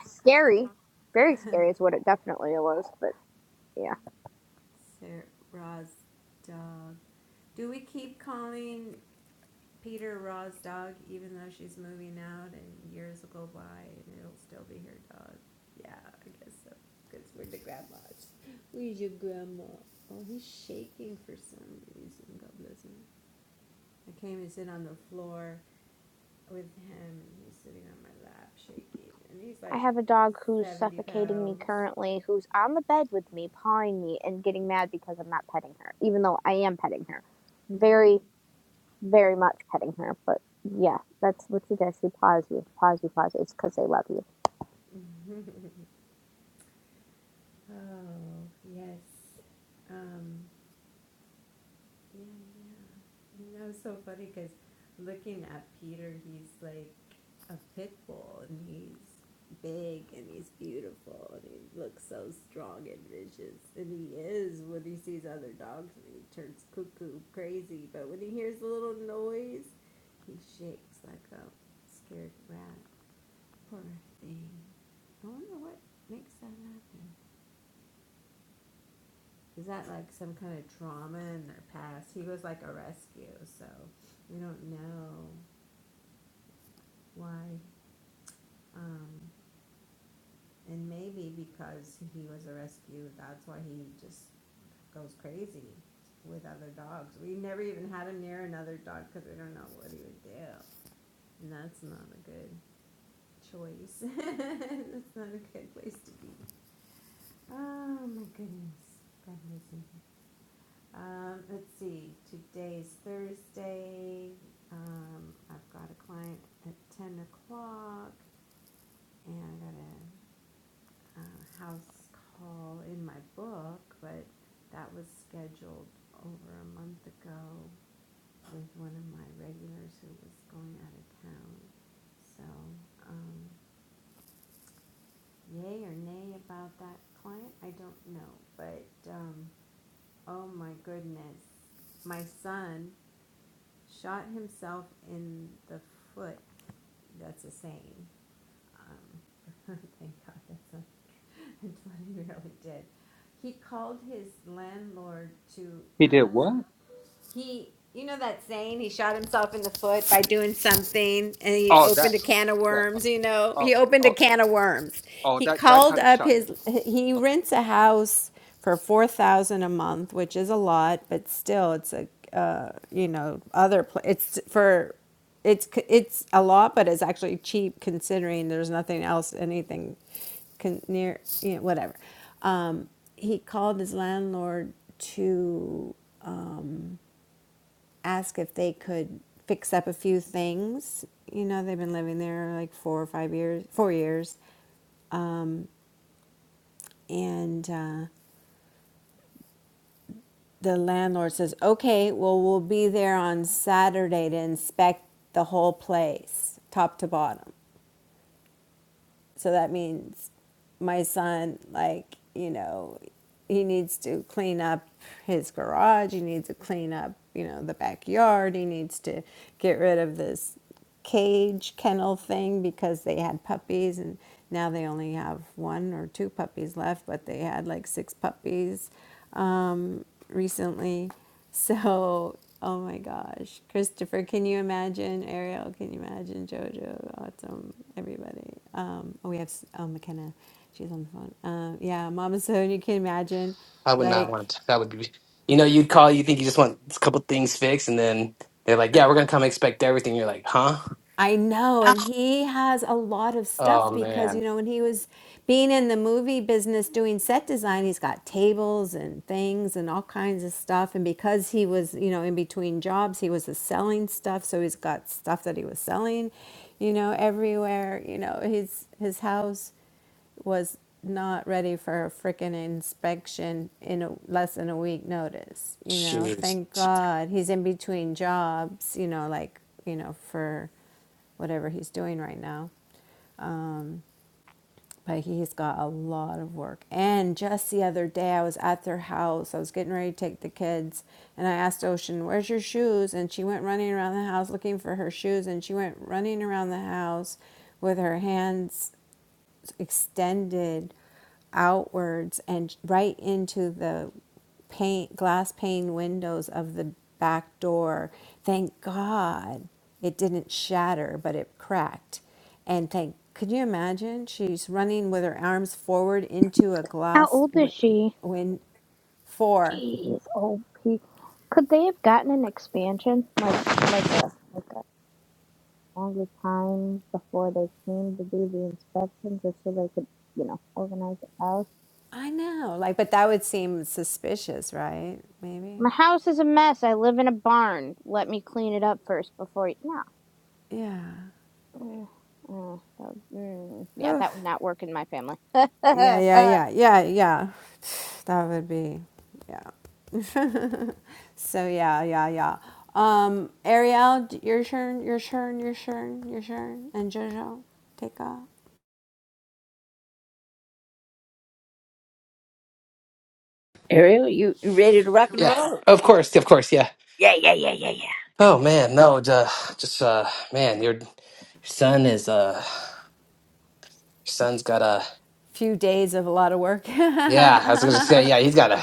[SPEAKER 14] Scary. Very scary is what it definitely was, but yeah.
[SPEAKER 10] Sir, Ra's dog. Do we keep calling Peter Ra's dog even though she's moving out and years will go by and it'll still be her dog? Yeah, I guess so. Because we're the grandmas. Where's your grandma? Oh, he's shaking for some reason. God bless him. I came and sit on the floor with him. He's sitting on my lap, shaking, and he's
[SPEAKER 14] I
[SPEAKER 10] like
[SPEAKER 14] have a dog who's
[SPEAKER 10] seventy
[SPEAKER 14] suffocating me
[SPEAKER 10] pounds.
[SPEAKER 14] currently, who's on the bed with me, pawing me, and getting mad because I'm not petting her, even though I am petting her. Very, very much petting her, but yeah, that's what she does. She paws you, paws you, paws you. It's because they love you.
[SPEAKER 10] oh yes. Um, Yeah, yeah. And that was so funny because looking at Peter, he's like a pit bull and he's big and he's beautiful and he looks so strong and vicious. And he is when he sees other dogs and he turns cuckoo crazy. But when he hears a little noise, he shakes like a scared rat. Poor thing. I wonder what makes that happen. is that like some kind of trauma in their past? He was like a rescue, so we don't know why. Um, and maybe because he was a rescue, that's why he just goes crazy with other dogs. We never even had him near another dog because we don't know what he would do. And that's not a good choice. that's not a good place to be. Oh my goodness. God knows. Um, let's see, today's Thursday, um, I've got a client at ten o'clock, and I got a, uh house call in my book, but that was scheduled over a month ago with one of my regulars who was going out of town. So, um, yay or nay about that client, I don't know, but, um, oh my goodness, my son shot himself in the foot. That's a saying. Um, thank God that's not that's what he really did. He called his landlord to
[SPEAKER 13] He did
[SPEAKER 10] ask
[SPEAKER 13] what?
[SPEAKER 10] he, you know that saying, he shot himself in the foot by doing something and he
[SPEAKER 13] Oh,
[SPEAKER 10] opened
[SPEAKER 13] that.
[SPEAKER 10] a can of
[SPEAKER 13] That.
[SPEAKER 10] worms, you know?
[SPEAKER 13] Oh,
[SPEAKER 10] He opened
[SPEAKER 13] oh.
[SPEAKER 10] a can of worms.
[SPEAKER 13] Oh,
[SPEAKER 10] He
[SPEAKER 13] that that
[SPEAKER 10] called
[SPEAKER 13] kind of
[SPEAKER 10] up
[SPEAKER 13] shot in
[SPEAKER 10] his,
[SPEAKER 13] the foot.
[SPEAKER 10] he
[SPEAKER 13] Okay.
[SPEAKER 10] rents a house for 4000 a month, which is a lot, but still it's a, uh, you know, other, pla it's for, it's, it's a lot, but it's actually cheap considering there's nothing else, anything con- near, you know, whatever. Um, he called his landlord to ask if they could fix up a few things. You know, they've been living there like four or five years, four years. And uh, the landlord says, okay, well, we'll be there on Saturday to inspect the whole place, top to bottom. So that means my son, like, you know, he needs to clean up his garage. He needs to clean up, you know, the backyard. He needs to get rid of this cage kennel thing because they had puppies and now they only have one or two puppies left, but they had like six puppies um, recently. So, oh my gosh, Christopher, can you imagine? Ariel, can you imagine? Jojo, Autumn, everybody. Um, oh, we have S- oh, McKenna, she's on the phone. Um, yeah, Mama Sonia, you can you imagine,
[SPEAKER 4] I would not
[SPEAKER 10] like.
[SPEAKER 4] want to. That would be, you know, you'd call, you think you just want a couple things fixed, and then they're like, yeah, we're going to come expect everything. You're like, huh?
[SPEAKER 10] I know, and he has a lot of
[SPEAKER 4] Oh,
[SPEAKER 10] stuff because
[SPEAKER 4] man.
[SPEAKER 10] you know when he was being in the movie business doing set design, he's got tables and things and all kinds of stuff. And because he was you know in between jobs, he was selling stuff, so he's got stuff that he was selling, you know, everywhere. You know, his his house was not ready for a freaking inspection in a, less than a week notice you know
[SPEAKER 4] Jeez.
[SPEAKER 10] thank god he's in between jobs you know like you know for whatever he's doing right now. Um, but he's got a lot of work. And just the other day, I was at their house. I was getting ready to take the kids, and I asked Ocean, "Where's your shoes?" And she went running around the house looking for her shoes, and she went running around the house with her hands extended outwards and right into the pane, glass pane windows of the back door. Thank God it didn't shatter, but it cracked. And thank, could you imagine? She's running with her arms forward into a
[SPEAKER 14] How
[SPEAKER 10] glass
[SPEAKER 14] old is
[SPEAKER 10] win,
[SPEAKER 14] she?
[SPEAKER 10] win four.
[SPEAKER 14] Jeez, OP. Could they have gotten an expansion, like like a like a longer time before they came to do the inspection, just so they could, you know, organize the house?
[SPEAKER 10] I know, like, but that would seem suspicious, right? Maybe.
[SPEAKER 14] My house is a mess. I live in a barn. Let me clean it up first before you. No.
[SPEAKER 10] Yeah.
[SPEAKER 14] Mm, mm, that would- mm, yeah, that would not work in my family.
[SPEAKER 10] Yeah, yeah,
[SPEAKER 14] Uh,
[SPEAKER 10] yeah, yeah, yeah. That would be, yeah. So yeah, yeah, yeah. Um, Ariel, d- your turn, your turn, your turn, your turn, and Jojo, take off.
[SPEAKER 1] Ariel, you, you ready to rock and
[SPEAKER 4] Yeah.
[SPEAKER 1] roll? You
[SPEAKER 4] Of course. Of course. Yeah. Oh man. No. Duh, just uh. Man, your son is uh. Your son's got a.
[SPEAKER 10] Few days of a lot of work.
[SPEAKER 4] Yeah. I was gonna say. Yeah. He's got a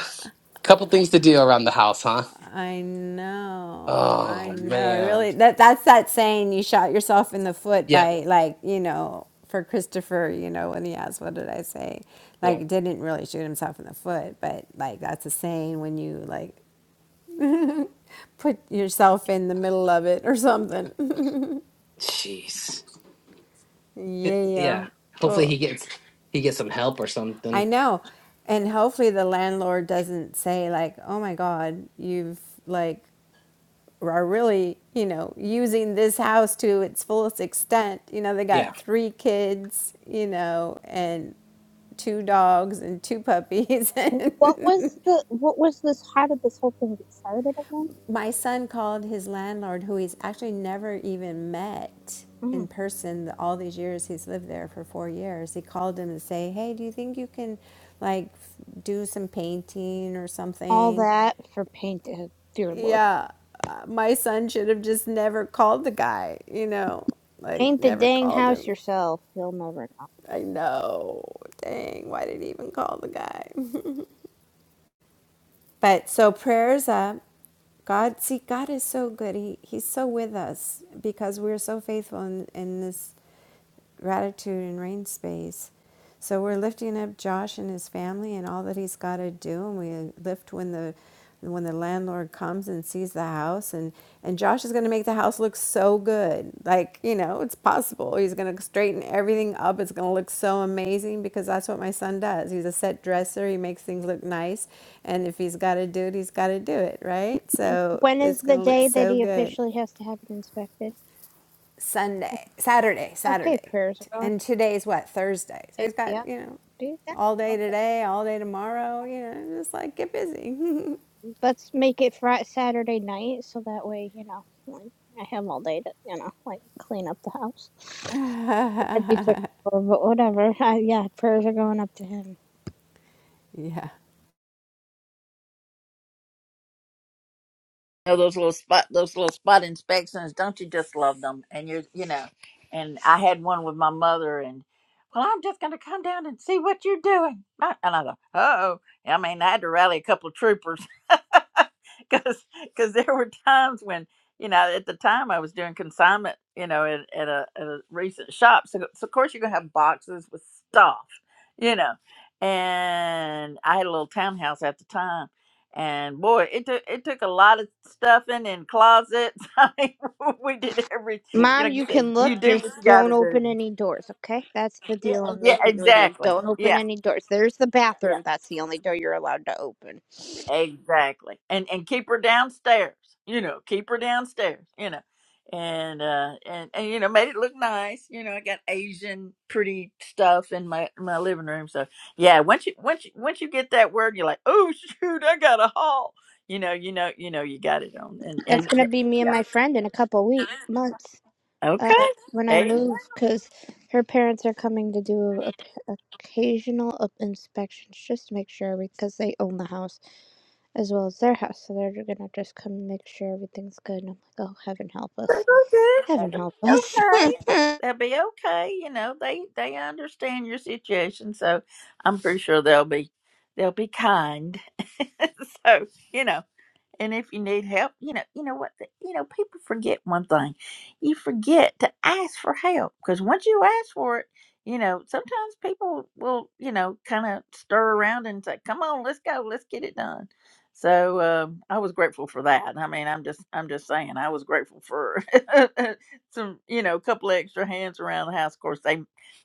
[SPEAKER 4] couple things to do around the house, huh?
[SPEAKER 10] I know,
[SPEAKER 4] Oh
[SPEAKER 10] I know. It
[SPEAKER 4] man.
[SPEAKER 10] Really, that that's that saying you shot yourself in the foot
[SPEAKER 4] Yep.
[SPEAKER 10] by like you know for Christopher, you know when he asked what did I say,
[SPEAKER 4] Yep.
[SPEAKER 10] like didn't really shoot himself in the foot, but like that's a saying when you like put yourself in the middle of it or something.
[SPEAKER 4] Jeez. It-
[SPEAKER 10] yeah.
[SPEAKER 4] yeah. Hopefully
[SPEAKER 10] Ugh.
[SPEAKER 4] he gets he gets some help or
[SPEAKER 10] I
[SPEAKER 4] something.
[SPEAKER 10] know. And hopefully the landlord doesn't say like, "Oh my god, you've like are really, you know, using this house to its fullest extent. You know, they
[SPEAKER 4] Yeah.
[SPEAKER 10] got 3 kids, you know, and two dogs and two puppies and
[SPEAKER 14] what was the what was this? How did this whole thing get started again?
[SPEAKER 10] my son called his landlord, who he's actually never even met in
[SPEAKER 14] Mm,
[SPEAKER 10] person all these years he's lived there for four years. He called him to say, "Hey, do you think you can like do some painting or
[SPEAKER 14] all
[SPEAKER 10] something?"
[SPEAKER 14] that for paint. uh, Dear Lord.
[SPEAKER 10] Yeah, uh, my son should have just never called the guy. You know, like
[SPEAKER 14] Paint the
[SPEAKER 10] never
[SPEAKER 14] dang
[SPEAKER 10] called
[SPEAKER 14] house
[SPEAKER 10] him.
[SPEAKER 14] yourself. You'll never know.
[SPEAKER 10] I know. Dang, why did he even call the guy? But so prayers up. God, see, God is so good. He, he's so with us because we're so faithful in, in this gratitude and rain space. So we're lifting up Josh and his family and all that he's got to do. And we lift when the and when the landlord comes and sees the house, and, and Josh is going to make the house look so good. Like, you know, it's possible. He's going to straighten everything up. It's going to look so amazing because that's what my son does. He's a set dresser. He makes things look nice. And if he's got to do it, he's got to do it, right? So
[SPEAKER 14] When
[SPEAKER 10] it's
[SPEAKER 14] is
[SPEAKER 10] going
[SPEAKER 14] the
[SPEAKER 10] to look
[SPEAKER 14] day that
[SPEAKER 10] so
[SPEAKER 14] he
[SPEAKER 10] good.
[SPEAKER 14] officially has to have it inspected?
[SPEAKER 10] Sunday, Saturday,
[SPEAKER 14] Okay,
[SPEAKER 10] Saturday.
[SPEAKER 14] prayers are going.
[SPEAKER 10] And today's what? Thursday. So
[SPEAKER 14] eh,
[SPEAKER 10] he's got,
[SPEAKER 14] Yep,
[SPEAKER 10] you know,
[SPEAKER 14] do that.
[SPEAKER 10] all day
[SPEAKER 14] Okay.
[SPEAKER 10] today, all day tomorrow, you know, just like get busy.
[SPEAKER 14] Let's make it Friday, Saturday night, so that way you know, like I have all day to you know, like clean up the house. That'd be quick, but whatever. I, yeah, prayers are going up to him.
[SPEAKER 10] yeah.
[SPEAKER 1] know those little spot, those little spot inspections. Don't you just love them? And you're, you know, and I had one with my mother, and well, I'm just gonna come down and see what you're doing. I- And I go, oh, I mean, I had to rally a couple of troopers because because there were times when you know at the time I was doing consignment, you know, at, at a at a recent shop. So, so of course you're gonna have boxes with stuff, you know. And I had a little townhouse at the time, and boy, it took it took a lot of stuffing in closets. I mean, we did every, you know,
[SPEAKER 14] Mom,
[SPEAKER 1] like you
[SPEAKER 14] you can
[SPEAKER 1] said,
[SPEAKER 14] look,
[SPEAKER 1] you do what
[SPEAKER 14] just
[SPEAKER 1] you got to
[SPEAKER 14] don't
[SPEAKER 1] do.
[SPEAKER 14] open any doors, okay? That's the deal I'm
[SPEAKER 1] Yeah,
[SPEAKER 14] making with you.
[SPEAKER 1] exactly.
[SPEAKER 14] Don't open
[SPEAKER 1] Yeah,
[SPEAKER 14] any doors. There's the
[SPEAKER 1] yeah.
[SPEAKER 14] bathroom. That's the only door you're allowed to open.
[SPEAKER 1] Exactly. And and keep her downstairs. You know, keep her downstairs, you know. And uh and, and you know, made it look nice. You know, I got Asian pretty stuff in my my living room. So yeah, once you once you once you get that word you're like, Oh shoot, I got a haul. You know, you know, you know you got it on and
[SPEAKER 14] That's
[SPEAKER 1] and
[SPEAKER 14] gonna
[SPEAKER 1] eh,
[SPEAKER 14] be me and my
[SPEAKER 1] yeah.
[SPEAKER 14] friend in a couple week months uh,
[SPEAKER 1] Okay.
[SPEAKER 14] when I
[SPEAKER 1] hey.
[SPEAKER 14] move, because her parents are coming to do a, p- occasional up inspections just to make sure because they own the house as well as their house, so they're gonna just come and make sure everything's good. And I'm like, oh, heaven help
[SPEAKER 1] That'll
[SPEAKER 14] us,
[SPEAKER 1] be good.
[SPEAKER 14] heaven
[SPEAKER 1] That'll
[SPEAKER 14] help
[SPEAKER 1] be
[SPEAKER 14] us.
[SPEAKER 1] okay. they will be okay. You know, they they understand your situation, so I'm pretty sure they'll be they'll be kind. so you know and if you need help, you know, you know what, the, you know, people forget one thing. You forget to ask for help because once you ask for it, you know, sometimes people will, you know, kind of stir around and say, "Come on, let's go, let's get it done." So um, I was grateful for that. I mean, I'm just, I'm just saying, I was grateful for some, you know, a couple of extra hands around the house. Of course, they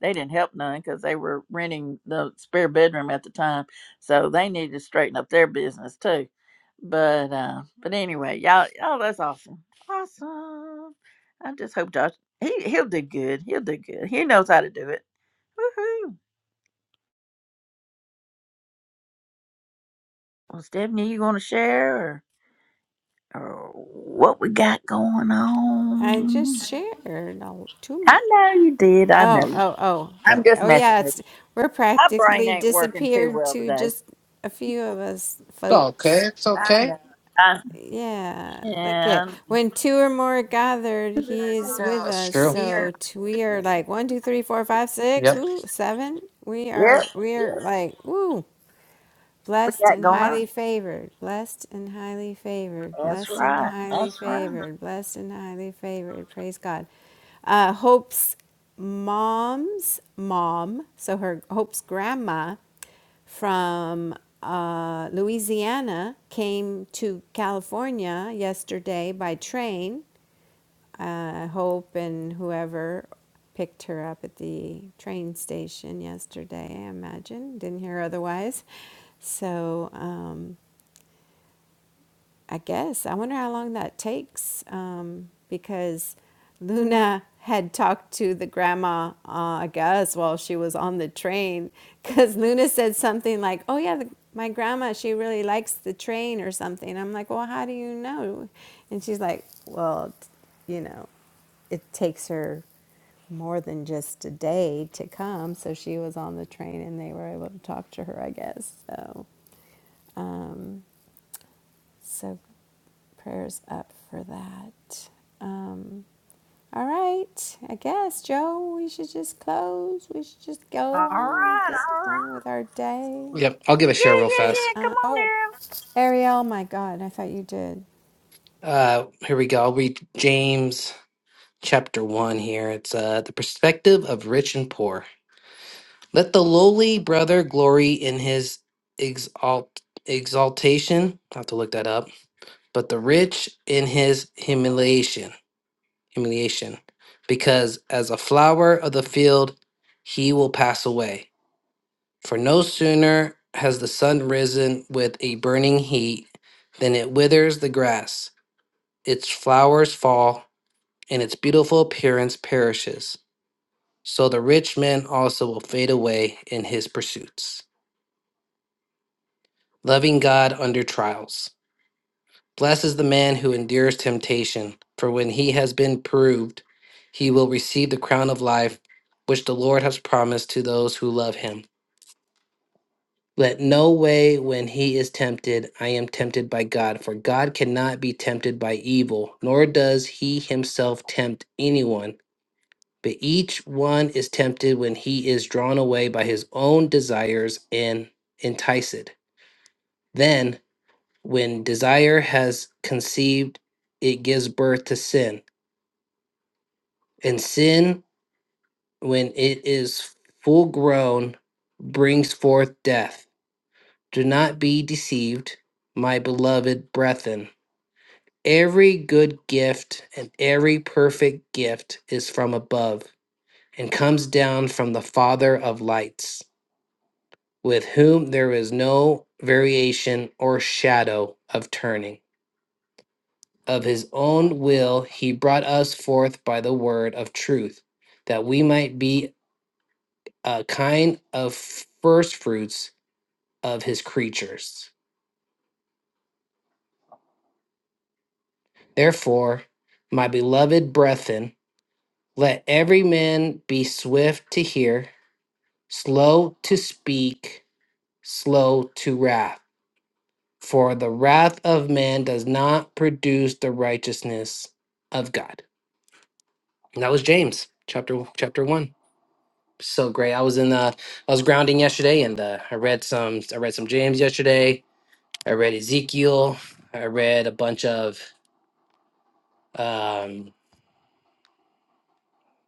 [SPEAKER 1] they didn't help none because they were renting the spare bedroom at the time, so they needed to straighten up their business too but uh, but anyway, y'all, y'all, that's awesome, awesome. I just hope Josh he he'll do good. He'll do good. He knows how to do it. Woohoo! Well, Stephanie, you want to share or, or what we got going
[SPEAKER 10] I
[SPEAKER 1] on?
[SPEAKER 10] just shared all too much.
[SPEAKER 1] I know you did. I know.
[SPEAKER 10] Oh,
[SPEAKER 1] you-
[SPEAKER 10] oh, oh,
[SPEAKER 4] Yeah.
[SPEAKER 1] I'm just
[SPEAKER 10] oh
[SPEAKER 1] messing
[SPEAKER 10] yeah.
[SPEAKER 1] with
[SPEAKER 10] It's we're
[SPEAKER 1] you. My brain
[SPEAKER 10] practically
[SPEAKER 1] ain't working too
[SPEAKER 10] disappeared
[SPEAKER 1] well
[SPEAKER 10] to
[SPEAKER 1] today.
[SPEAKER 10] just a few of us
[SPEAKER 4] It's okay.
[SPEAKER 10] folks.
[SPEAKER 4] It's
[SPEAKER 1] I
[SPEAKER 4] okay.
[SPEAKER 1] know. I,
[SPEAKER 10] Yeah. Look at
[SPEAKER 1] and
[SPEAKER 10] when two or more are gathered, he is with
[SPEAKER 4] That's
[SPEAKER 10] us.
[SPEAKER 4] true. Yep.
[SPEAKER 10] So t- we are like one, two, three, four, five, six, woo, seven. We
[SPEAKER 1] yep,
[SPEAKER 10] are we are
[SPEAKER 1] yep,
[SPEAKER 10] like woo.
[SPEAKER 1] we
[SPEAKER 10] Blessed
[SPEAKER 1] got
[SPEAKER 10] and
[SPEAKER 1] going on.
[SPEAKER 10] highly favored, blessed and highly favored,
[SPEAKER 1] That's
[SPEAKER 10] blessed and
[SPEAKER 1] right.
[SPEAKER 10] highly
[SPEAKER 1] That's right.
[SPEAKER 10] favored, blessed and highly favored. Praise God. Uh, Hope's mom's mom, so her Hope's grandma from uh, Louisiana came to California yesterday by train uh, Hope and whoever picked her up at the train station yesterday, I imagine. Didn't hear otherwise. So, um, I guess. I wonder how long that takes um, because Luna had talked to the grandma, uh, I guess, while she was on the train because Luna said something like, Oh, yeah, the, my grandma, she really likes the train or something. I'm like, Well, how do you know? And she's like, Well, you know, it takes her more than just a day to come. So she was on the train and they were able to talk to her, I guess. So. um, so prayers up for that. Um, all right, I guess, Joe, we should just close. We should just go
[SPEAKER 1] All right. All
[SPEAKER 10] on, get on
[SPEAKER 1] right.
[SPEAKER 10] with our day.
[SPEAKER 4] Yep. I'll give a
[SPEAKER 1] Yeah,
[SPEAKER 4] share real
[SPEAKER 1] yeah,
[SPEAKER 10] Get,
[SPEAKER 1] yeah.
[SPEAKER 4] fast.
[SPEAKER 1] Come
[SPEAKER 10] uh,
[SPEAKER 1] on,
[SPEAKER 10] oh,
[SPEAKER 1] Daryl.
[SPEAKER 10] Ariel, my God, I thought you did.
[SPEAKER 4] Uh, here we go. I'll read James. chapter 1 here. It's uh, the perspective of rich and poor. Let the lowly brother glory in his exalt- exaltation. I have to look that up. But the rich in his humiliation. Humiliation. Because as a flower of the field, he will pass away. For no sooner has the sun risen with a burning heat than it withers the grass, its flowers fall, and its beautiful appearance perishes. So the rich man also will fade away in his pursuits. Loving God under trials. Blessed is the man who endures temptation, for when he has been proved, he will receive the crown of life which the Lord has promised to those who love him. Let no way when he is tempted, I am tempted by God, for God cannot be tempted by evil, nor does he himself tempt anyone. But each one is tempted when he is drawn away by his own desires and enticed. Then, when desire has conceived, it gives birth to sin. And sin, when it is full grown, brings forth death. Do not be deceived, my beloved brethren. Every good gift and every perfect gift is from above and comes down from the Father of lights with whom there is no variation or shadow of turning. Of his own will, he brought us forth by the word of truth, that we might be a kind of first fruits of his creatures. Therefore, my beloved brethren, let every man be swift to hear, slow to speak, slow to wrath. For the wrath of man does not produce the righteousness of God. And that was James chapter chapter one. So great. I was in the I was grounding yesterday, and uh, I read some I read some James yesterday. I read Ezekiel. I read a bunch of um,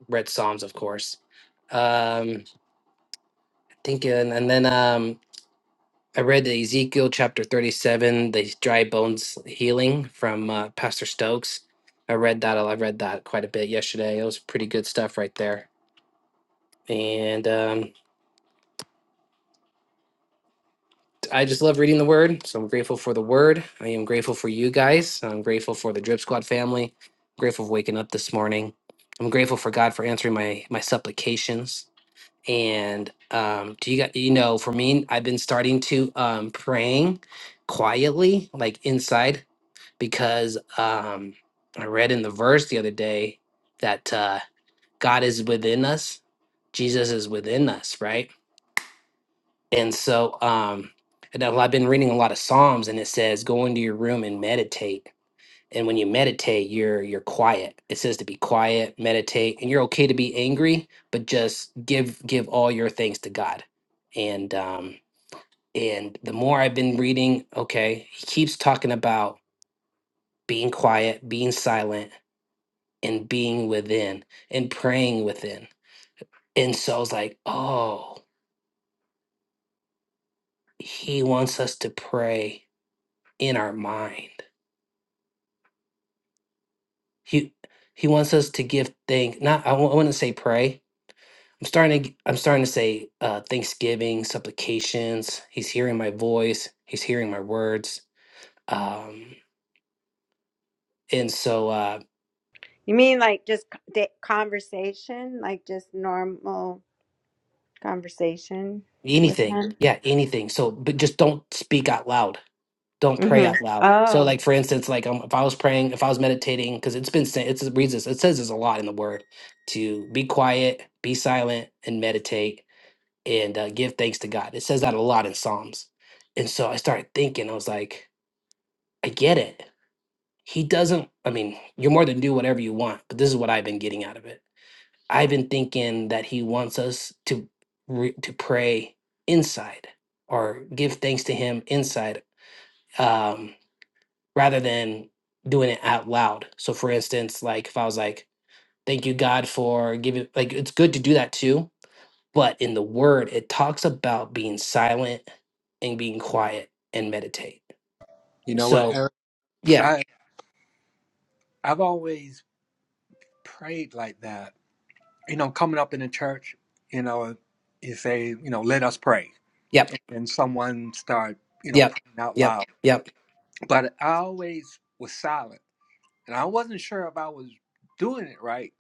[SPEAKER 4] read Psalms, of course. Um, I think, and, and then um, I read the Ezekiel chapter thirty seven, the dry bones healing from uh, Pastor Stokes. I read that. I read that quite a bit yesterday. It was pretty good stuff right there. And um, I just love reading the word. So I'm grateful for the word. I am grateful for you guys. I'm grateful for the Drip Squad family. I'm grateful for waking up this morning. I'm grateful for God for answering my my supplications. And um, do you got you know for me, I've been starting to um praying quietly, like inside, because um I read in the verse the other day that uh God is within us. Jesus is within us, right? And so, um, and I've I've been reading a lot of Psalms, and it says, "Go into your room and meditate." And when you meditate, you're you're quiet. It says to be quiet, meditate, and you're okay to be angry, but just give give all your things to God. And um, and the more I've been reading, okay, he keeps talking about being quiet, being silent, and being within, and praying within. And so I was like, oh, he wants us to pray in our mind He he wants us to give thank not I w- I wouldn't say pray. I'm starting to g- I'm starting to say uh, thanksgiving, supplications. He's hearing my voice. He's hearing my words. Um, and so uh,
[SPEAKER 10] You mean like just c- da- conversation, like just normal conversation with
[SPEAKER 4] anything,
[SPEAKER 10] him?
[SPEAKER 4] yeah, anything. So but just don't speak out loud. Don't pray
[SPEAKER 10] Mm-hmm.
[SPEAKER 4] out loud. So
[SPEAKER 10] Oh,
[SPEAKER 4] like for instance, like um, if I was praying, if I was meditating, because it's been sa- it's it reads this, it says there's a lot in the word to be quiet, be silent, and meditate and uh, give thanks to God. It says that a lot in Psalms. And so I started thinking, I was like, I get it. He doesn't, I mean, you're more than do whatever you want, but this is what I've been getting out of it. I've been thinking that he wants us to re- to pray inside or give thanks to him inside um, rather than doing it out loud. So for instance, like if I was like, thank you God for giving, like it's good to do that too, But in the word, it talks about being silent and being quiet and meditate.
[SPEAKER 13] You know what,
[SPEAKER 4] So,
[SPEAKER 13] Eric?
[SPEAKER 4] yeah,
[SPEAKER 13] I I've always prayed like that. You know, coming up in the church, you know, you say, you know, let us pray,
[SPEAKER 4] yep,
[SPEAKER 13] and someone start, you know,
[SPEAKER 4] yep,
[SPEAKER 13] praying out
[SPEAKER 4] yep,
[SPEAKER 13] loud.
[SPEAKER 4] yep,
[SPEAKER 13] But I always was silent, and I wasn't sure if I was doing it right.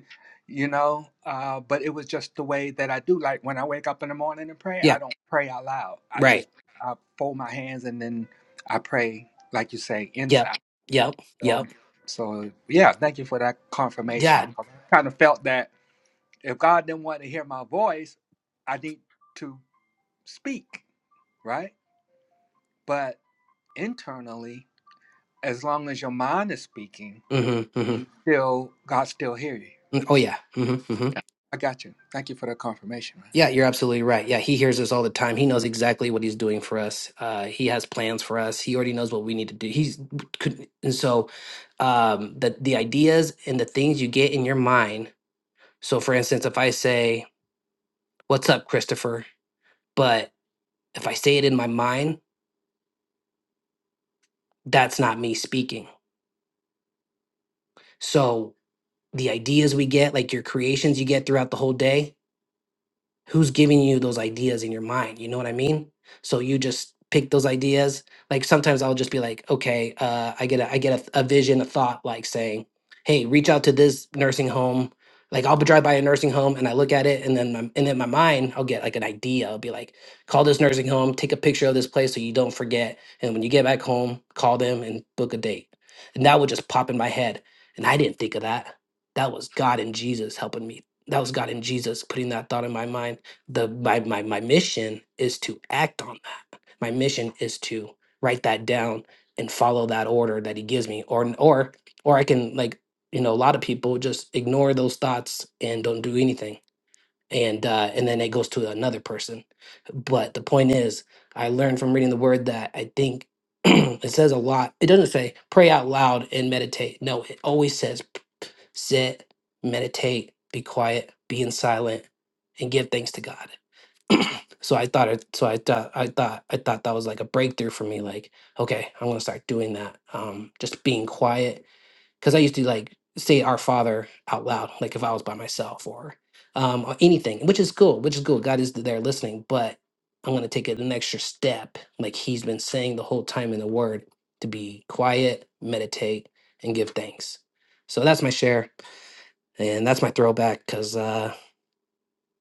[SPEAKER 13] you know, uh, but it was just the way that I do. Like when I wake up in the morning and pray,
[SPEAKER 4] yeah,
[SPEAKER 13] I don't pray out loud. I
[SPEAKER 4] right,
[SPEAKER 13] just I fold my hands and then I pray, like you say,
[SPEAKER 4] yep,
[SPEAKER 13] inside.
[SPEAKER 4] yep,
[SPEAKER 13] So,
[SPEAKER 4] yep,
[SPEAKER 13] so yeah, thank you for that
[SPEAKER 4] yeah.
[SPEAKER 13] confirmation. I kind of felt that if God didn't want to hear my voice, I need to speak, right? But internally, as long as your mind is speaking,
[SPEAKER 4] hmm hmm
[SPEAKER 13] you still God still hear you.
[SPEAKER 4] Oh, yeah. hmm hmm
[SPEAKER 13] I got you. Thank you for that confirmation. man.
[SPEAKER 4] Yeah, you're absolutely right. Yeah, he hears us all the time. He knows exactly what he's doing for us. Uh, he has plans for us. He already knows what we need to do. He's could, and so um, the the ideas and the things you get in your mind. So, for instance, if I say, "What's up, Christopher?" But if I say it in my mind, that's not me speaking. So the ideas we get, like your creations you get throughout the whole day, who's giving you those ideas in your mind you know what i mean so you just pick those ideas like sometimes i'll just be like okay uh, i get a i get a, a vision a thought like saying hey reach out to this nursing home like i'll drive by a nursing home and i look at it and then my, and then my mind i'll get like an idea i'll be like call this nursing home take a picture of this place so you don't forget and when you get back home call them and book a date and that would just pop in my head and i didn't think of that that was god and jesus helping me that was God in Jesus putting that thought in my mind. The my my my mission is to act on that. My mission is to write that down and follow that order that He gives me, or or or I can like you know a lot of people just ignore those thoughts and don't do anything, and uh, and then it goes to another person. But the point is, I learned from reading the Word that I think it says a lot. It doesn't say pray out loud and meditate. No, it always says sit, meditate, be quiet, be in silent, and give thanks to God. So I thought it so I thought I thought I thought that was like a breakthrough for me. Like, okay, I'm gonna start doing that. Um, just being quiet. Cause I used to like say our father out loud, like if I was by myself or um or anything, which is cool, which is cool. God is there listening, but I'm gonna take it an extra step, like he's been saying the whole time in the word, to be quiet, meditate, and give thanks. So that's my share. And that's my throwback because uh,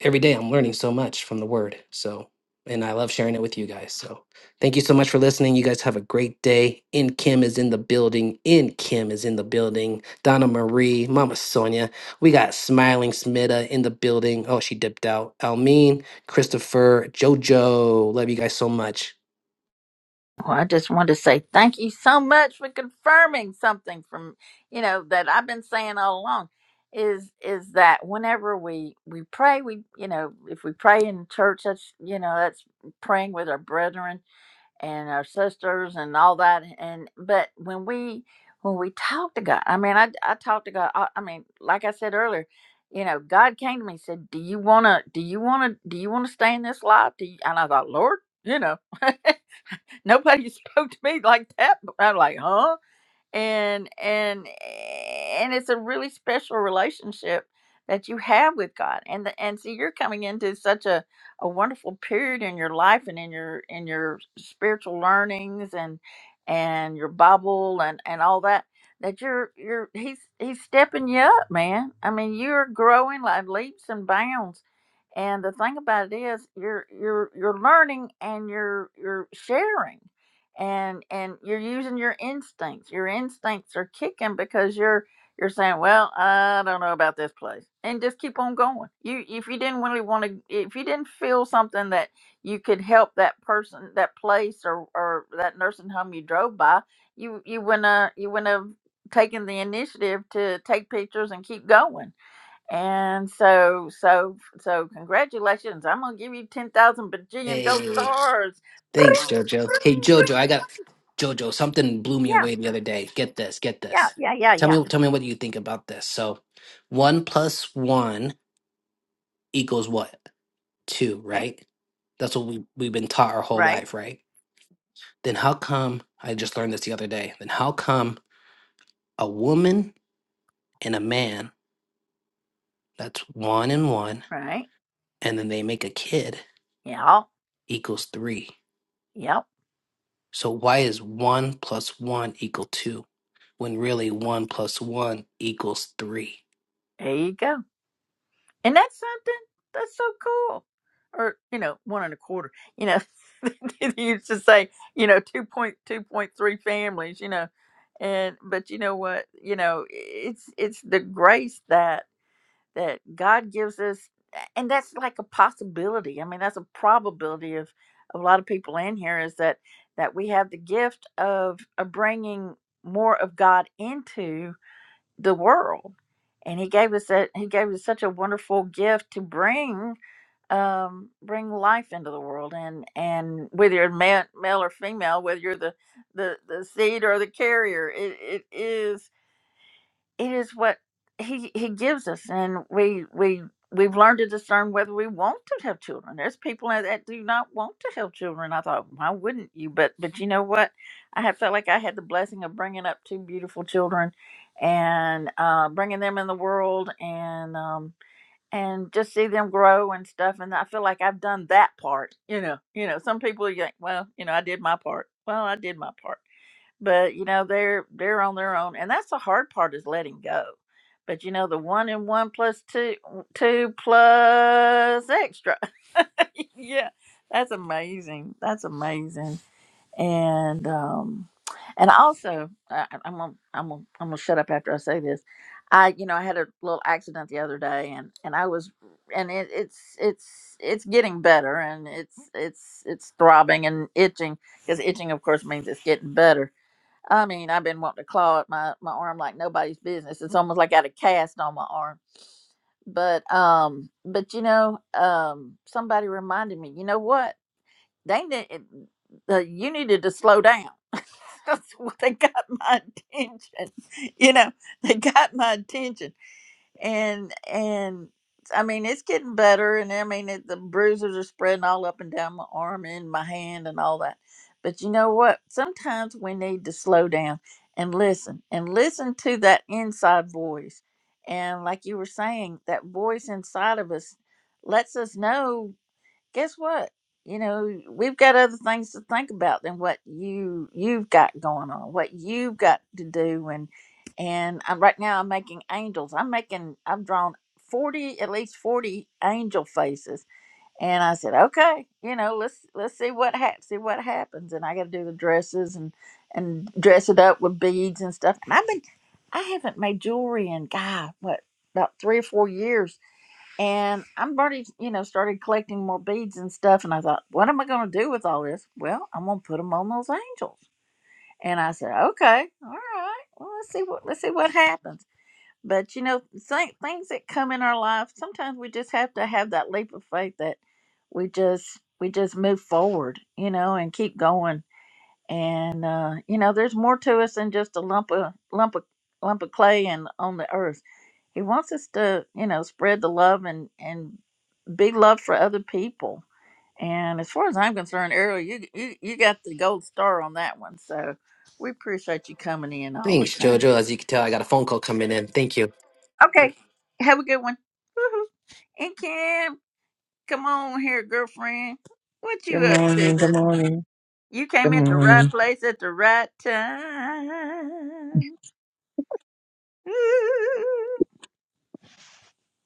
[SPEAKER 4] every day I'm learning so much from the word. So, and I love sharing it with you guys. So, thank you so much for listening. You guys have a great day. In Kim is in the building. In Kim is in the building. Donna Marie, Mama Sonia. We got Smiling Smitta in the building. Oh, she dipped out. Almeen, Christopher, JoJo. Love you guys so much.
[SPEAKER 1] Well, I just want to say thank you so much for confirming something from you know that I've been saying all along is is that whenever we we pray we you know if we pray in church that's you know that's praying with our brethren and our sisters and all that and but when we when we talk to God I mean I I talk to God I, I mean like I said earlier you know God came to me and said do you want to do you want to do you want to stay in this life do you, and I thought Lord you know nobody spoke to me like that. I'm like, huh? And and and it's a really special relationship that you have with God. And the, and see, you're coming into such a, a wonderful period in your life and in your in your spiritual learnings and and your Bible and and all that that you're you're he's he's stepping you up, man. I mean, you're growing like leaps and bounds. And the thing about it is, you're you're you're learning and you're you're sharing and and you're using your instincts your instincts are kicking because you're you're saying well i don't know about this place and just keep on going you if you didn't really want to if you didn't feel something that you could help that person that place or or that nursing home you drove by you you wouldn't have, you wouldn't have taken the initiative to take pictures and keep going and so so so congratulations i'm gonna give you 10000 bajillion gold
[SPEAKER 4] Hey.
[SPEAKER 1] stars
[SPEAKER 4] Thanks, Jojo. Hey, Jojo, I got Jojo. Something blew me
[SPEAKER 1] Yeah,
[SPEAKER 4] away the other day. Get this, get
[SPEAKER 1] yeah,
[SPEAKER 4] this.
[SPEAKER 1] yeah, yeah,
[SPEAKER 4] Tell
[SPEAKER 1] yeah.
[SPEAKER 4] me, tell me what you think about this. So, one plus one equals what? Two,
[SPEAKER 1] Right,
[SPEAKER 4] right? That's what we we've been taught our whole
[SPEAKER 1] right,
[SPEAKER 4] life, right? Then how come I just learned this the other day? Then how come a woman and a man that's one and one,
[SPEAKER 1] right.
[SPEAKER 4] and then they make a kid
[SPEAKER 1] Yeah,
[SPEAKER 4] equals three?
[SPEAKER 1] yep.
[SPEAKER 4] So why is 1 plus 1 equal 2 when really 1 plus 1 equals 3?
[SPEAKER 1] There you go. And that's something that's so cool. Or you know, one and a quarter. You know, they used to say you know two point two point three families. You know, and but you know what? You know, it's it's the grace that that God gives us, and that's like a possibility. I mean, that's a probability of, of a lot of people in here is that that we have the gift of, of bringing more of God into the world, and He gave us that. He gave us such a wonderful gift to bring um, bring life into the world, and and whether you're ma- male or female, whether you're the the, the seed or the carrier, it, it is it is what he he gives us and we we we've learned to discern whether we want to have children there's people that that do not want to have children i thought why wouldn't you but but you know what i have felt like i had the blessing of bringing up two beautiful children and uh bringing them in the world and um and just see them grow and stuff and i feel like i've done that part you know you know some people you think well you know i did my part well i did my part but you know they're they're on their own and that's the hard part is letting go but you know the one and one plus two two plus extra yeah that's amazing that's amazing and um and also I, I- am gonna i'm gonna i'm gonna shut up after i say this i you know i had a little accident the other day and and i was and it, it's it's it's getting better and it's it's it's throbbing and itching because itching of course means it's getting better I mean, I've been wanting to claw at my, my arm like nobody's business. It's almost like I had a cast on my arm. But um, but you know, um, somebody reminded me. You know what? They need, uh, you needed to slow down. That's what they got my attention. You know, they got my attention and and I mean it's getting better, and I mean it, the bruises are spreading all up and down my arm and my hand and all that. But you know what? Sometimes we need to slow down and listen and listen to that inside voice. And like you were saying, that voice inside of us lets us know guess what? You know, we've got other things to think about than what you you've got going on, what you've got to do, and and I'm, right now I'm making angels. I'm making I've drawn forty at least forty angel faces, and I said, okay, you know, let's let's see what ha- see what happens, and I got to do the dresses and and dress it up with beads and stuff. And I've been I haven't made jewelry in God what about three or four years and I'm already, you know, started collecting more beads and stuff. And I thought, what am I going to do with all this? Well, I'm going to put them on those angels. And I said, okay, all right. Well, let's see what let's see what happens. But you know, th- things that come in our life, sometimes we just have to have that leap of faith that we just we just move forward, you know, and keep going. And uh, you know, there's more to us than just a lump of lump of lump of clay and on the earth he wants us to you know spread the love and and big love for other people. And as far as I'm concerned, Ariel, you you, you got the gold star on that one. So we appreciate you coming in all the
[SPEAKER 4] Thanks,
[SPEAKER 1] time.
[SPEAKER 4] Jojo. As you can tell, I got a phone call coming in. Thank you.
[SPEAKER 1] Okay, have a good one. Woo-hoo. And Kim, come on here, girlfriend. What
[SPEAKER 17] Good
[SPEAKER 1] you up to
[SPEAKER 17] morning. Good
[SPEAKER 1] this? month?
[SPEAKER 17] morning.
[SPEAKER 1] You
[SPEAKER 17] Good
[SPEAKER 1] came at the right
[SPEAKER 17] morning.
[SPEAKER 1] place at the right time. Ooh.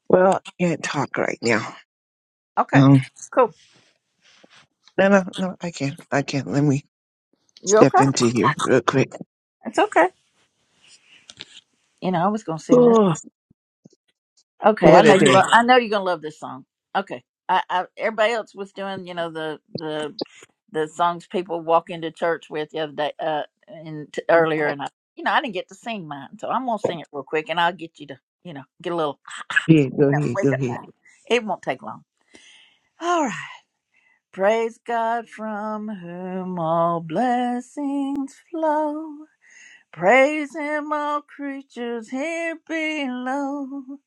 [SPEAKER 17] Well, I can't talk right now.
[SPEAKER 1] Okay,
[SPEAKER 17] Um,
[SPEAKER 1] cool.
[SPEAKER 17] no, no, no, I can't. I can't. Let me
[SPEAKER 1] You okay?
[SPEAKER 17] step into here real quick.
[SPEAKER 1] It's okay. You know, I was gonna sing this.
[SPEAKER 17] Oh,
[SPEAKER 1] Okay, I
[SPEAKER 17] what
[SPEAKER 1] know
[SPEAKER 17] a
[SPEAKER 1] you.
[SPEAKER 17] day.
[SPEAKER 1] lo- I know you're gonna love this song. Okay, I, I everybody else was doing, you know, the the the songs people walk into church with the other day, uh, and t- earlier, and I, you know, I didn't get to sing mine, so I'm gonna sing it real quick, and I'll get you to, you know, get a little,
[SPEAKER 17] Yeah, go
[SPEAKER 1] you know,
[SPEAKER 17] ahead.
[SPEAKER 1] wake
[SPEAKER 17] Go
[SPEAKER 1] up
[SPEAKER 17] ahead.
[SPEAKER 1] now. It won't take long. All right, praise God from whom all blessings flow. Praise Him, all creatures here below.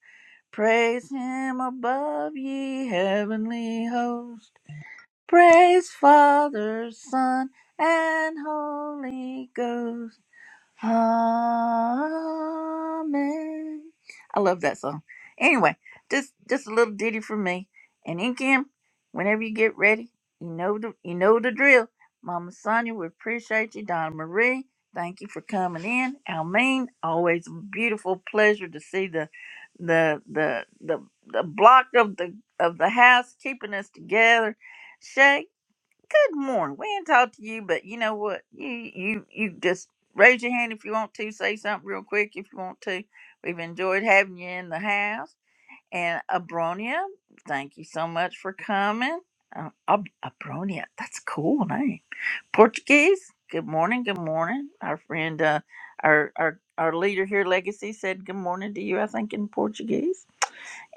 [SPEAKER 1] Praise him above ye heavenly host. Praise Father, Son, and Holy Ghost. Amen. I love that song. Anyway, just just a little ditty for me. And then Kim, whenever you get ready, you know the you know the drill. Mama Sonia, we appreciate you. Donna Marie, thank you for coming in. Almeen, always a beautiful pleasure to see the the the the the block of the of the house keeping us together. Shay. Good morning. We ain't talked to you, but you know what? You you you just raise your hand if you want to say something real quick if you want to. We've enjoyed having you in the house. And Abronia, thank you so much for coming. Uh, Ab- Abronia, that's a cool name. Portuguese. Good morning. Good morning. Our friend, uh, our our our leader here, Legacy, said good morning to you. I think in Portuguese.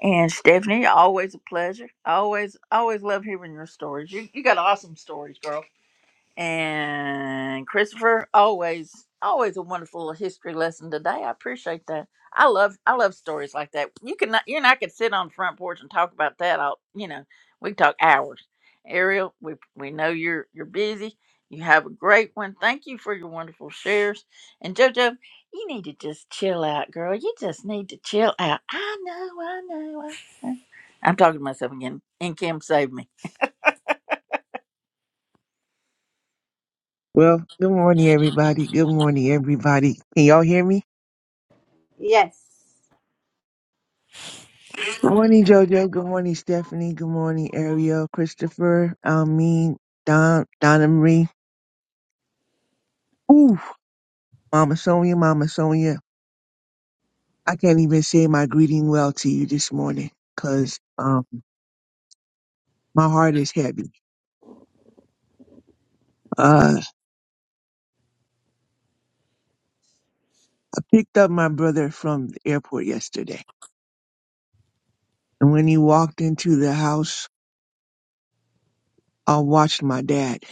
[SPEAKER 1] And Stephanie, always a pleasure. Always, always love hearing your stories. You, you got awesome stories, girl. And Christopher, always, always a wonderful history lesson today. I appreciate that. I love, I love stories like that. You can, you and I could sit on the front porch and talk about that. All you know, we could talk hours. Ariel, we we know you're you're busy. You have a great one. Thank you for your wonderful shares. And JoJo, you need to just chill out, girl. You just need to chill out. I know, I know. I know. I'm talking to myself again. And Kim save me.
[SPEAKER 17] Well, good morning, everybody. Good morning, everybody. Can y'all hear me?
[SPEAKER 10] yes.
[SPEAKER 17] Good morning, JoJo. Good morning, Stephanie. Good morning, Ariel, Christopher, Almeen, Don, Donna Marie. Ooh, Mama Sonia, Mama Sonia. I can't even say my greeting well to you this morning because um, my heart is heavy. Uh, I picked up my brother from the airport yesterday, and when he walked into the house, I watched my dad.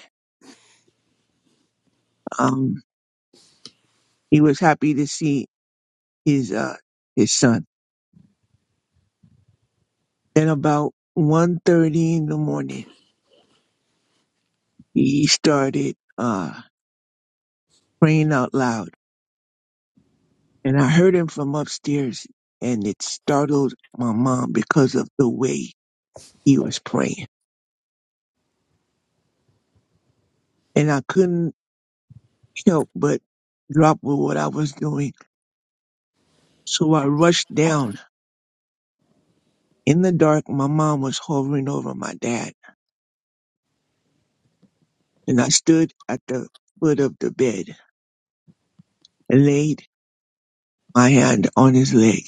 [SPEAKER 17] Um, he was happy to see his uh his son. Then about one thirty in the morning, he started uh praying out loud, and I heard him from upstairs, and it startled my mom because of the way he was praying, and I couldn't help but drop with what I was doing, so I rushed down In the dark, my mom was hovering over my dad, and I stood at the foot of the bed and laid my hand on his leg.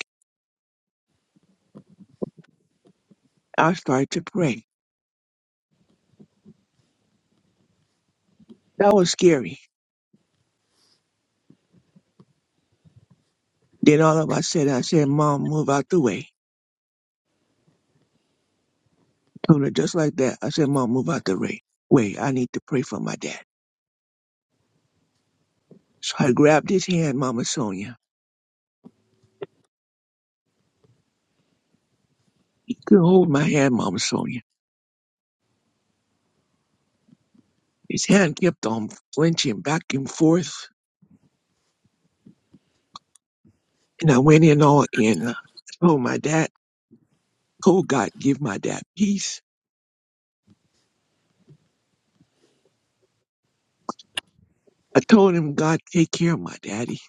[SPEAKER 17] I started to pray. That was scary. Then all of I said, I said, Mom, move out the way. I told her just like that. I said, Mom, move out the way. Wait, I need to pray for my dad. So I grabbed his hand, Mama Sonia. He could hold my hand, Mama Sonia. His hand kept on flinching back and forth, and I went in all in. I told my dad, Oh God, give my dad peace. I told him, God, take care of my daddy.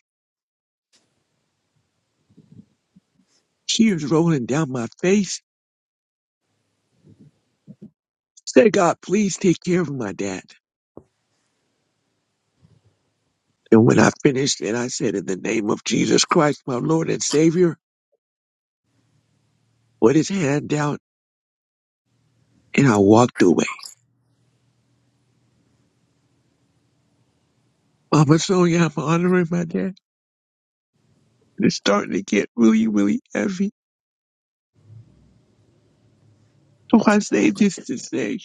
[SPEAKER 17] Tears rolling down my face. Said, God, please take care of my dad. And when I finished and I said, in the name of Jesus Christ, my Lord and Savior, put his hand out and I walked away. Mama Sonia, I'm honoring my dad. And it's starting to get really, really heavy. So I say this to say,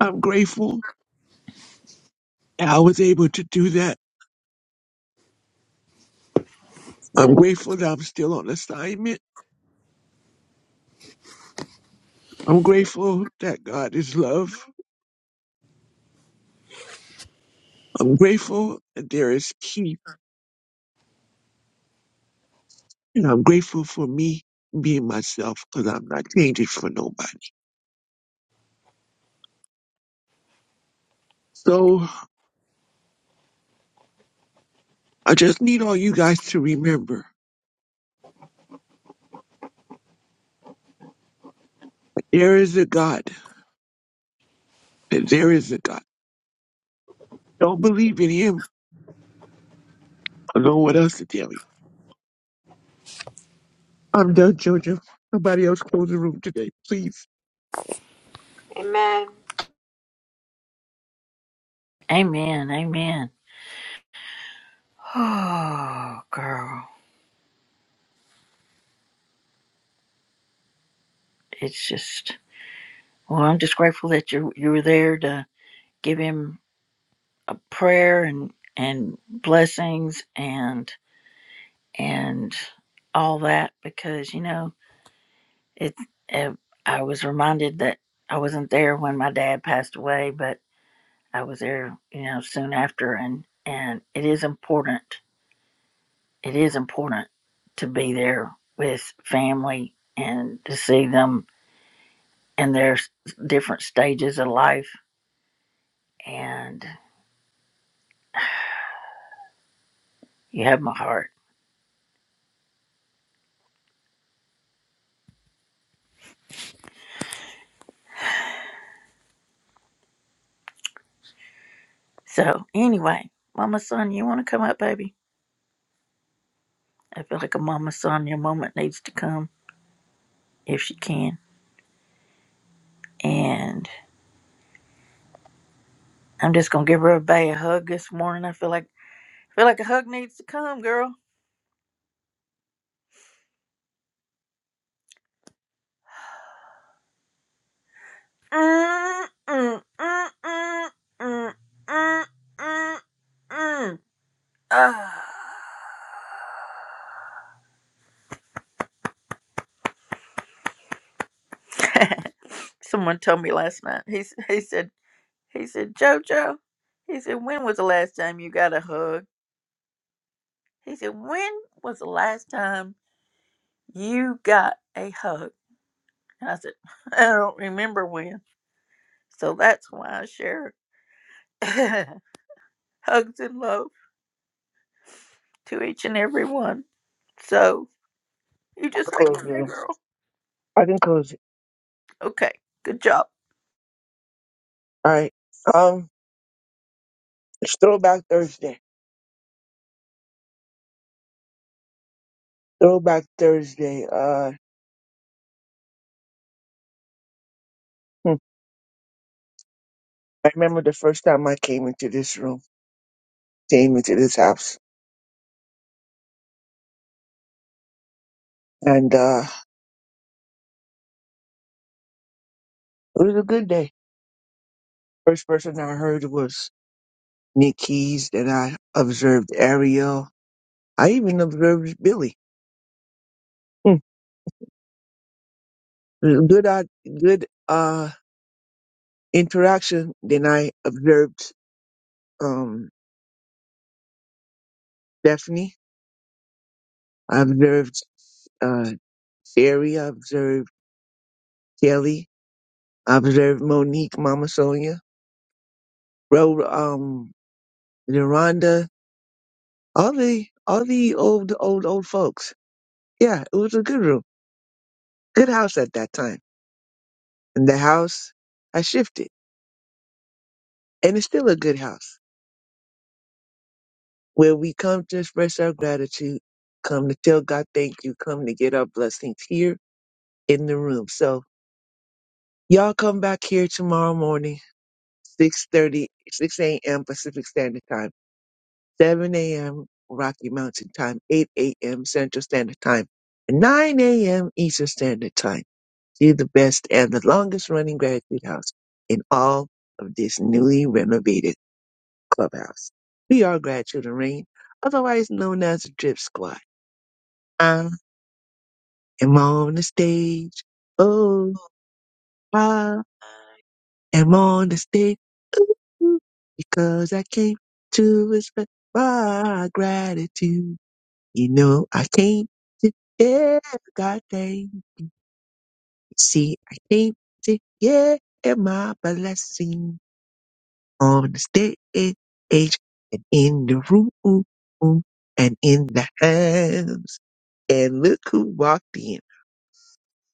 [SPEAKER 17] I'm grateful that I was able to do that. I'm grateful that I'm still on assignment. I'm grateful that God is love. I'm grateful that there is peace And I'm grateful for me being myself because I'm not changing for nobody. So I just need all you guys to remember that there is a God. That there is a God. Don't believe in him. I don't know what else to tell you. I'm done, Jojo. Somebody else close the room today, please.
[SPEAKER 10] Amen.
[SPEAKER 1] Amen. Amen. Oh, girl, it's just. Well, I'm just grateful that you you were there to give him a prayer and and blessings and and all that because you know it. eh, I was reminded that I wasn't there when my dad passed away, but I was there, you know, soon after, and and it is important. It is important to be there with family and to see them and there's different stages of life and you have my heart so anyway mama son you want to come up baby i feel like a mama son your moment needs to come if she can and i'm just gonna give her a bay a hug this morning i feel like I feel like a hug needs to come girl Mm, mm, mm, mm, mm, mm, mm, mm. Ah. someone told me last night he, s- he said He said, JoJo, he said, when was the last time you got a hug? He said, when was the last time you got a hug? And I said, I don't remember when. So that's why I share hugs and love to each and every one. So you
[SPEAKER 17] I'll
[SPEAKER 1] just hang in
[SPEAKER 17] close the
[SPEAKER 1] there,
[SPEAKER 17] room.
[SPEAKER 1] girl.
[SPEAKER 17] I can close it.
[SPEAKER 1] Okay, good job.
[SPEAKER 17] All right. Um, it's Throwback Thursday. Throwback Thursday. Uh, hmm. I remember the first time I came into this room, came into this house, and uh, it was a good day. First person I heard was Nick Keys. Then I observed Ariel. I even observed Billy. Hmm. Good, uh, good uh, interaction. Then I observed um, Stephanie. I observed uh, Sherry. I observed Kelly. I observed Monique, Mama Sonia, Ro, um, Deronda. All the all the old old old folks. Yeah, it was a good room, good house at that time. And the house, I shifted. And it's still a good house where we come to express our gratitude, come to tell God thank you, come to get our blessings here in the room. So y'all come back here tomorrow morning, six thirty, six a.m. Pacific Standard Time, 7 a.m. Rocky Mountain Time, 8 a.m. Central Standard Time, and 9 a.m. Eastern Standard Time. See the best and the longest running gratitude house in all of this newly renovated Clubhouse. We are Gratitude and Rain, otherwise known as the Drip Squad. I am on the stage. Oh, I am on the stage. Ooh, ooh, because I came to express my gratitude. You know, I came to, yeah, God thank you. See, I came to, yeah, my blessing on the stage and in the room and in the house. And look who walked in.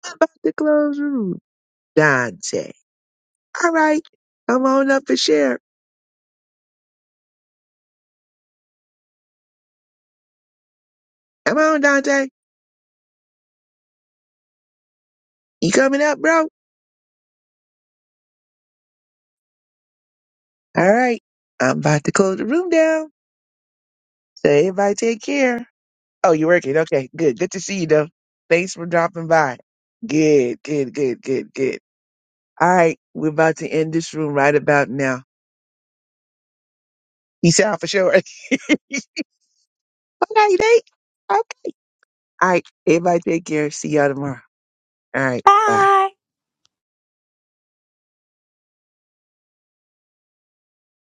[SPEAKER 17] I'm about to close the room. Dante. All right. Come on up and share. Come on, Dante. You coming up, bro? All right. I'm about to close the room down. So everybody take care. Oh, you're working. Okay. Good. Good to see you though. Thanks for dropping by. Good, good, good, good, good. All right. We're about to end this room right about now. Peace out for sure. okay, Nate. Okay. All right. Everybody take care. See y'all tomorrow. All right. Bye.